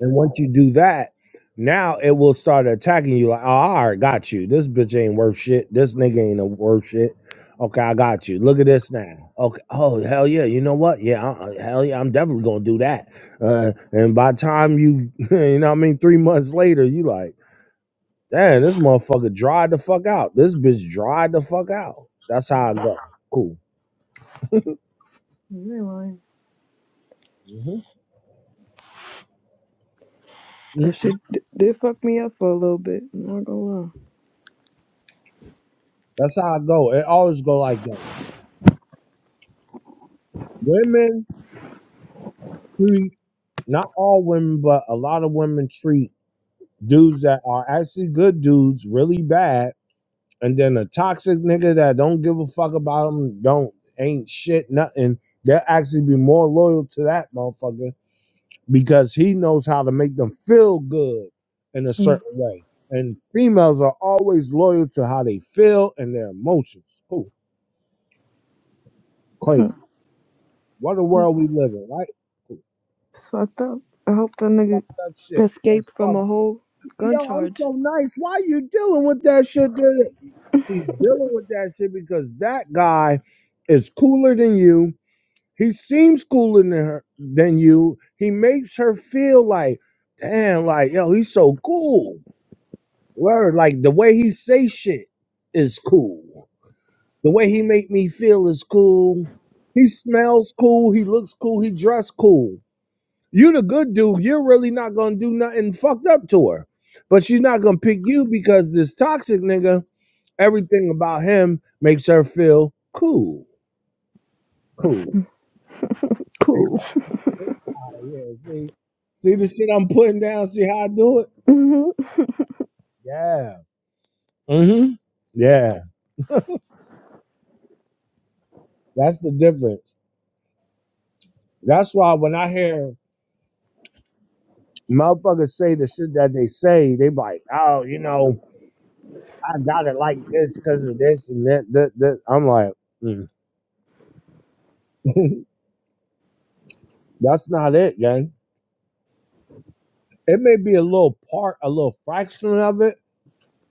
S1: And once you do that, now it will start attacking you like, oh, I already got you. This bitch ain't worth shit. This nigga ain't a worth shit. Okay, I got you. Look at this now. Okay. Oh, hell yeah. You know what? Yeah, uh, uh, hell yeah. I'm definitely going to do that. Uh, and by the time you, you know what I mean? Three months later, you like, damn, this motherfucker dried the fuck out. This bitch dried the fuck out. That's how I go. Cool.
S15: Anyway.
S1: hmm
S15: That shit d- did fuck me up for a little bit. I'm not gonna
S1: That's how I go. It always go like that. Women, treat. not all women, but a lot of women treat dudes that are actually good dudes really bad, and then a toxic nigga that don't give a fuck about them, don't ain't shit nothing. They'll actually be more loyal to that motherfucker because he knows how to make them feel good in a
S15: lie.
S1: certain way. And females are always loyal to how they feel and their emotions. Cool,
S15: Hmm.
S1: crazy. What a world
S15: It's
S1: we live in, right? Cool.
S15: fucked up. I hope the nigga
S1: That shit. It's
S15: escaped
S1: fucked
S15: from a whole gun
S1: Yo, I'm
S15: charge.
S1: so nice. Why you dealing with that shit? Dude? See, dealing with that shit because that guy is cooler than you. He seems cooler than her than you. He makes her feel like, damn, like yo, he's so cool. Word, like the way he say shit is cool. The way he make me feel is cool. He smells cool. He looks cool. He dress cool. You the good dude. You're really not gonna do nothing fucked up to her. But she's not gonna pick you because this toxic nigga, everything about him makes her feel cool. Cool. And
S15: Cool.
S1: that's it. Ah, Yeah, see. See the shit I'm putting down, see how I do it?
S15: Mm-hmm.
S1: Yeah. Mm-hmm. Yeah. That's the difference. That's why when I hear motherfuckers say the shit that they say, they be like, oh, you know, I got it like this because of this and that, that, that. I'm like, mm. That's not it, gang. It may be a little part, a little fraction of it,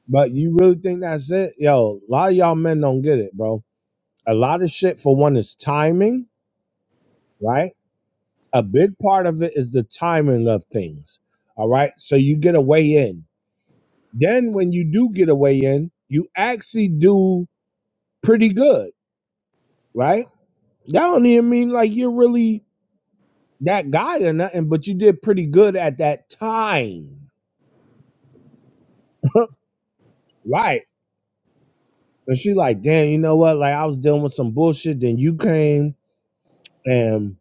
S1: but you really think that's it? Yo, a lot of y'all men don't get it, bro. A lot of shit, for one, is timing, right? A big part of it is the timing of things, all right? So you get a way in. Then when you do get a way in, you actually do pretty good, right? That don't even mean like you're really that guy or nothing, but you did pretty good at that time. Right. But she like, damn, you know what? Like I was dealing with some bullshit. Then you came and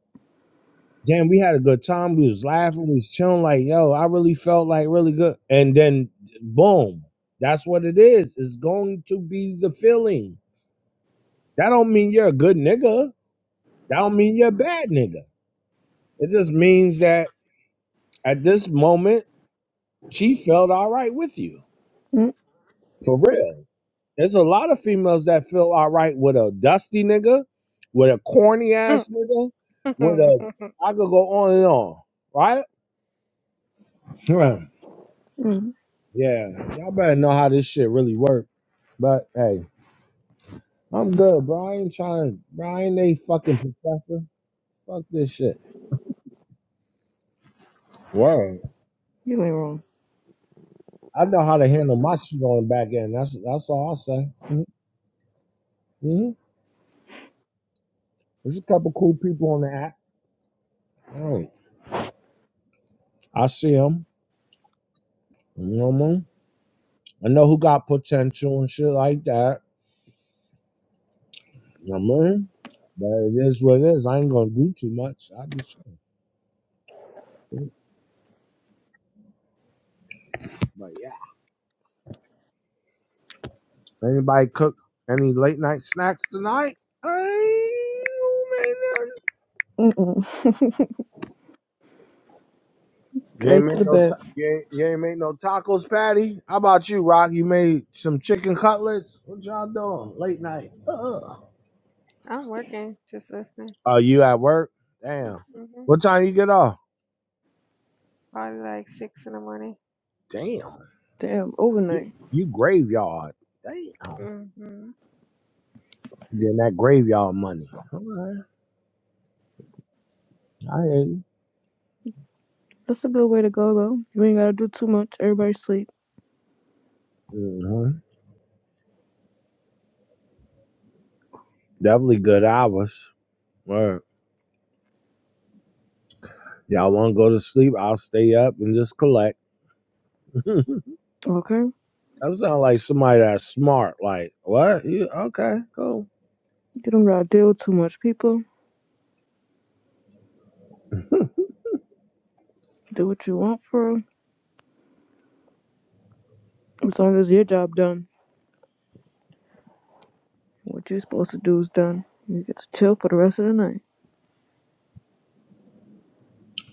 S1: damn, we had a good time. We was laughing, we was chilling, like, yo, I really felt like really good. And then boom. That's what it is. It's going to be the feeling. That don't mean you're a good nigga. That don't mean you're a bad nigga. It just means that at this moment, she felt all right with you. For real. There's a lot of females that feel all right with a dusty nigga, with a corny
S12: stage.
S1: ass nigga, with a I could go on and on, right? Right.
S15: Mm-mm.
S1: Yeah. Y'all better know how this shit really work. But hey, I'm good, bro. I ain't trying bro, I ain't a fucking professor. Fuck this shit. Word.
S15: You ain't wrong.
S1: I know how to handle my shit on the back end. That's that's all i say. Mm-hmm. mm-hmm. There's a couple cool people on the app. Mm. I see them. You know what I mean? I know who got potential and shit like that. No money. But it is what it is. I ain't gonna do too much. I'll be chilling. But yeah. Anybody cook any late night snacks tonight? I ain't made nothing.
S15: Mm-mm.
S1: You ain't
S15: Straight to
S1: made
S15: the
S1: no
S15: bed.
S1: ta- you ain't, you ain't made no tacos, Patty. How about you, Rock? You made some chicken cutlets. What y'all doing late night? Ugh.
S12: I'm working, just listening.
S1: Oh, you at work? Damn.
S12: hmm
S1: What time you get off?
S12: Probably like six in the morning.
S1: Damn.
S15: Damn,
S1: You,
S15: overnight.
S1: you graveyard. Damn.
S12: hmm
S1: Getting that graveyard money. All right. I hear you.
S15: That's a good way to go though. You ain't gotta do too much. Everybody sleep.
S1: hmm Definitely good hours. Word. Y'all want to go to sleep? I'll stay up and just collect. that
S15: Okay? You
S1: sounds like somebody that's smart. Like, what? You, okay, cool.
S15: don't gotta deal with too much people. Do what you want for 'em, as long as your job done. What you are supposed to do is done. You get to chill for the rest of the night.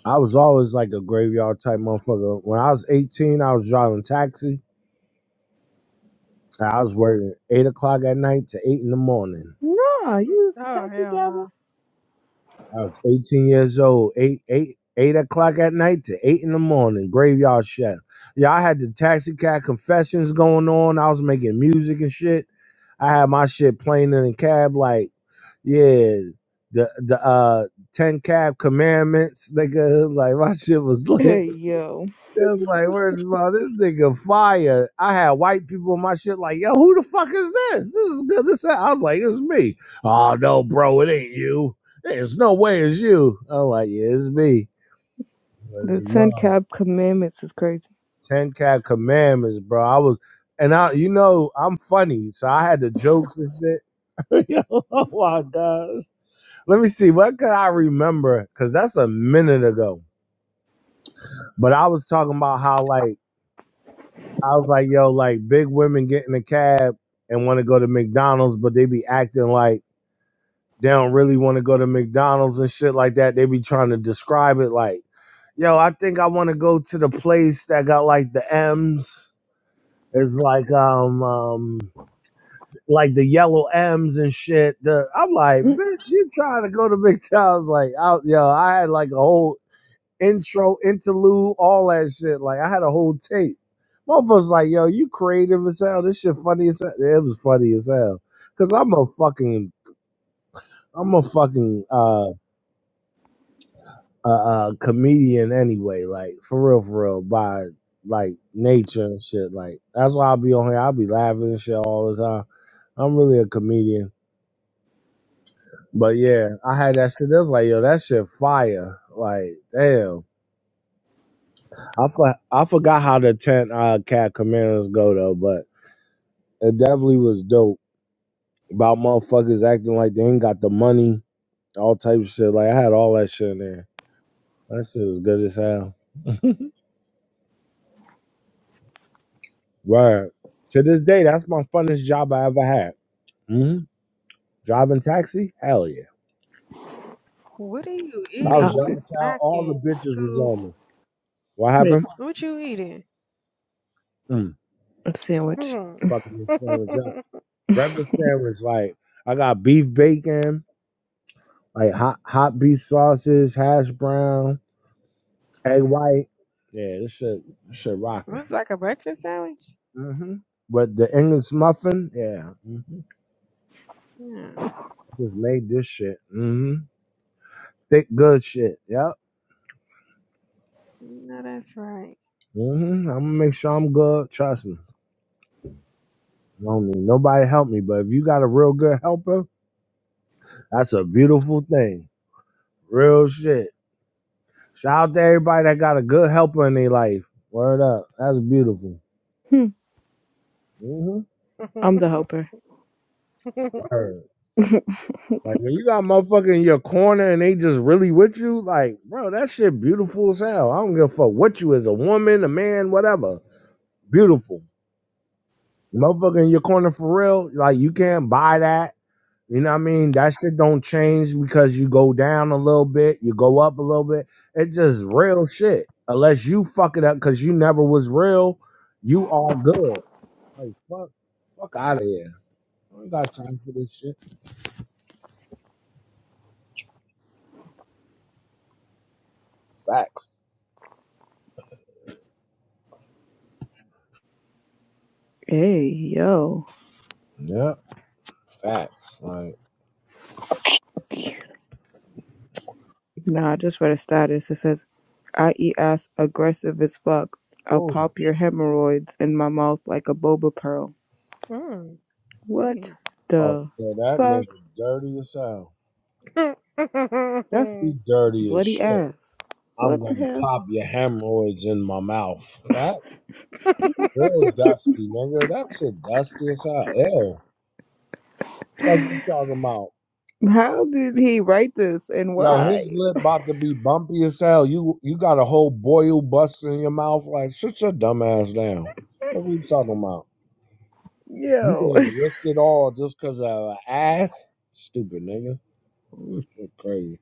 S1: I was always like a graveyard type motherfucker. When I was 18, I was driving taxi. I was working 8 o'clock at night to 8 in the morning.
S15: Nah, you was a
S12: Oh
S15: taxi
S12: hell
S15: driver.
S12: no!
S1: I was 18 years old, eight, eight, eight o'clock at night to eight in the morning, graveyard chef. Yeah, I had the taxi cab confessions going on. I was making music and shit. I had my shit playing in the cab, like, yeah, the the uh 10 cab commandments, nigga. Like my shit was lit.
S15: Hey yo,
S1: That's like, where's bro? This nigga fire. I had white people in my shit like, yo, who the fuck is this? This is good. This I was like, it's me. Oh no, bro, it ain't you. There's no way it's you. I'm like, yeah, it's me. Where's
S15: the
S1: your
S15: Ten
S1: mom?
S15: Cab Commandments is crazy.
S1: Ten cat commandments, bro. I was, and I, you know, I'm funny, so I had the jokes and shit. Yo, oh my gosh. Let me see. What could I remember? Cause that's a minute ago. But I was talking about how like I was like, yo, like big women get in a cab and want to go to McDonald's, but they be acting like they don't really want to go to McDonald's and shit like that. They be trying to describe it like, yo, I think I want to go to the place that got like the M's. It's like um um like the yellow M's and shit. The, I'm like, bitch, you trying to go to McDonald's? Like, I, yo, I had like a whole intro, interlude, all that shit. Like I had a whole tape. Motherfuckers like, yo, you creative as hell. This shit funny as hell. It was funny as hell. Cause I'm a fucking I'm a fucking uh uh, uh comedian anyway, like for real, for real, by like nature and shit. Like that's why I'll be on here. I'll be laughing and shit all the time. I'm really a comedian. But yeah, I had that shit. That's like, yo, that shit fire. Like, damn. I, for, I forgot how the 10 uh, cat commanders go though, but. It definitely was dope about motherfuckers acting like they ain't got the money, all types of shit. Like I had all that shit in there. That shit was good as hell. Right. To this day, that's my funnest job I ever had. hmm Driving taxi? Hell yeah.
S12: What are you
S1: I
S15: Nah,
S1: was
S12: eating? You
S1: driving town. All the
S12: smacking,
S1: bitches was
S12: Scoop?
S1: on me. What
S15: wait,
S1: happened?
S12: What you eating?
S1: Mm.
S15: a sandwich.
S12: Hmm.
S1: Fucking sandwich up. Breakfast sandwich. Like I got beef bacon, like hot hot beef sauces, hash brown, egg white. Yeah, this shit, this shit rocking.
S12: Looks like a breakfast sandwich.
S1: hmm But the English muffin, yeah. hmm
S12: No,
S1: I just made this shit. hmm Thick, good shit. Yep.
S12: no, that's right.
S1: hmm I'm gonna make sure I'm good. Trust me. I don't need nobody to help me, but if you got a real good helper, that's a beautiful thing. Real shit. Shout out to everybody that got a good helper in their life. Word up. That's beautiful.
S15: Hmm,
S1: hmm
S15: I'm the helper.
S1: Word. Like when you got motherfucker in your corner and they just really with you, like, bro, that shit beautiful as hell. I don't give a fuck what you is, a woman, a man, whatever beautiful. motherfucker in your corner for real. Like you can't buy that. You know what I mean? That shit don't change because you go down a little bit, you go up a little bit. It's just real shit. Unless you fuck it up because you never was real, you are good. Like fuck, fuck out of here. I don't got time for this shit. Facts.
S15: Hey yo.
S1: Yeah, facts. Like,
S15: Nah, I just read a status. It says, I eat ass aggressive as fuck. I'll
S1: oh,
S15: pop your hemorrhoids in my mouth like a boba pearl.
S12: mm,
S15: What
S12: yeah.
S1: oh,
S15: the
S1: yeah, that
S15: fuck?
S1: nigga dirty as hell.
S15: That's
S1: He dirty as
S15: bloody
S1: shit.
S15: ass.
S1: I'm
S15: What the
S1: gonna pop your hemorrhoids in my mouth. That Real dusty, nigga. That shit dusty as hell. Ew. Fuck
S15: hell?
S1: you talking about?
S15: How did he write this and
S1: Yo, his
S15: why?
S1: lip about to be bumpy as hell. You you got a whole boil busting in your mouth. Like, shut your dumb ass down. What are you talking about? You
S15: Yo,
S1: ready to risk it all just because of an ass? Stupid nigga. This shit crazy.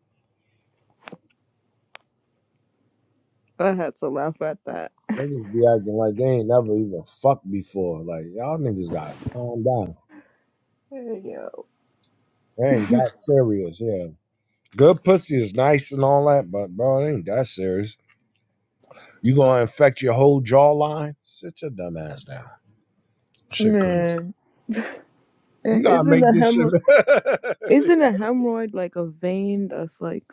S15: I had to laugh at that.
S1: Niggas be acting like they ain't never even fucked before. Like, y'all niggas got calm down.
S15: Hey, Yo,
S1: They ain't got serious, yeah. Good pussy is nice and all that, but bro, it ain't that serious. You gonna infect your whole jawline? Sit your dumb ass down. Shit crazy.
S15: man.
S1: You
S15: And
S1: gotta
S15: isn't
S1: make
S15: a
S1: this
S15: hemorrhoid
S1: shit.
S15: isn't a hemorrhoid like a vein that's like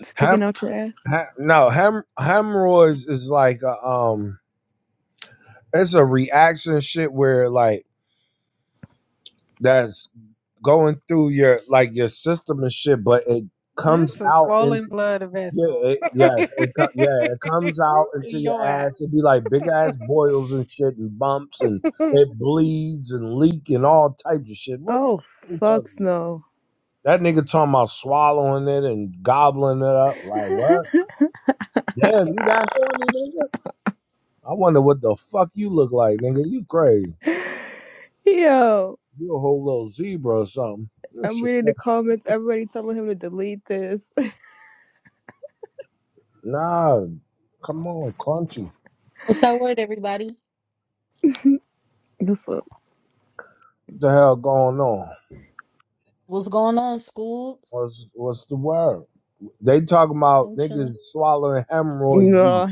S1: Hem,
S15: sticking out your ass?
S1: hem, no, hem, hemorrhoids is like a, um, it's a reaction shit where like that's going through your like your system and shit, but it comes
S12: It's a
S1: out and
S12: swollen blood
S1: yeah,
S12: vessel.
S1: it, yes, it co- yeah, it comes out into
S12: Your
S1: your ass.
S12: ass.
S1: It be like big ass boils and shit and bumps and it bleeds and leak and all types of shit. What are
S15: Oh
S1: you talking
S15: fucks
S1: about?
S15: no.
S1: That nigga talking about swallowing it and gobbling it up. Like what? Damn, you that horny nigga? I wonder what the fuck you look like, nigga. You crazy?
S15: Yo,
S1: You a whole little zebra or something? This
S15: I'm
S1: shit-
S15: reading the comments, everybody telling him to delete this.
S1: Nah, come on, crunchy.
S20: What's that word, everybody?
S15: This one.
S1: What the hell going on?
S20: What's going on, school?
S1: What's what's the word? They talking about
S20: I'm chilling.
S1: niggas swallowing hemorrhoid juice.
S15: No.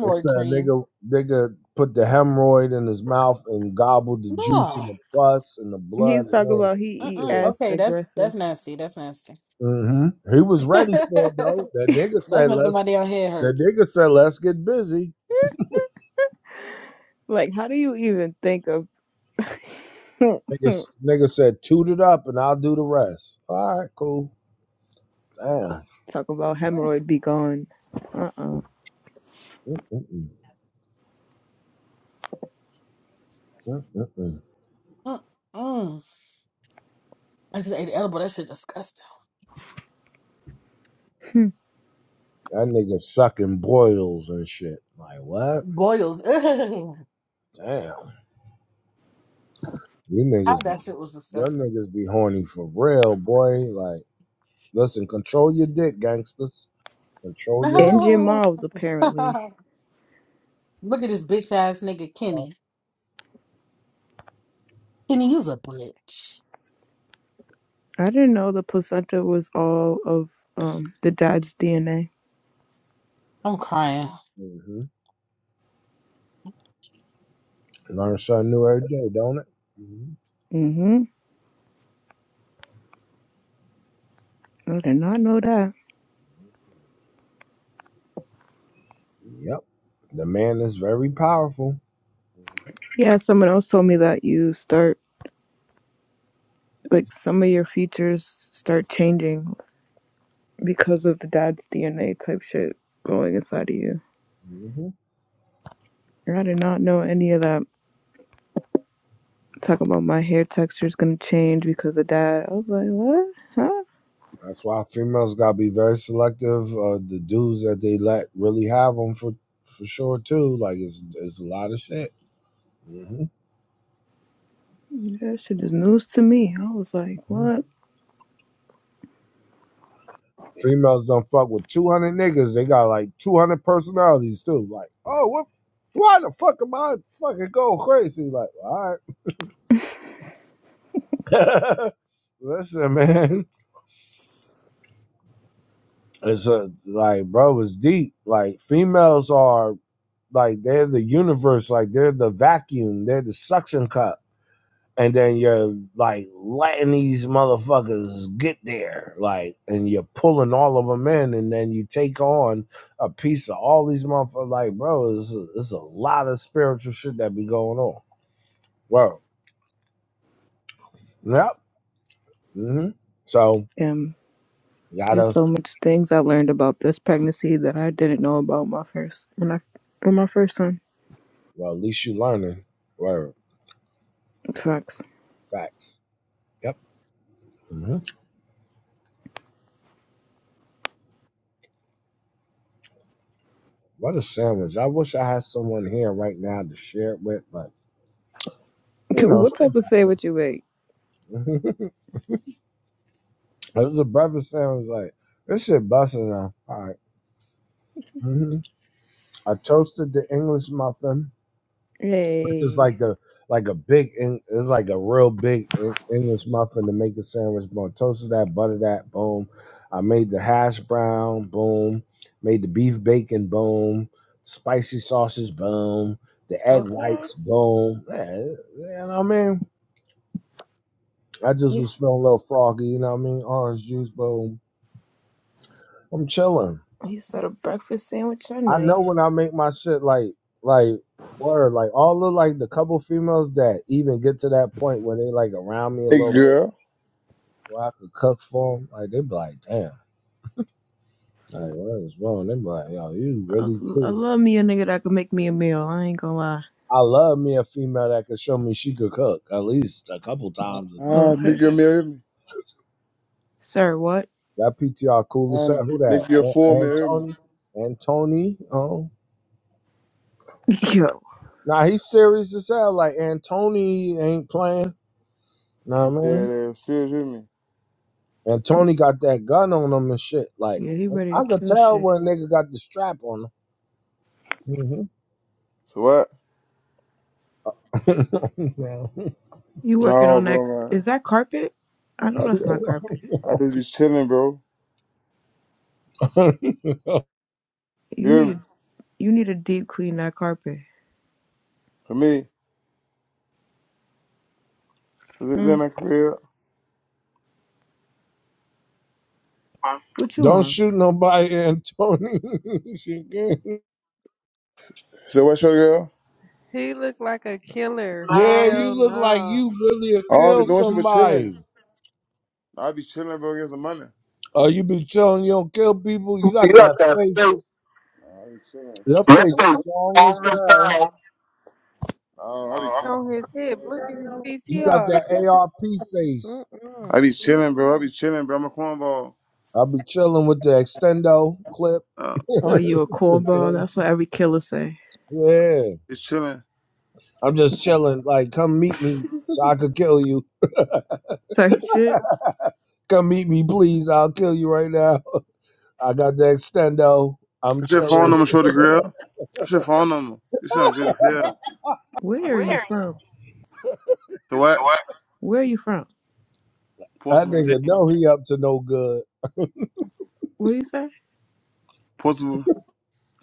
S1: It's a
S20: cream.
S1: nigga nigga put the hemorrhoid in his mouth and gobbled the juice and
S20: No.
S1: the pus and the blood
S15: He's
S1: and
S15: talking
S1: everything.
S15: about he
S1: Yeah,
S15: eat
S20: Mm-mm.
S15: ass
S20: Okay, that's that's
S15: aggressive.
S20: nasty. That's nasty.
S1: hmm He was
S20: that's
S1: ready for it though. That nigga said
S20: making
S1: let's.
S20: my damn head
S1: That
S20: hurt.
S1: nigga said let's get busy.
S15: Like how do you even think of talk
S1: Nigga, nigga said toot it up and I'll do the rest. All right, cool. Damn.
S15: about hemorrhoid be gone? Uh uh
S1: Mm-mm-mm. Mm-mm-mm.
S20: Mm-mm. I just ate an edible. That shit disgusting.
S1: That nigga sucking boils and shit. Like what?
S20: Boils. Ugh.
S1: Damn. You
S20: How
S1: niggas, be,
S20: that shit was
S1: your
S20: disgusting.
S1: niggas be horny for real, boy. Like listen, control your dick, gangsters. Control your dick.
S15: And your
S20: No.
S15: Miles apparently.
S20: Look at this bitch ass nigga, Kenny. Kenny, you's a bitch.
S15: I didn't know the placenta was all of um the dad's DNA.
S20: I'm crying.
S1: Mm-hmm. Learn something new every day, don't it? mm
S15: I did not know that.
S1: hmm Yep. The man is very powerful. Mhm.
S15: Yeah, someone else told me that you start like some of your features start changing because of the dad's DNA type shit going inside of you.
S1: Mhm.
S15: And I did not know any of that. Talk about my hair texture is gonna change because of dad. I was like, what? Huh?
S1: That's why females gotta be very selective. Uh, the dudes that they let really have them for for sure too. Like it's it's a lot of shit. hmm
S15: That shit is news to me. I was like, what?
S1: Females don't fuck with two hundred niggas. They got like two hundred personalities too. Like oh what? Why the fuck am I fucking going crazy? Like all right. Listen, man. It's a, like, bro, it's deep. Like, females are like they're the universe, like they're the vacuum, they're the suction cup. And then you're like letting these motherfuckers get there, like, and you're pulling all of them in, and then you take on a piece of all these motherfuckers. Like, bro, it's a, it's a lot of spiritual shit that be going on. Word. Yep. hmm So,
S15: And there's
S1: gotta,
S15: so much things I learned about this pregnancy that I didn't know about my first when I when my first son.
S1: well, at least you learning. Word.
S15: Facts.
S1: Facts. Yep. Mm-hmm. What a sandwich. I wish I had someone here right now to share it with, but you know,
S15: What
S1: something
S15: type of sandwich you make?
S1: happened. it was a breakfast sandwich. Like, this shit busting now. All right. Mm-hmm. I toasted the English muffin, which is
S15: Hey.
S1: like the like a big, Eng- it's like a real big Eng- English muffin to make a sandwich. Boom. Toasted that, butter that, boom. I made the hash brown, boom. Made the beef bacon, boom. Spicy sausage, boom. The egg
S15: Okay.
S1: whites, boom. Yeah, you know what I mean? I just
S15: You,
S1: was feeling a little froggy, you know what I mean? Orange juice, boom. I'm chilling.
S15: he said a breakfast sandwich or
S1: I
S15: night.
S1: know when I make my shit like like word, like all of like the couple females that even get to that point where they like around me a
S21: Hey
S1: little bit
S21: girl,
S1: where I could cook for them, like they be like, damn, like what is wrong? They be like, yo, you
S15: I,
S1: really
S15: I
S1: cool.
S15: love me a nigga that can make me a meal. I ain't gonna lie.
S1: I love me a female that could show me she could cook at least a couple times or something.
S21: ah,
S15: Okay.
S21: make your mirror hit me.
S15: Sir, what?
S1: That PTR cool as
S21: Ah,
S1: hell. Who that?
S21: make your full
S1: An-
S21: mirror hit me.
S1: Antoni? Antoni? Oh.
S15: Yo.
S1: Now he's serious as hell. Like Antony ain't playing. Nah,
S21: I'm
S1: man.
S21: dead ass serious with me.
S1: And got that gun on him and shit. Like
S15: Yeah, he
S1: I,
S15: ready to
S1: I could
S15: kill
S1: tell
S15: shit.
S1: when a nigga got the strap on him.
S21: So what?
S1: hmm
S15: You working
S21: No,
S15: on that?
S21: bro,
S15: Is
S21: man.
S15: that carpet? I
S21: I,
S15: know that's not
S21: I,
S15: carpet.
S21: I just be chilling, bro. You
S15: You
S21: hear
S15: need
S21: me?
S15: to you need to deep clean that carpet.
S21: For me, this is
S15: Hmm.
S21: in my career?
S15: What you
S1: Don't
S15: on?
S1: shoot nobody, Antony. She good.
S21: So what, your girl?
S12: He looked like a killer.
S1: yeah,
S15: You-
S1: you
S12: Hell
S1: look like
S12: no.
S1: you really
S21: I don't be
S1: killed
S21: doing shit but chilling.
S1: somebody.
S21: I be chilling, bro, get some money.
S1: Oh, you be chilling, you don't kill people. You
S21: You
S1: got
S21: got
S1: that
S21: that
S1: face.
S21: thing.
S1: Your
S21: That
S1: face
S21: thing.
S1: strong as
S21: Long as
S1: hell.
S21: down. Oh, I be,
S12: On his hip. Look at his
S1: You got
S12: PTR.
S1: that ARP face.
S12: Mm-mm.
S21: I be chilling, bro. I be chilling, bro. I'm a cornball.
S1: I'll be chilling with the extendo clip.
S21: Uh,
S15: Are you a cornball? That's what every killer say.
S1: yeah.
S21: it's chilling.
S1: I'm just chilling. Like, come meet me so I could kill you.
S15: Type shit.
S1: Come meet me, please. I'll kill you right now. I got the extendo. I'm
S21: What's your phone
S1: chilling.
S21: number, show the girl? What's your phone number? You sound good as hell.
S15: Where are
S1: Where are
S15: you
S1: you?
S15: from?
S21: So what?
S1: So what?
S15: Where are you from?
S1: That
S21: Portsmouth,
S1: nigga
S21: Virginia.
S1: know he up to no good.
S15: What do you say?
S21: Portsmouth,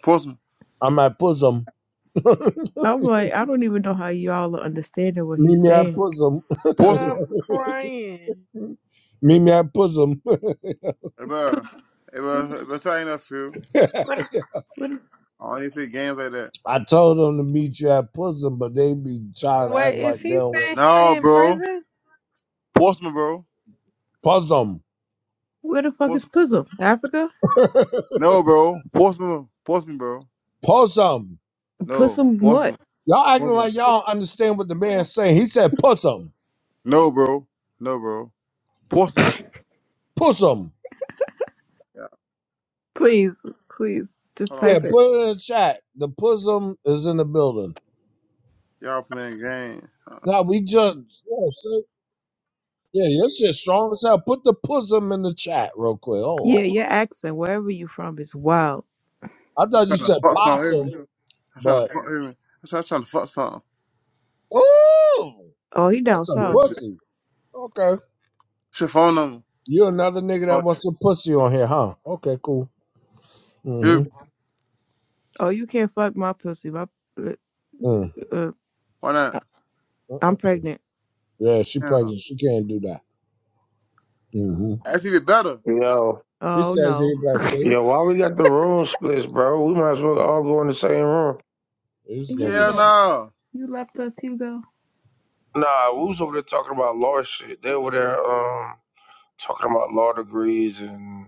S21: Portsmouth,
S1: I'm at Pusm.
S15: I'm like, I don't even know how y'all are understanding what
S1: Meet
S15: he's
S1: me at
S15: saying.
S1: Pusm.
S12: I'm
S21: Portsmouth.
S12: crying.
S1: meet me at Pusm.
S21: Hey, bro. Hey, bro. Hey, bro. Tell you that, Phil. I don't even play games like that.
S1: I told them to meet you at Pusm, but they be trying to act
S12: Wait, is
S1: like they
S12: he
S1: don't want
S12: saying he
S21: No,
S12: in
S21: bro.
S12: prison?
S21: Portsmouth, bro.
S1: Pusm.
S15: Where the fuck is
S21: Portsmouth.
S15: Pussum? Africa?
S21: No, bro. Portsmouth. Portsmouth, bro.
S1: Puss him.
S21: No.
S15: Pussum what?
S21: Portsmouth.
S1: Y'all acting
S21: Portsmouth.
S1: like y'all don't understand what the man's saying. He said "Pussum,
S21: No, bro. No, bro. Portsmouth.
S1: pussum."
S21: Yeah.
S15: Please, please, just
S21: Hold
S1: Yeah,
S21: on.
S15: type it.
S1: put it in the chat. The pussum is in the building.
S21: Y'all playing games. Uh,
S1: Now we just yeah, sir. yeah, your shit strong as hell. Put the pussum in the chat real quick.
S15: Yeah,
S1: Hold on.
S15: your accent, wherever you from, is wild.
S1: I thought you said
S21: fuck something,
S1: possum,
S21: hear me? I'm trying
S1: but
S21: to fuck, hear me? I'm trying, trying to fuck something.
S1: ooh,
S15: Oh,
S1: you
S15: he
S1: want
S15: down
S1: some
S15: south.
S21: Bullshit.
S1: pussy? Okay,
S21: What's your phone number?
S1: you another nigga that
S21: Oh,
S1: wants some pussy on here, huh? Okay, cool.
S21: hear me?
S1: Mm-hmm.
S15: Oh, you can't fuck my pussy. My, uh,
S1: Mm.
S15: uh,
S21: Why not?
S15: I-
S1: Uh-uh.
S15: I'm pregnant.
S1: Yeah, she
S21: Damn.
S1: pregnant. She can't do that. Mm-hmm.
S21: That's even better.
S5: Yo,
S1: He
S15: Oh
S1: says he
S15: no.
S1: blessed.
S5: yo, why we got the room splits, bro? We might as well all go in the same room.
S1: This nigga.
S21: Hell
S15: Hugo,
S21: no.
S15: you left us, Hugo.
S5: Nah, we was over there talking about law shit. They were there um talking about law degrees and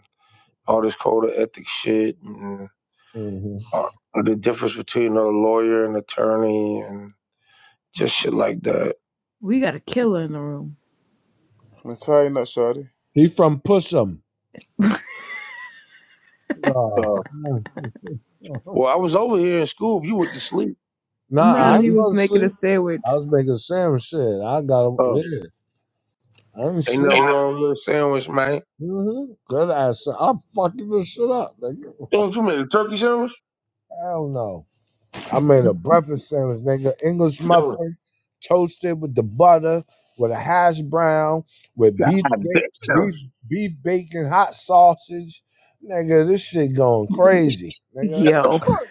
S5: all this code of ethics shit and
S1: Mhm.
S5: uh, the difference between a lawyer and attorney and just shit like that.
S15: We got a killer in the room.
S21: I'm tired, not shorty.
S1: He from Pussum. Oh.
S5: Uh,
S1: no.
S5: well, I was over here in school. You went to sleep.
S1: nah,
S5: You
S15: Nah,
S1: I
S5: left
S15: he
S1: ain't
S5: me.
S15: was
S1: going to
S15: making a
S1: sleep. I
S15: sandwich.
S1: was making sandwich shit. I got to
S5: Uh,
S1: yeah. I ain't
S5: ain't nothing
S1: sleep.
S5: wrong with a sandwich, man.
S1: Mm-hmm. Good ass. I'm fucking this shit up, nigga.
S5: Damn, you made a turkey sandwich?
S1: Hell no. I made a breakfast sandwich, nigga. English
S5: Yo,
S1: muffin, toasted with the butter, with a hash brown, with
S5: God
S1: beef, ba-
S5: damn.
S1: beef, beef bacon, hot sausage. Nigga, this shit going
S5: What
S1: crazy, nigga.
S5: the
S15: Yo,
S5: fuck?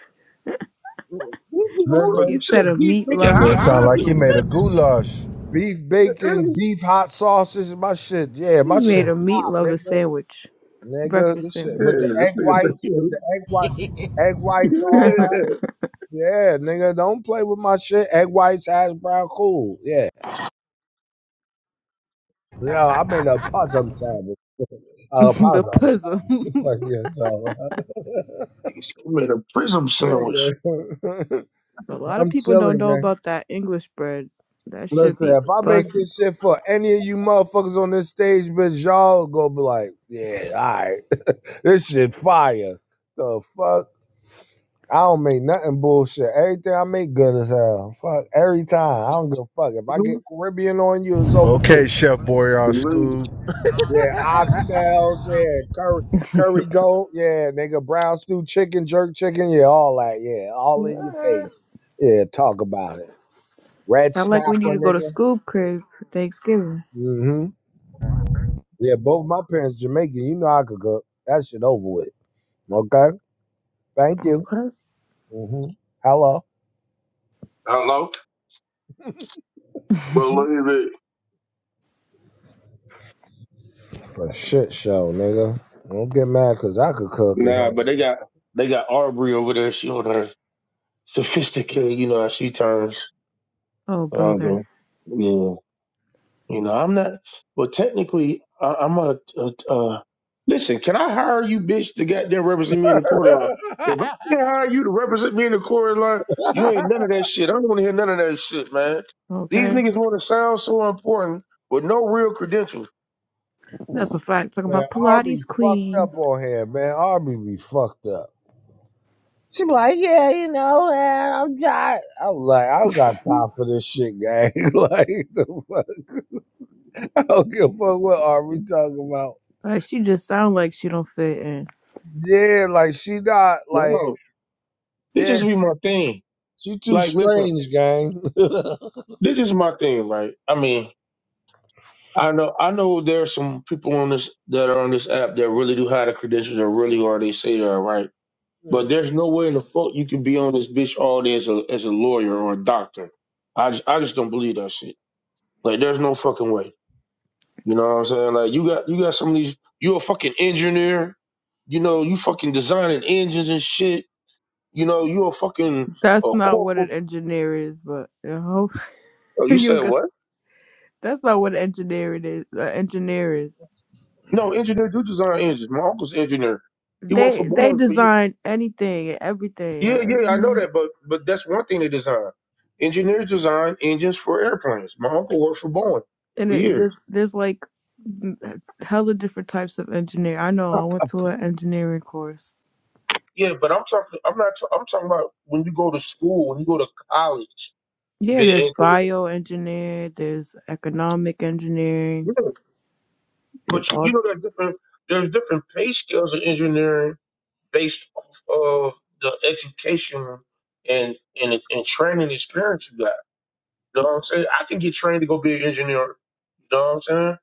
S5: You you
S15: he
S1: Nigga.
S5: should
S15: said a
S5: have deep
S15: meat
S5: making
S7: boy,
S15: lover.
S7: it
S5: hot
S7: sound
S5: sauce
S7: like he
S5: and
S7: made a goulash.
S1: Beef
S5: yeah,
S1: bacon, beef hot sausage, my shit. Yeah,
S15: He
S1: my shit
S15: made a meat
S1: pop,
S15: lover
S1: nigga.
S15: sandwich,
S1: Nigga,
S15: breakfast
S1: this shit
S15: sandwich.
S1: with the
S5: this
S1: egg
S5: nigga
S1: white, with
S5: made-
S1: the egg white, egg whites,
S5: yeah.
S1: all that. Yeah, nigga, don't play with my shit. Egg whites, hash brown, cool. Yeah. No, I made a puzzle sandwich. A
S15: the
S1: puzzle
S15: puzzle.
S1: sandwich. Fuck yeah, so,
S5: made a prism sandwich.
S1: nigga,
S15: A lot of
S1: I'm
S15: people don't
S1: chilling,
S15: know
S1: man.
S15: about that English bread. That should
S1: Listen,
S15: be
S1: if I make
S15: busting.
S1: this shit for any of you motherfuckers on this stage, bitch, y'all go be like, yeah, all right. this shit fire. The fuck? I don't make nothing bullshit. Everything I make good as hell. Fuck, every time. I don't give a fuck. If I
S5: Mm-hmm.
S1: get Caribbean on you, it's over
S7: Okay,
S1: too.
S7: Chef Boyardee
S5: Believe it.
S7: School.
S1: Yeah, oxtails, yeah, curry, curry goat, yeah, nigga, brown stew chicken, jerk chicken, yeah, all that, yeah, all in your
S15: What?
S1: face. Yeah, talk about it. Red
S15: Sound like we need
S1: snapper,
S15: to go to
S1: nigga.
S15: school crib for Thanksgiving.
S1: Mm-hmm. Yeah, both my parents Jamaican. You know I could cook. That shit over with. Okay. Thank you.
S15: Okay.
S1: hmm Hello.
S5: Hello? Believe it.
S1: For shit show, nigga. Don't get mad because I could cook it.
S5: Nah, but they got they got Aubrey over there. She on her sophisticated, you know how she turns.
S15: Oh,
S5: But I'm
S15: brother.
S5: going, yeah, you know, I'm not. Well, technically, I, I'm a. Uh, uh, listen, can I hire you, bitch, to goddamn represent me in the court of law? If I can hire you to represent me in the court of law, you ain't none of that shit. I don't want to hear none of that shit, man. These
S15: Okay.
S5: niggas want to sound so important with no real credentials.
S15: That's a fact. Talking
S1: man,
S15: about Pilates
S1: Arby fucked
S15: queen.
S1: up on here, man. Arby be fucked up. She be like, yeah, you know, man, I'm tired. I'm like, I don't got time for this shit, gang. like, the fuck? I don't give a fuck what Arby talking about.
S15: Like, she just sound like she don't fit in.
S1: Yeah, like she not like,
S5: No, this
S1: yeah,
S5: just be my thing.
S1: She too
S5: Like, listen,
S1: strange, gang.
S5: this is my thing, right? I mean, I know, I know there's some people on this that are on this app that really do have the credentials or really are. They say they are, right? But there's no way in the fuck you can be on this bitch all day as a as a lawyer or a doctor. I just, I just don't believe that shit. Like there's no fucking way. You know what I'm saying? Like you got you got some of these. You a fucking engineer. You know you fucking designing engines and shit. You know you a fucking
S15: That's
S5: uh,
S15: not what
S5: corporal.
S15: an engineer is, but you know,
S5: Oh, you
S15: you
S5: said
S15: go.
S5: what?
S15: That's not what an engineer it is. Uh, engineer is.
S5: No, engineer do design engines. My uncle's engineer. He worked for
S15: They they
S5: Boeing for you.
S15: design anything and everything.
S5: Yeah,
S15: An
S5: yeah, I know
S15: engineer.
S5: that, but but that's one thing they design. Engineers design engines for airplanes. My uncle worked for Boeing
S15: and
S5: for
S15: it,
S5: years.
S15: there's there's like hella different types of engineer. I know I went to an engineering course.
S5: Yeah, but I'm talking. I'm not. ta- I'm talking about when you go to school, when you go to college, to
S15: Yeah,
S5: be an
S15: there's
S5: engineer.
S15: bioengineer, there's economic engineering,
S5: Yeah,
S15: there's
S5: but you
S15: all
S5: you know there's different. There's different pay scales in engineering based off of the education and and and training experience you got. You know what I'm saying? I can get trained to go be an engineer. You know what I'm saying?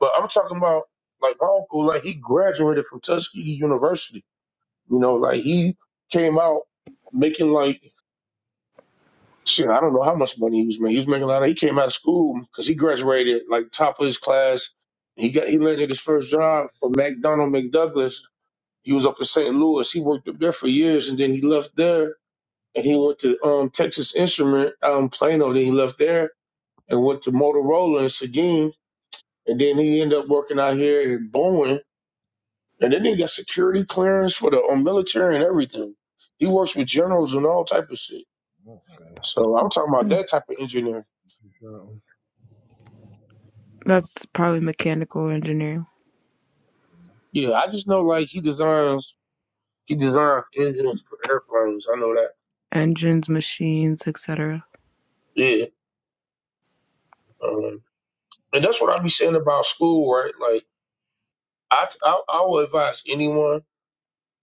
S5: But I'm talking about like my uncle. Like he graduated from Tuskegee University. You know, like he came out making like Shit, I don't know how much money he was making. He was making a lot. Of, he came out of school because he graduated like top of his class. He got he landed his first job for McDonald McDouglas. He was up in St. Louis. He worked up there for years, and then he left there and he went to um, Texas Instrument out in Plano. Then he left there and went to Motorola in Seguin, and then he ended up working out here in Bowen. And then he got security clearance for the um, military and everything. He works with generals and all type of shit. So I'm talking about
S15: mm,
S5: that type of engineer.
S15: that's probably mechanical engineering,
S5: Yeah, I just know like he designs he designs engines for airplanes. I know that.
S15: engines, machines, etc.
S5: Yeah, um, and that's what I be saying about school, right? Like I I, I will advise anyone,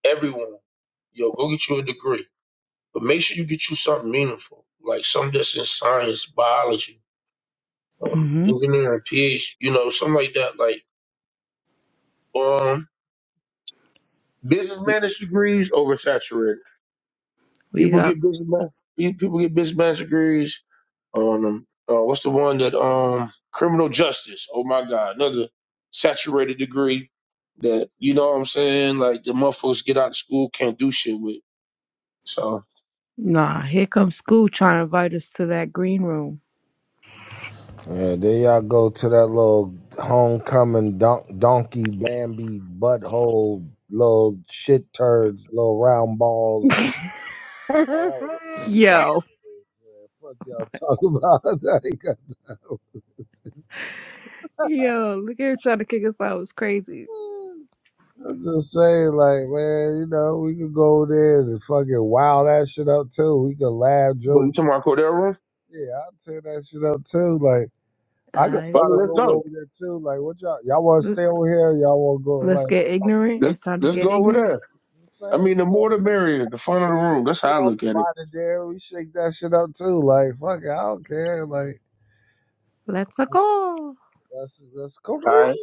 S5: everyone, yo, go get you a degree, but make sure you get you something meaningful, like something that's in science, biology, um,
S15: hmm
S5: engineering, PhD, you know, something like that. Like um, business management degrees oversaturated.
S15: We
S5: People
S15: got
S5: get busy, man. People get business degrees. on um, uh, what's the one that um criminal justice oh my god another saturated degree that you know what i'm saying like the motherfuckers get out of school can't do shit with so
S15: nah. Here comes school trying to invite us to that green room.
S1: yeah, there y'all go to that little homecoming don- donkey Bambi butthole little shit turds, little round balls, whatever the fuck. Y'all,
S15: Yo,
S1: yeah, fuck y'all talk about. I ain't got time.
S15: yo, look at her trying to kick us out. It's crazy.
S1: I'm just saying, like, man, you know, we could go there and fucking wow that shit up too. We could laugh,
S5: but you
S1: joke.
S5: talking about cordero
S1: Yeah, I'll tear that shit up too. Like.
S15: All
S1: I could
S15: right,
S1: start
S5: brother
S1: a
S5: let's
S1: room
S5: go
S1: over there too. Like, what y'all y'all want to stay over here? Y'all want to go?
S15: let's
S1: Like,
S15: get ignorant.
S5: let's,
S15: It's time to
S5: let's
S15: get
S5: go over
S15: ignorant.
S5: there
S1: you know what I'm
S5: i
S1: saying we
S5: mean the
S1: can go.
S5: more the merrier the fun of
S1: We,
S5: the room that's how
S1: we
S5: i
S1: all
S5: look at it
S1: invited there. We shake that shit up too. Like, fuck it, I don't care. Like,
S15: Let's go.
S1: let's let's go.
S5: all right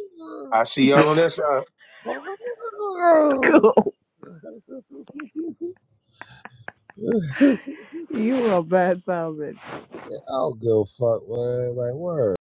S5: i see y'all on that side
S15: Cool. You a bad time,
S1: yeah, I don't give a fuck, man. Like, word.